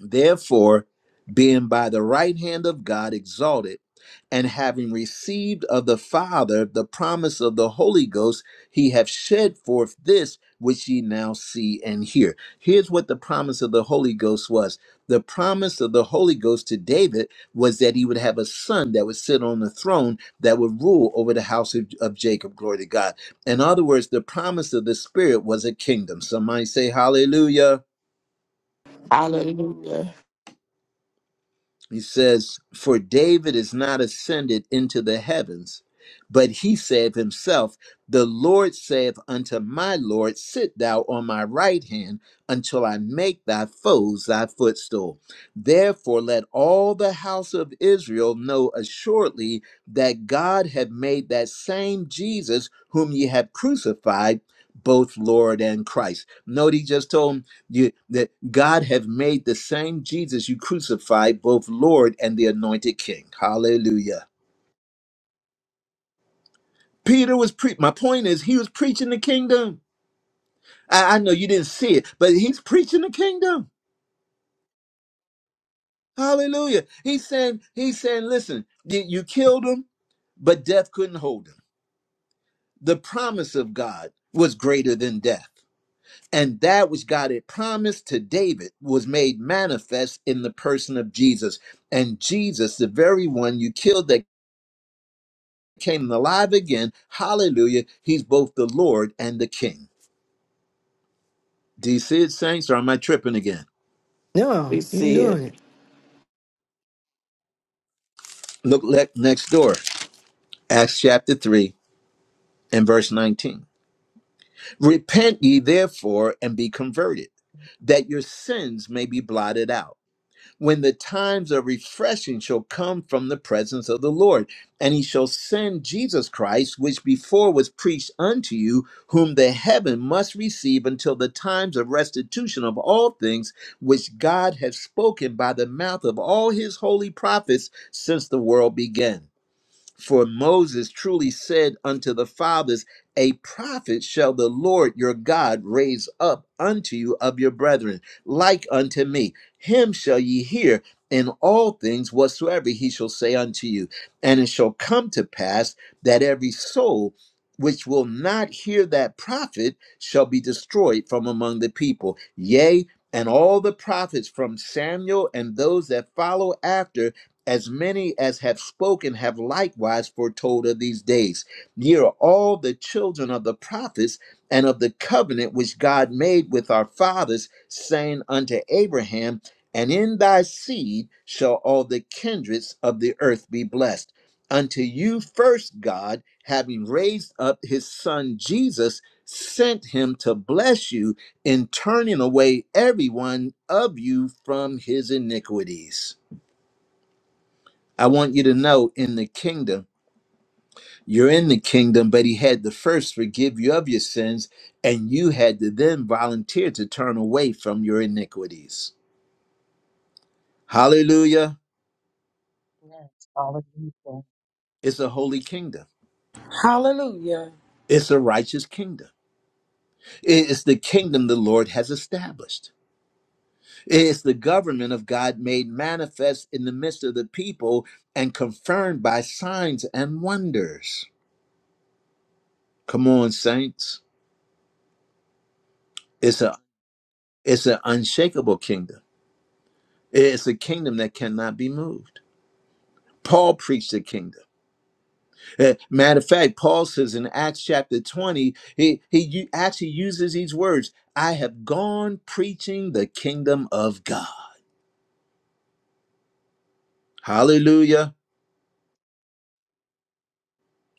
Therefore, being by the right hand of God exalted, and having received of the Father the promise of the Holy Ghost, he hath shed forth this which ye now see and hear. Here's what the promise of the Holy Ghost was the promise of the Holy Ghost to David was that he would have a son that would sit on the throne that would rule over the house of, of Jacob. Glory to God. In other words, the promise of the Spirit was a kingdom. Somebody say, Hallelujah. Hallelujah. He says, For David is not ascended into the heavens, but he saith himself, The Lord saith unto my Lord, Sit thou on my right hand until I make thy foes thy footstool. Therefore, let all the house of Israel know assuredly that God hath made that same Jesus whom ye have crucified. Both Lord and Christ. Note he just told 'em, you that God have made the same Jesus you crucified, both Lord and the anointed King. Hallelujah. Peter was pre my point is he was preaching the kingdom. I, I know you didn't see it, but he's preaching the kingdom. Hallelujah. He's saying, he's saying, listen, you, you killed him, but death couldn't hold him. The promise of God was greater than death. And that which God had promised to David was made manifest in the person of Jesus. And Jesus, the very one you killed that came alive again. Hallelujah. He's both the Lord and the King. Do you see it, saints, or am I tripping again? We No, you're see doing it. it. Look le- next door, Acts chapter 3 and verse 19. Repent ye therefore and be converted, that your sins may be blotted out when the times of refreshing shall come from the presence of the Lord, and he shall send Jesus Christ, which before was preached unto you, whom the heaven must receive until the times of restitution of all things, which God hath spoken by the mouth of all his holy prophets since the world began. For Moses truly said unto the fathers, A prophet shall the Lord your God raise up unto you of your brethren, like unto me. Him shall ye hear in all things whatsoever he shall say unto you. And it shall come to pass that every soul which will not hear that prophet shall be destroyed from among the people. Yea, and all the prophets from Samuel and those that follow after as many as have spoken have likewise foretold of these days. Ye are all the children of the prophets and of the covenant which God made with our fathers, saying unto Abraham, And in thy seed shall all the kindreds of the earth be blessed. Unto you first God, having raised up his son Jesus, sent him to bless you in turning away every one of you from his iniquities. I want you to know in the kingdom, you're in the kingdom, but he had to first forgive you of your sins, and you had to then volunteer to turn away from your iniquities. Hallelujah. Yes, hallelujah. It's a holy kingdom, Hallelujah. it's a righteous kingdom. It's the kingdom the Lord has established. It's the government of God made manifest in the midst of the people and confirmed by signs and wonders. Come on, saints. It's a it's an unshakable kingdom. It's a kingdom that cannot be moved. Paul preached the kingdom. Uh, Matter of fact, Paul says in Acts chapter 20, he, he u- actually uses these words I have gone preaching the kingdom of God. Hallelujah.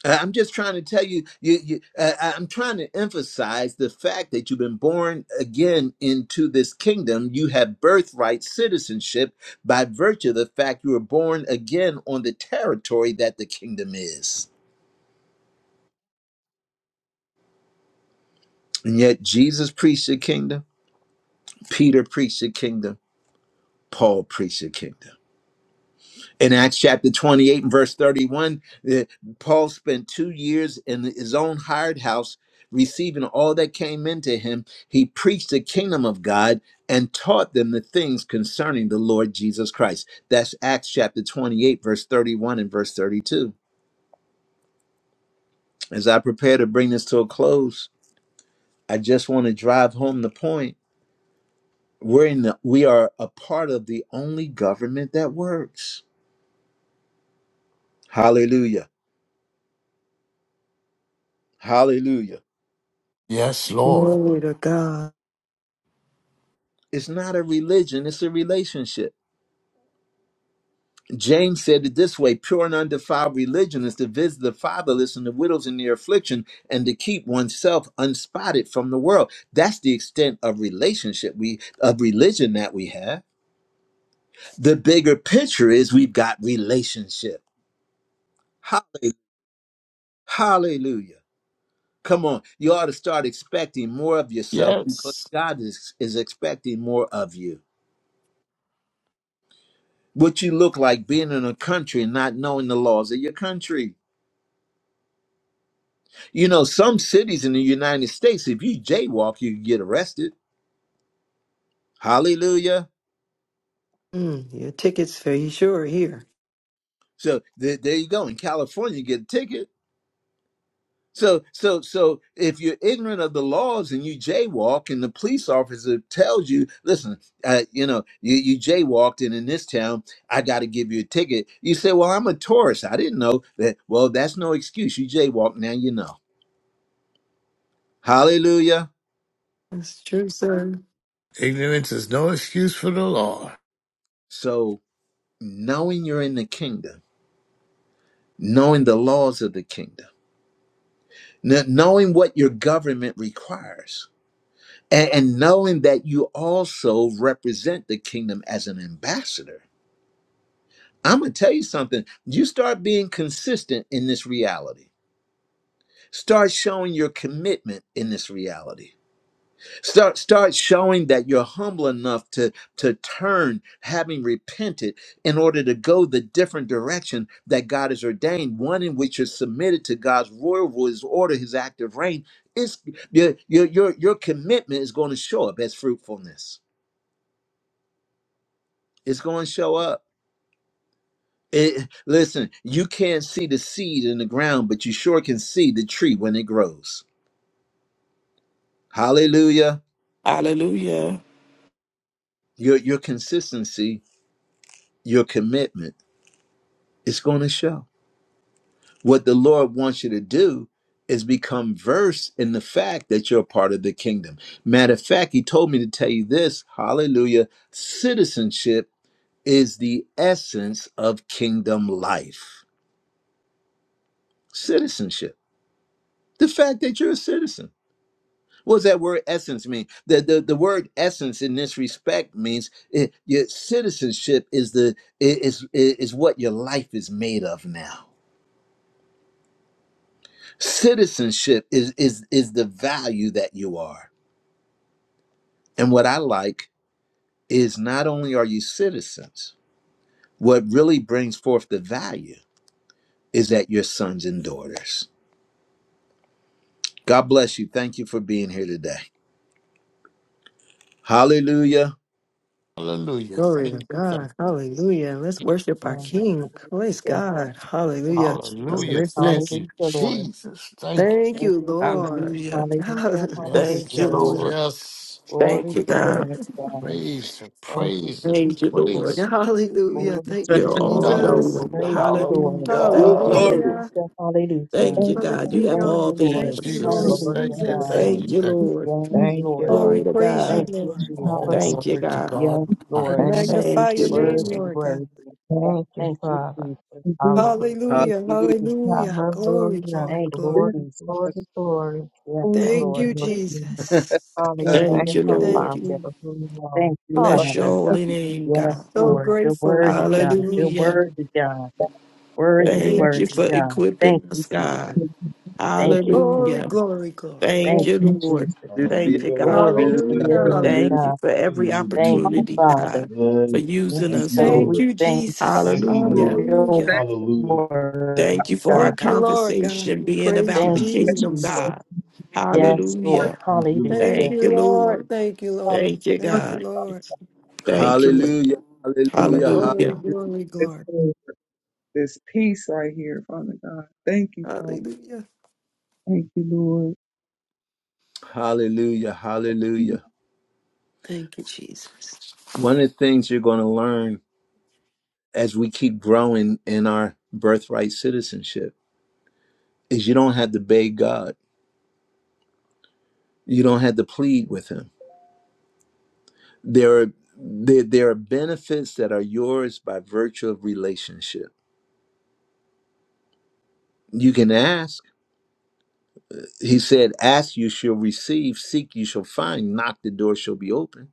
I- I'm just trying to tell you, you, you uh, I- I'm trying to emphasize the fact that you've been born again into this kingdom. You have birthright citizenship by virtue of the fact you were born again on the territory that the kingdom is. And yet Jesus preached the kingdom, Peter preached the kingdom, Paul preached the kingdom. In Acts chapter 28 and verse 31, eh, Paul spent two years in his own hired house, receiving all that came into him. He preached the kingdom of God and taught them the things concerning the Lord Jesus Christ. That's Acts chapter 28, verse 31 and verse 32. As I prepare to bring this to a close, I just want to drive home the point We're in the, we are a part of the only government that works. Hallelujah. Hallelujah. Yes, Lord. Glory to God. It's not a religion, it's a relationship. James said it this way pure and undefiled religion is to visit the fatherless and the widows in their affliction and to keep oneself unspotted from the world. That's the extent of relationship we of religion that we have. The bigger picture is we've got relationship. Hallelujah. Hallelujah. Come on, you ought to start expecting more of yourself because Yes. God is, is expecting more of you. What you look like being in a country and not knowing the laws of your country. You know, some cities in the United States, if you jaywalk, you can get arrested. Hallelujah. Mm, your tickets for you sure here. So th- there you go. In California, you get a ticket. So, so, so, if you're ignorant of the laws and you jaywalk, and the police officer tells you, "Listen, uh, you know, you, you jaywalked, and in this town, I got to give you a ticket," you say, "Well, I'm a tourist. I didn't know that." Well, that's no excuse. You jaywalk now. You know. Hallelujah. That's true, sir. Ignorance is no excuse for the law. So, knowing you're in the kingdom, knowing the laws of the kingdom, kn- knowing what your government requires, and, and knowing that you also represent the kingdom as an ambassador I'm going to tell you something. You start being consistent in this reality. Start showing your commitment in this reality. Start start showing that you're humble enough to to turn having repented in order to go the different direction that God has ordained, one in which you're submitted to God's royal rule, his order, his active reign. It's your your your, your commitment is going to show up as fruitfulness. It's going to show up. It, listen, you can't see the seed in the ground, but you sure can see the tree when it grows. Hallelujah. Hallelujah. Your, your consistency, your commitment is going to show. What the Lord wants you to do is become versed in the fact that you're a part of the kingdom. Matter of fact, He told me to tell you this. Hallelujah. Citizenship is the essence of kingdom life. Citizenship, the fact that you're a citizen. What does that word essence mean? The, the, the word essence in this respect means it, your citizenship is the is is what your life is made of now. Citizenship is is is the value that you are. And what I like is not only are you citizens, what really brings forth the value is that you're sons and daughters. God bless you. Thank you for being here today. Hallelujah. Hallelujah. Glory to Thank you. Thank God. Hallelujah. Let's worship our Lord. you. King. Praise Hallelujah. God. Thank Hallelujah. you, From Jesus. Hallelujah. Thank Christmas. Hallelujah, you, Lord. Jesus. Thank you. Thank Thank you, you, Jesus. Lord. Hallelujah. Hallelujah, Yes, Thank hallelujah, you, yes, Lord. Lord. yes. Thank Glory you, to your God. name, God. Praise it, Thank you, praise it, Thank you, Jesus. Lord. praise Yeah. Hallelujah. Glory Thank to you, You're your it. name, all God. We Jesus. knowing. Hallelujah, praise you, Lord. Hallelujah. Woo, Thank you, hallelujah. glory. Lord. Hallelujah. Hallelujah, Thank hallelujah. Thank you you, Thank for the you. God. You have Thank all you, kingdom. Thank you, the Thank Lord. you, Lord Hallelujah, Jesus. answers. Lord, Thank Thank to you, the God. Jesus. thank you, Thank King. you, thank you. Thank Lord. Yes, you Thank you, Lord. Oh, we Glory Lord. to praise you, Thank God. you, Lord. Hallelujah. you. All Jesus. Thank Hallelujah. you, glory to God. God Yes, in the for Lord. the highest. Thank you, Magnify Thank you, your Yes, Jesus. yes, Worthy, name, Lord. Lord worthy. God. Thank you, Thank you, Father. Jesus. opportunity. Hallelujah. Thank Hallelujah. Hallelujah. you, Jesus. Hallelujah. Glory, Hallelujah. glory, Thank you, glory. Thank you Glory, for Thank glory, you Jesus. glory. Yes, for the Thank Thank opportunity. you, Lord. you, Thank Lord. Jesus. you for the Thank Hallelujah, Thank you, you, Thank Lord. Father, hallelujah. you. for who you are. Thank you, Bless your Father. Hallelujah. holy opportunity. name, Yes, God. So Lord. You're grateful. worthy, God. You're Hallelujah. Hallelujah. worthy, God. Worthy, Thank Thank you. you worthy, for Jesus. God. Thank equipping you, us, Jesus. God. Thank you for the Thank you, Glory, Hallelujah. Jesus. glory, glory. Thank Thank you, you, opportunity. Lord. Jesus. Thank Hallelujah. you, Hallelujah. God. Glory to your Hallelujah. Hallelujah. name, Hallelujah. Thank Hallelujah. you God. for Thank you, every Lord Thank you, Jesus. opportunity, Father. God, for Yes. using Thank Yes, us, you, God, Lord. Thank we Lord. you, thank Jesus. you Thank you, for Hallelujah. Lord. your Hallelujah. Hallelujah. word, Thank you for our God. Thank you, Lord God. conversation We being Praise you, about Thank the Mm. you, Thank kingdom, you Jesus. Jesus. God. for Yes, Lord. Hallelujah. Thank you, Hallelujah. Lord Thank Thank Jesus. you, you, Lord. Lord. Thank you, the Lord. Thank you, opportunity. Thank you, God. Lord. Thank Hallelujah. you. Hallelujah. ha- Glory, Hallelujah. glory, this, glory. peace, this peace right here, Father God. Thank you, Father. Hallelujah. Thank you, Lord. Hallelujah. Hallelujah. Thank you, Jesus. One of the things you're going to learn as we keep growing in our birthright citizenship is you don't have to beg God. You don't have to plead with him. There are there, there are benefits that are yours by virtue of relationship. You can ask. He said, Ask you shall receive, seek you shall find, knock the door shall be open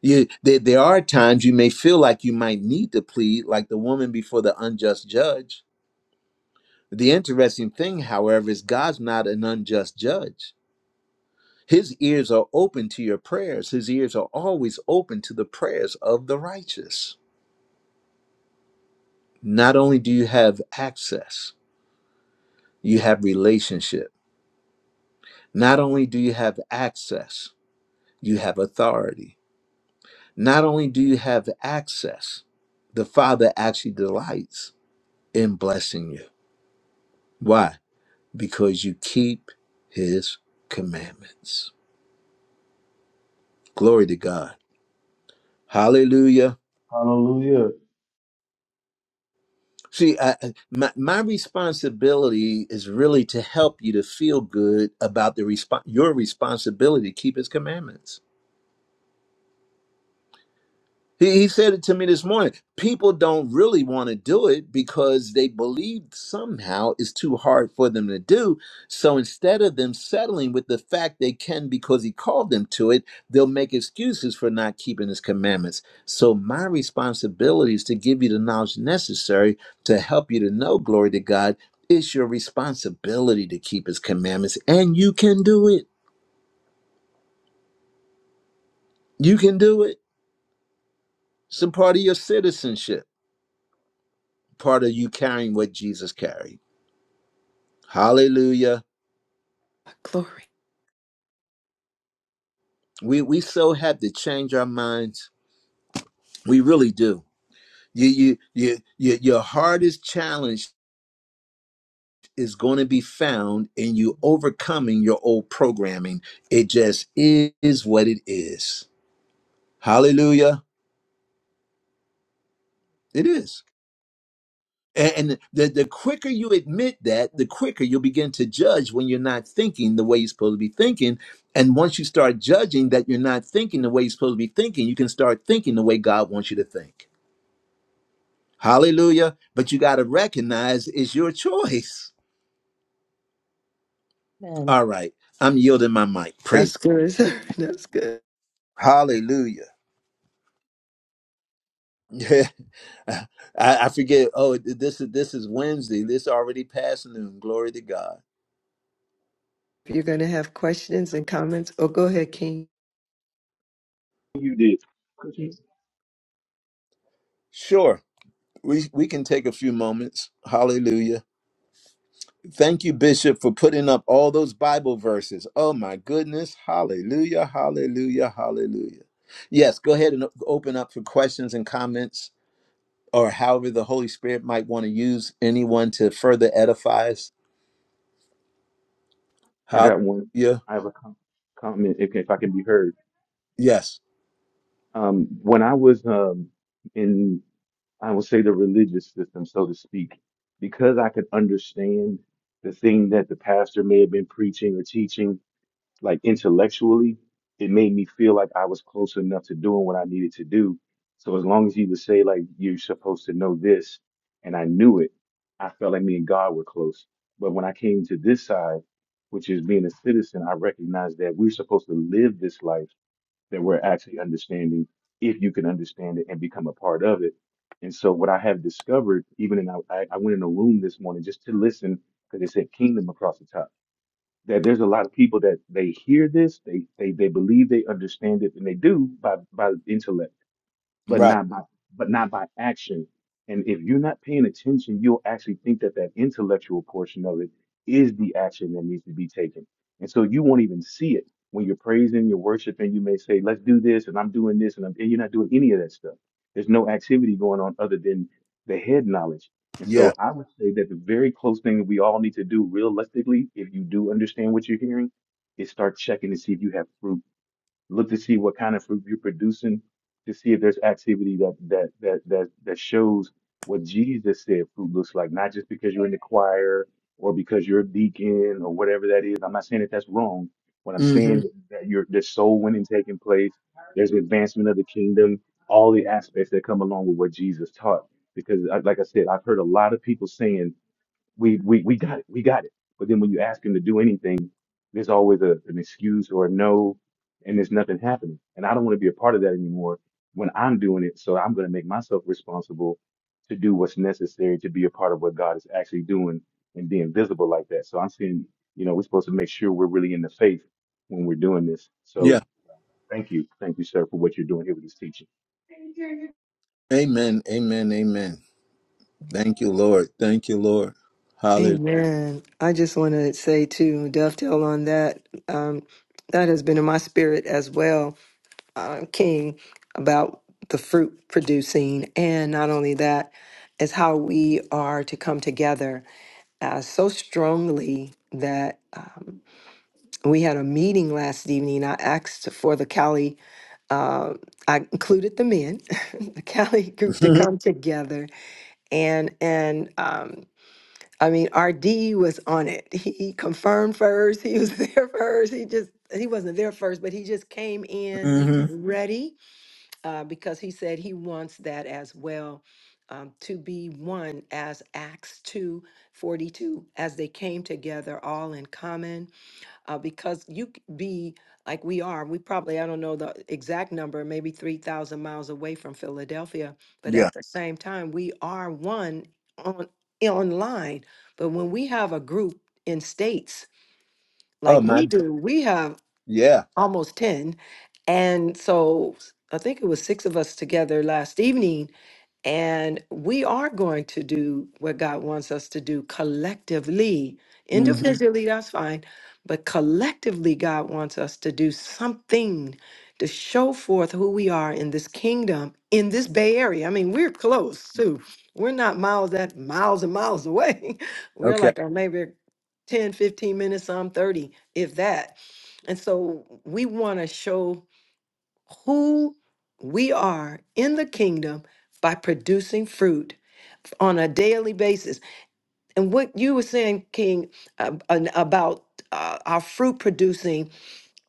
You, there, there are times you may feel like you might need to plead, like the woman before the unjust judge. The interesting thing, however, is God's not an unjust judge. His ears are open to your prayers, His ears are always open to the prayers of the righteous. Not only do you have access, you have relationship. Not only do you have access, you have authority. Not only do you have access, the Father actually delights in blessing you. Why? because you keep his commandments. Glory to God. Hallelujah. Hallelujah. See, I, my, my responsibility is really to help you to feel good about the resp- your responsibility to keep his commandments. He, he said it to me this morning. People don't really want to do it because they believe somehow it's too hard for them to do. So instead of them settling with the fact they can because he called them to it, they'll make excuses for not keeping his commandments. So my responsibility is to give you the knowledge necessary to help you to know, glory to God. It's your responsibility to keep his commandments, and you can do it. You can do it. It's a part of your citizenship, part of you carrying what Jesus carried. Hallelujah. Glory. We we so have to change our minds. We really do. You you you, you your hardest challenge is going to be found in you overcoming your old programming. It just is what it is. Hallelujah. It is. And and the, the quicker you admit that, the quicker you'll begin to judge when you're not thinking the way you're supposed to be thinking. And once you start judging that you're not thinking the way you're supposed to be thinking, you can start thinking the way God wants you to think. Hallelujah. But you got to recognize it's your choice. Amen. All right. I'm yielding my mic. Praise. That's good. sir. That's good. Hallelujah. Yeah. I, I forget. Oh, this is this is Wednesday. This already past noon. Glory to God. you're going to have questions and comments, oh, go ahead, King. you did. Sure. We we can take a few moments. Hallelujah. Thank you, Bishop, for putting up all those Bible verses. Oh my goodness. Hallelujah. Hallelujah. Hallelujah. Yes, go ahead and o- open up for questions and comments. or however the Holy Spirit might want to use anyone to further edify us. I got one. Hallelujah. I have a com- comment if, if I can be heard. Yes. Um, when I was um, in, I will say the religious system, so to speak, because I could understand the thing that the pastor may have been preaching or teaching, like intellectually, it made me feel like I was close enough to doing what I needed to do. So as long as he would say like you're supposed to know this, and I knew it, I felt like me and God were close. But when I came to this side, which is being a citizen, I recognized that we're supposed to live this life that we're actually understanding, if you can understand it and become a part of it. And so what I have discovered, even in I, I I went in a room this morning just to listen because they said kingdom across the top that there's a lot of people that they hear this, they they they believe they understand it, and they do by by intellect but Right. not by but not by action. And if you're not paying attention, you'll actually think that that intellectual portion of it is the action that needs to be taken. And so you won't even see it when you're praising, you're worshiping. You may say, "Let's do this," and I'm doing this, and, I'm, and you're not doing any of that stuff. There's no activity going on other than the head knowledge. And Yeah. so I would say that the very close thing that we all need to do realistically, if you do understand what you're hearing, is start checking to see if you have fruit look to see what kind of fruit you're producing to see if there's activity that that that that that shows what Jesus said fruit looks like not just because you're in the choir or because you're a deacon or whatever that is I'm not saying that that's wrong what I'm saying hmm is that you're there's soul winning taking place there's advancement of the kingdom all the aspects that come along with what Jesus taught because I- like I said I've heard a lot of people saying we we we got it, we got it. But then when you ask him to do anything, there's always a, an excuse or a no, and there's nothing happening. And I don't want to be a part of that anymore when I'm doing it. So I'm going to make myself responsible to do what's necessary to be a part of what God is actually doing and being visible like that. So I'm saying, you know, we're supposed to make sure we're really in the faith when we're doing this. Yeah. So thank you, thank you, sir, for what you're doing here with this teaching. Amen. Amen. Amen. Thank you, Lord. Thank you, Lord. Hallelujah. Amen. I just want to say to dovetail on that. Um, that has been in my spirit as well, uh, King, about the fruit producing, and not only that, is how we are to come together uh, so strongly that um, we had a meeting last evening. I asked for the Cali. Uh, I included the men, the Cali group, to come together and and. Um, I mean, our D was on it. He he confirmed first. He was there first. He just he wasn't there first, but he just came in hmm ready uh, because he said he wants that as well um, to be one as Acts two forty two as they came together all in common uh, because you c- be like we are. We probably, I don't know the exact number, maybe 3,000 miles away from Philadelphia, but Yeah. at the same time, we are one on online. But when we have a group in states Oh like my. we God. do, we have Yeah. almost 10. And so s- I think it was six of us together last evening and we are going to do what God wants us to do collectively. hmm Individually, that's fine. But collectively, God wants us to do something to show forth who we are in this kingdom, in this Bay Area. I mean, we're close too. We're not miles at miles and miles away. we're Okay. like, or maybe 10, 15 minutes, some 30, if that. And so we want to show who we are in the kingdom by producing fruit on a daily basis. And what you were saying, King, uh, an- about uh, our fruit producing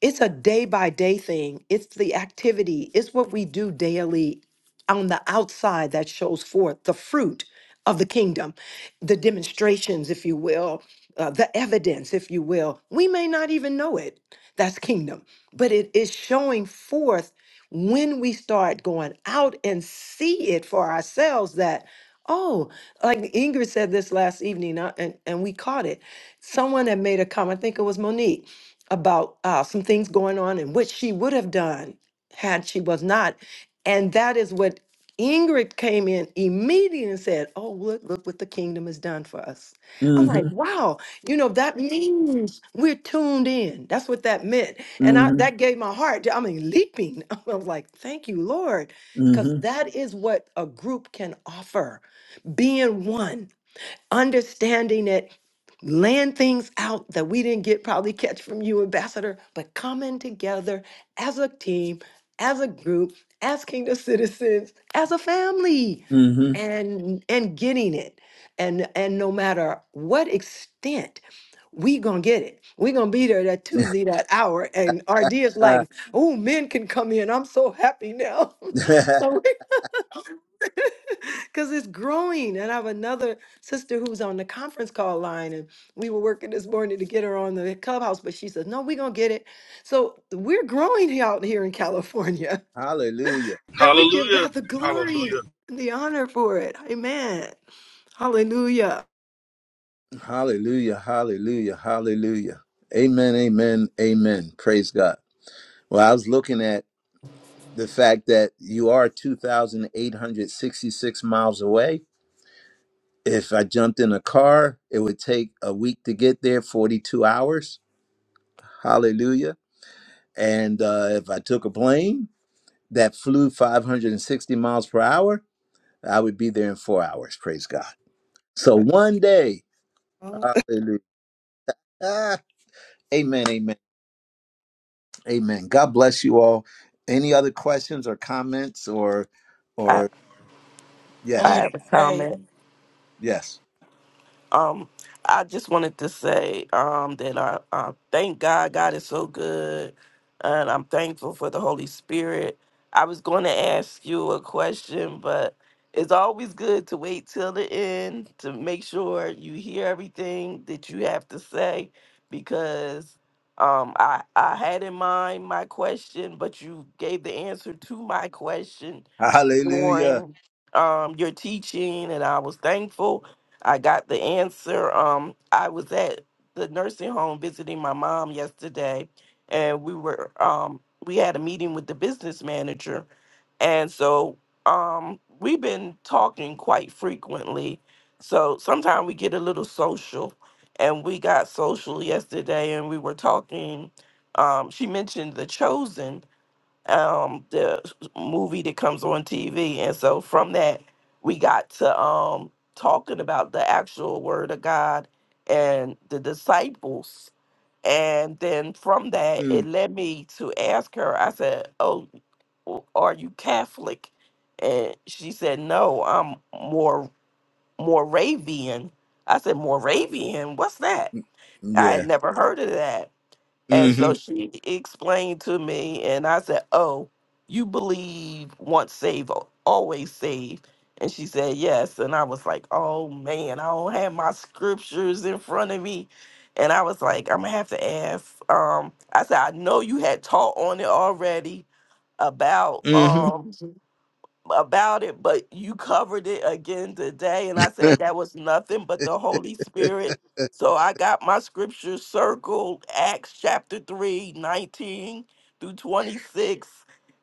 it's a day by day thing. It's the activity, it's what we do daily on the outside that shows forth the fruit of the kingdom, the demonstrations, if you will, uh, the evidence, if you will. We may not even know it. That's kingdom, but it is showing forth when we start going out and see it for ourselves that. Oh, like Ingrid said this last evening, uh, and, and we caught it. Someone had made a comment, I think it was Monique about uh, some things going on and what she would have done had she was not. And that is what Ingrid came in immediately and said, Oh, look, look what the kingdom has done for us. I'm hmm like, wow, you know, that means we're tuned in. That's what that meant. And I, hmm that gave my heart, I mean, leaping. I was like, Thank you, Lord, because hmm that is what a group can offer being one. Understanding it land things out that we didn't get probably catch from you, Ambassador, but coming together as a team, as a group, as kingdom citizens, as a family, hmm and and getting it. And and no matter what extent, we gonna get it. We gonna be there that Tuesday, that hour. And RD is like, oh, men can come in. I'm so happy now. so because it's growing. And I have another sister who's on the conference call line, and we were working this morning to get her on the clubhouse, but she says, No, we're going to get it. So we're growing he- out here in California, hallelujah. and we give Hallelujah. God the glory Hallelujah. and the honor for it. Amen. Hallelujah. Hallelujah. Hallelujah. Hallelujah. Amen. Amen. Amen. Praise God. Well, I was looking at the fact that you are 2,866 miles away. If I jumped in a car, it would take a week to get there, 42 hours. Hallelujah. And uh, if I took a plane that flew 560 miles per hour, I would be there in four hours. Praise God. So one day, Oh, hallelujah. Ah, amen, amen, amen. God bless you all. Any other questions or comments or, I, or I I yes, like to have a say, comment. yes. Um, I just wanted to say um, that I, I thank God. God is so good, and I'm thankful for the Holy Spirit. I was going to ask you a question, but it's always good to wait till the end to make sure you hear everything that you have to say, because um, I I had in mind my question, but you gave the answer to my question Hallelujah. during um, your teaching, and I was thankful I got the answer. Um, I was at the nursing home visiting my mom yesterday, and we were um we had a meeting with the business manager, and so um we've been talking quite frequently. So sometimes we get a little social, and we got social yesterday, and we were talking. Um, she mentioned the chosen, um the movie that comes on TV. And so from that we got to um talking about the actual word of God and the disciples. And then from that Hmm. it led me to ask her, I said, Oh, w- are you Catholic? And she said, No, I'm more Moravian. I said, Moravian, what's that? I had Yeah. never heard of that. And hmm so she explained to me, and I said, Oh, you believe once saved, al- always saved. And she said, Yes. And I was like, Oh man, I don't have my scriptures in front of me. And I was like, I'm gonna have to ask. Um, I said, I know you had taught on it already about hmm um about it, but you covered it again today. And I said that was nothing but the Holy Spirit. So I got my scripture circled, Acts chapter 3 19 through 26.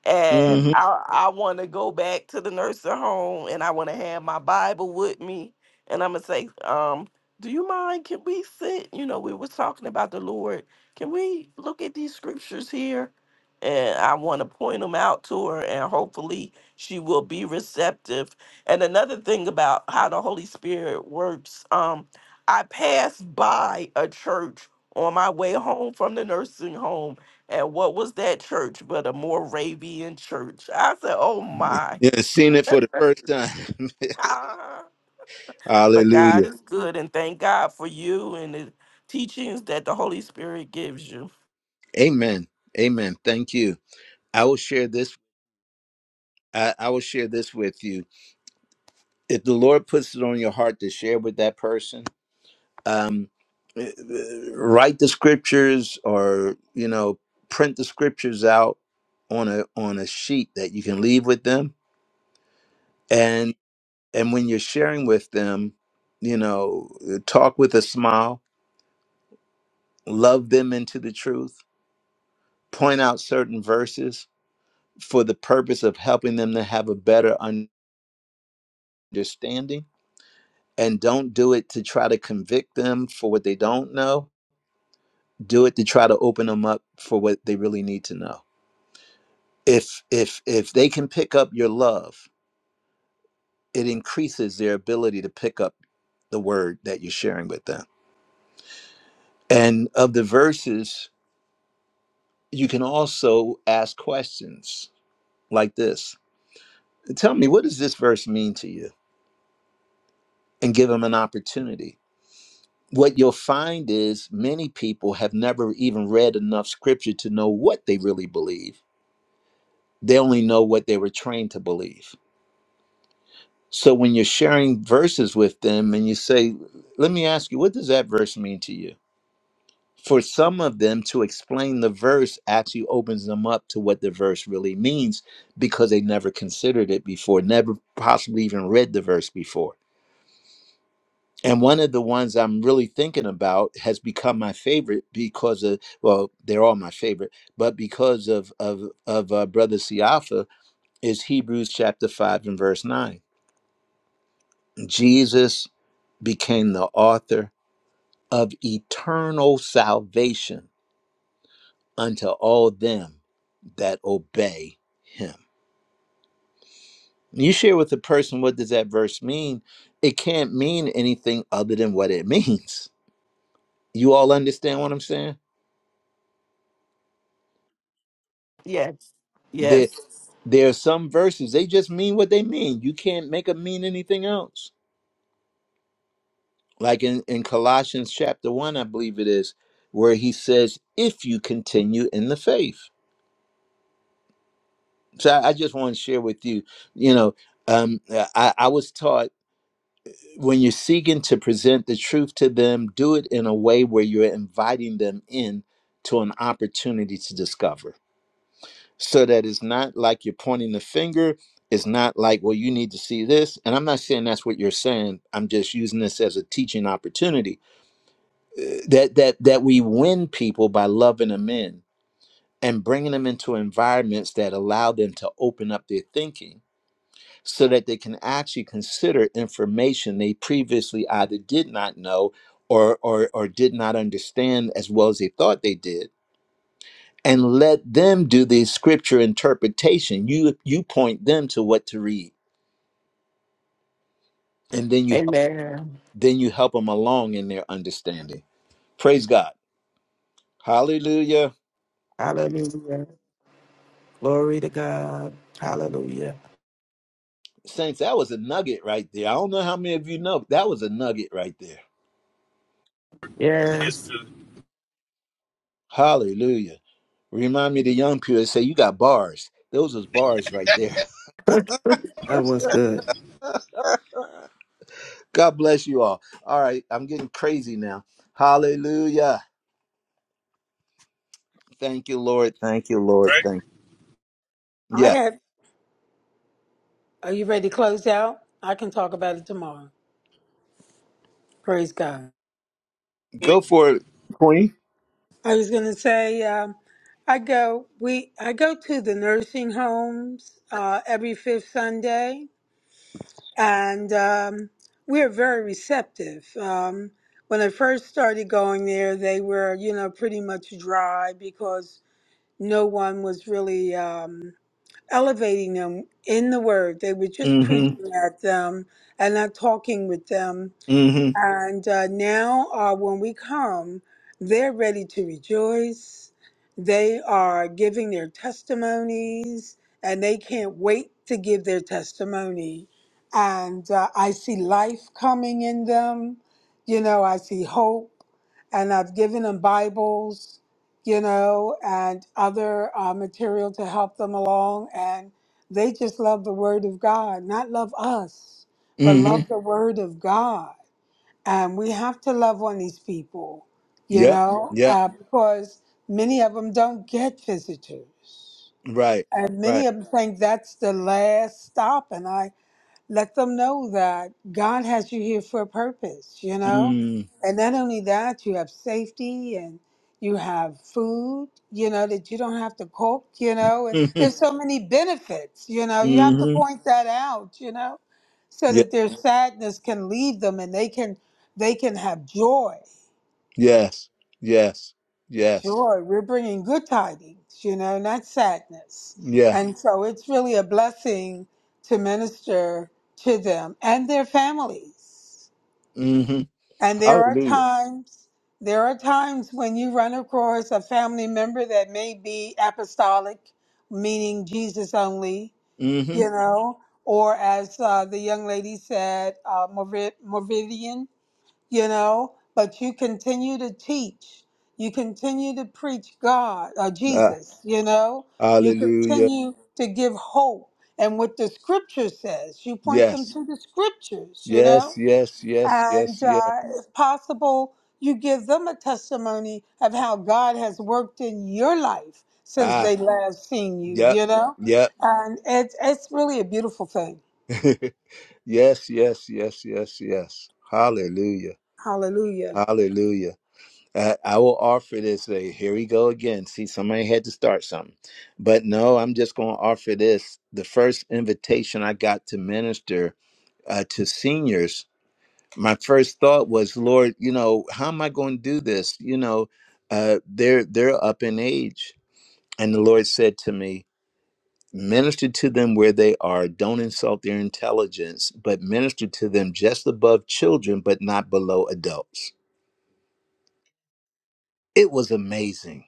And hmm I, I want to go back to the nursing home and I want to have my Bible with me. And I'm going to say, um, do you mind? Can we sit? You know, we was talking about the Lord. Can we look at these scriptures here? And I want to point them out to her and hopefully she will be receptive. And another thing about how the Holy Spirit works, um, I passed by a church on my way home from the nursing home, and what was that church but a Moravian church? I said, "Oh my!" Yeah, seen it for the first time. but God Hallelujah. is good, and thank God for you and the teachings that the Holy Spirit gives you. Amen. Amen. Thank you. I will share this. I, I will share this with you. If the Lord puts it on your heart to share with that person, um, uh, write the scriptures or you know print the scriptures out on a on a sheet that you can leave with them, and and when you're sharing with them, you know, talk with a smile love them into the truth, point out certain verses for the purpose of helping them to have a better understanding, and don't do it to try to convict them for what they don't know. Do it to try to open them up for what they really need to know. If if if they can pick up your love, it increases their ability to pick up the word that you're sharing with them. And of the verses, you can also ask questions like this. Tell me, what does this verse mean to you? and give them an opportunity. What you'll find is many people have never even read enough scripture to know what they really believe. They only know what they were trained to believe. So when you're sharing verses with them and you say, Let me ask you, what does that verse mean to you? For some of them to explain the verse actually opens them up to what the verse really means because they never considered it before, never possibly even read the verse before. And one of the ones I'm really thinking about has become my favorite because of well, they're all my favorite, but because of of of uh, Brother Siafa is Hebrews chapter five and verse nine. Jesus became the author of eternal salvation unto all them that obey him. You share with a person what does that verse mean? It can't mean anything other than what it means. You all understand what I'm saying? Yes, There, yes, there are some verses, they just mean what they mean. You can't make them mean anything else. Like in, in Colossians chapter 1, I believe it is, where he says, if you continue in the faith. So I, I just want to share with you, you know, um, I, I was taught when you're seeking to present the truth to them, do it in a way where you're inviting them in to an opportunity to discover. so that it's not like you're pointing the finger. It's not like, well, you need to see this. And I'm not saying that's what you're saying. I'm just using this as a teaching opportunity Uh, that that that we win people by loving them in and bringing them into environments that allow them to open up their thinking so that they can actually consider information they previously either did not know or or, or did not understand as well as they thought they did and let them do the scripture interpretation. You you point them to what to read, and then you help Amen. then you help them along in their understanding. Praise God, Hallelujah, Hallelujah. Glory to God. Hallelujah. saints. That was a nugget right there. I don't know how many of you know but that was a nugget right there. It's Yes. the Hallelujah. Remind me of the young people that say you got bars. Those was bars right there. That was good. God bless you all. All right, I'm getting crazy now. Hallelujah. Thank you, Lord. Thank you, Lord. right Thank. you. I Yeah, had, are you ready to close out? I can talk about it tomorrow. Praise God. go wing. for it, Queen. I was going to say, um, I go, we, I go to the nursing homes, uh, every fifth Sunday and, um, we're very receptive. Um, when I first started going there, they were, you know, pretty much dry because no one was really, um, elevating them in the word. They were just preaching Mhm. at them and not talking with them Mm-hmm. and uh, now, uh, when we come, they're ready to rejoice. They are giving their testimonies, and they can't wait to give their testimony. And uh, I see life coming in them. You know, I see hope, and I've given them Bibles, you know, and other uh, material to help them along. And they just love the Word of God, not love us, but Mm-hmm. love the Word of God and we have to love on these people, you Yep. know, Yep. uh, because many of them don't get visitors, Right. and Right. many of them think that's the last stop. And I let them know that God has you here for a purpose, you know? Mm. And not only that, you have safety and you have food, you know, that you don't have to cook, you know? And Mm-hmm. there's so many benefits, you know? You have to Mm-hmm. point that out, you know? So Yeah. that their sadness can leave them and they can they can have joy, Yes. Yes. Yes. Sure, we're bringing good tidings, you know, not sadness. Yeah. And so it's really a blessing to minister to them and their families. Mm-hmm. And there are Hallelujah. times, there are times when you run across a family member that may be apostolic, meaning Jesus only, Mm-hmm. you know, or as uh, the young lady said, uh, Moravian you know but you continue to teach you continue to preach god or Ah. jesus you know you hallelujah. continue to give hope and what the scripture says you point them Yes. to the scriptures you know Yes. Yes. Yes. Yes. and Yes. uh, if possible you give them a testimony of how god has worked in your life since Ah. they last seen you Yep. you know Yep. and it's it's really a beautiful thing yes. Yes. Yes. Yes. Yes. Hallelujah. hallelujah Hallelujah. Uh, I will offer this. Uh, here we go again. See, somebody had to start something. But no, I'm just going to offer this. The first invitation I got to minister uh, to seniors, my first thought was, Lord, you know, how am I going to do this? You know, uh, they're they're up in age, and the Lord said to me, minister to them where they are. Don't insult their intelligence, but minister to them just above children, but not below adults. It was amazing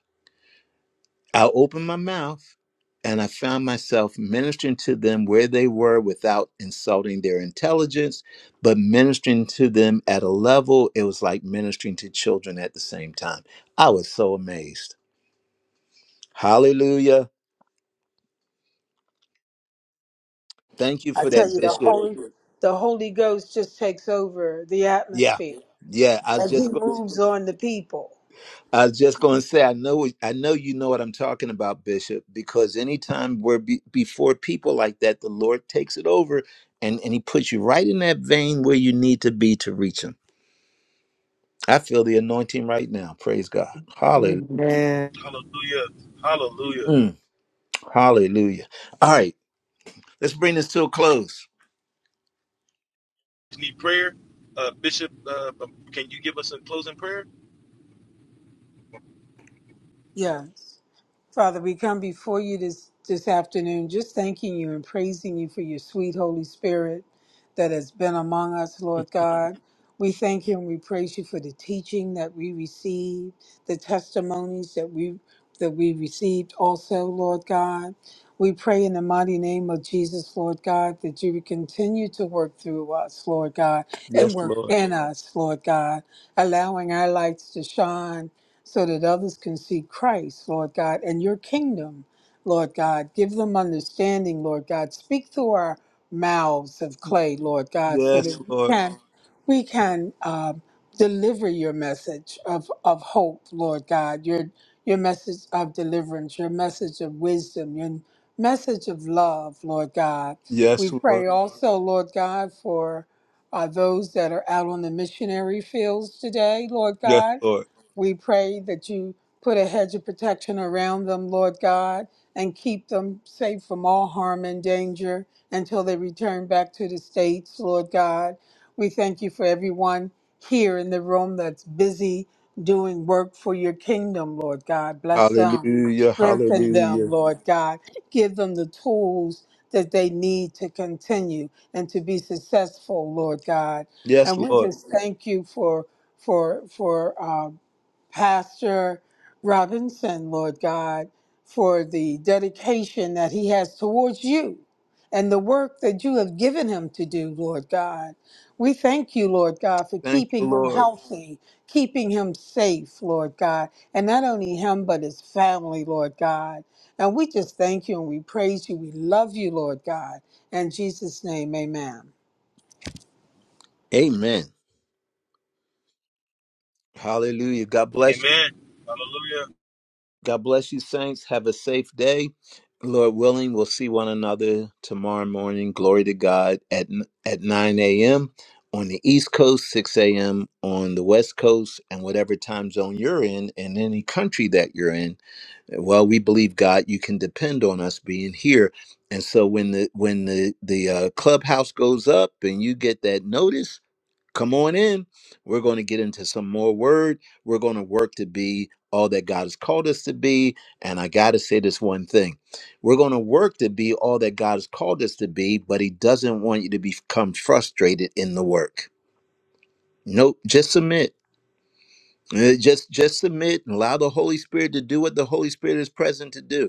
I opened my mouth and I found myself ministering to them where they were without insulting their intelligence, but ministering to them at a level it was like ministering to children at the same time. I was so amazed. Hallelujah. Thank you I for that, tell you, the Bishop. Holy, the Holy Ghost just takes over the Yeah. atmosphere Yeah. I was and just he going. moves on the people. I was just going to say, I know, I know you know what I'm talking about, Bishop, because anytime we're be, before people like that, the Lord takes it over and, and He puts you right in that vein where you need to be to reach Him. I feel the anointing right now. Praise God. Hallelujah. Amen. Hallelujah. Hallelujah. Mm, hallelujah. All right, let's bring this to a close. need prayer. Uh, Bishop, uh, can you give us a closing prayer? Yes. Father, we come before you this, this afternoon just thanking you and praising you for your sweet Holy Spirit that has been among us, Lord God. We thank you and we praise you for the teaching that we received, the testimonies that we that we received also, Lord God. We pray in the mighty name of Jesus, Lord God, that you would continue to work through us, Lord God, and Yes, work Lord. in us, Lord God, allowing our lights to shine so that others can see Christ, Lord God, and your kingdom, Lord God. Give them understanding, Lord God. Speak through our mouths of clay, Lord God, so Yes, that we Lord. can we can um, deliver your message of, of hope, Lord God, your your message of deliverance, your message of wisdom, your message of love, Lord God. We Yes, Lord. pray also, Lord God, for uh, those that are out on the missionary fields today, Lord Yes, God Lord. we pray that you put a hedge of protection around them, Lord God, and keep them safe from all harm and danger until they return back to the States, Lord God. We thank you for everyone here in the room that's busy doing work for your kingdom, Lord God. Bless them, Hallelujah. strengthen Hallelujah. them, Lord God. Give them the tools that they need to continue and to be successful, Lord God. Yes, And we Lord. just thank you for for for. uh, Pastor Robinson, Lord God, for the dedication that he has towards you and the work that you have given him to do, Lord God. We thank you, Lord God, for Thank you, keeping him Lord. healthy, keeping him safe, Lord God, and not only him, but his family, Lord God. And we just thank you and we praise you. We love you, Lord God. In Jesus' name, amen. Amen. Hallelujah. God bless you. God bless you, saints. Have a safe day. Lord willing, we'll see one another tomorrow morning. Glory to God at at 9 a.m. on the East Coast, 6 a.m. on the West Coast, and whatever time zone you're in, and any country that you're in. Well, we believe God, you can depend on us being here. And so when the when the the uh, clubhouse goes up and you get that notice Come on in. We're going to get into some more word. We're going to work to be all that God has called us to be. And I got to say this one thing we're going to work to be all that God has called us to be, but He doesn't want you to become frustrated in the work. Nope, just submit. Uh, Just just submit and allow the Holy Spirit to do what the Holy Spirit is present to do.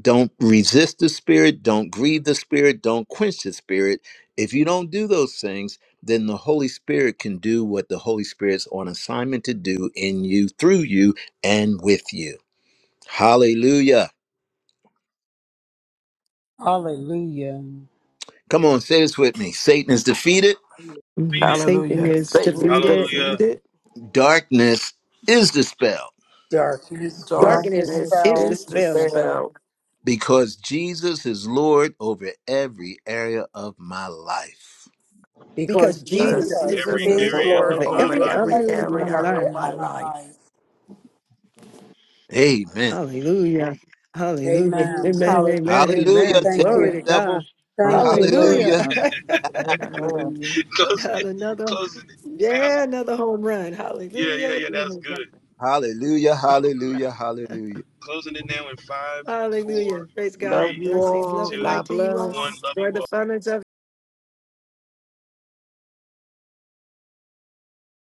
Don't resist the Spirit. Don't grieve the Spirit. Don't quench the Spirit. If you don't do those things, then the Holy Spirit can do what the Holy Spirit's on assignment to do in you, through you, and with you. Hallelujah. Hallelujah. Come on, say this with me Satan is defeated, We Need Mhm. Satan Hallelujah. thank is you, Satan is defeated, Jesus. Hallelujah. defeated. darkness is dispelled Darkness is darkness Darkness Darkness is is dispelled is dispelled dispelled dispelled because Jesus is Lord over every area of my life. because because because because Jesus Jesus is Jesus Jesus Every is is Lord is Lord area Lord of Lord over over my over over every life. every every other every area area of life. of our area of my life. my life. life. Amen. Hallelujah. Hallelujah. Amen. Hallelujah. Amen. Amen. Hallelujah. Hallelujah. Amen. Thank Take Hallelujah. Glory you. to the Amen. devil. God. God Thank you, bless Lord Hallelujah. Hallelujah. Jesus. everyone. Amen. Hallelujah. Closing Not it. another, Closing it now. yeah, another home run. Yeah, yeah, Hallelujah. yeah. That's Glory good. to Hallelujah, hallelujah, Hallelujah. God. hallelujah. Closing it now in five, Hallelujah. four, Praise Love God. you three, Blessings, love, all. and two, light God to you one. all. bless. Love you Enjoy all. the fun of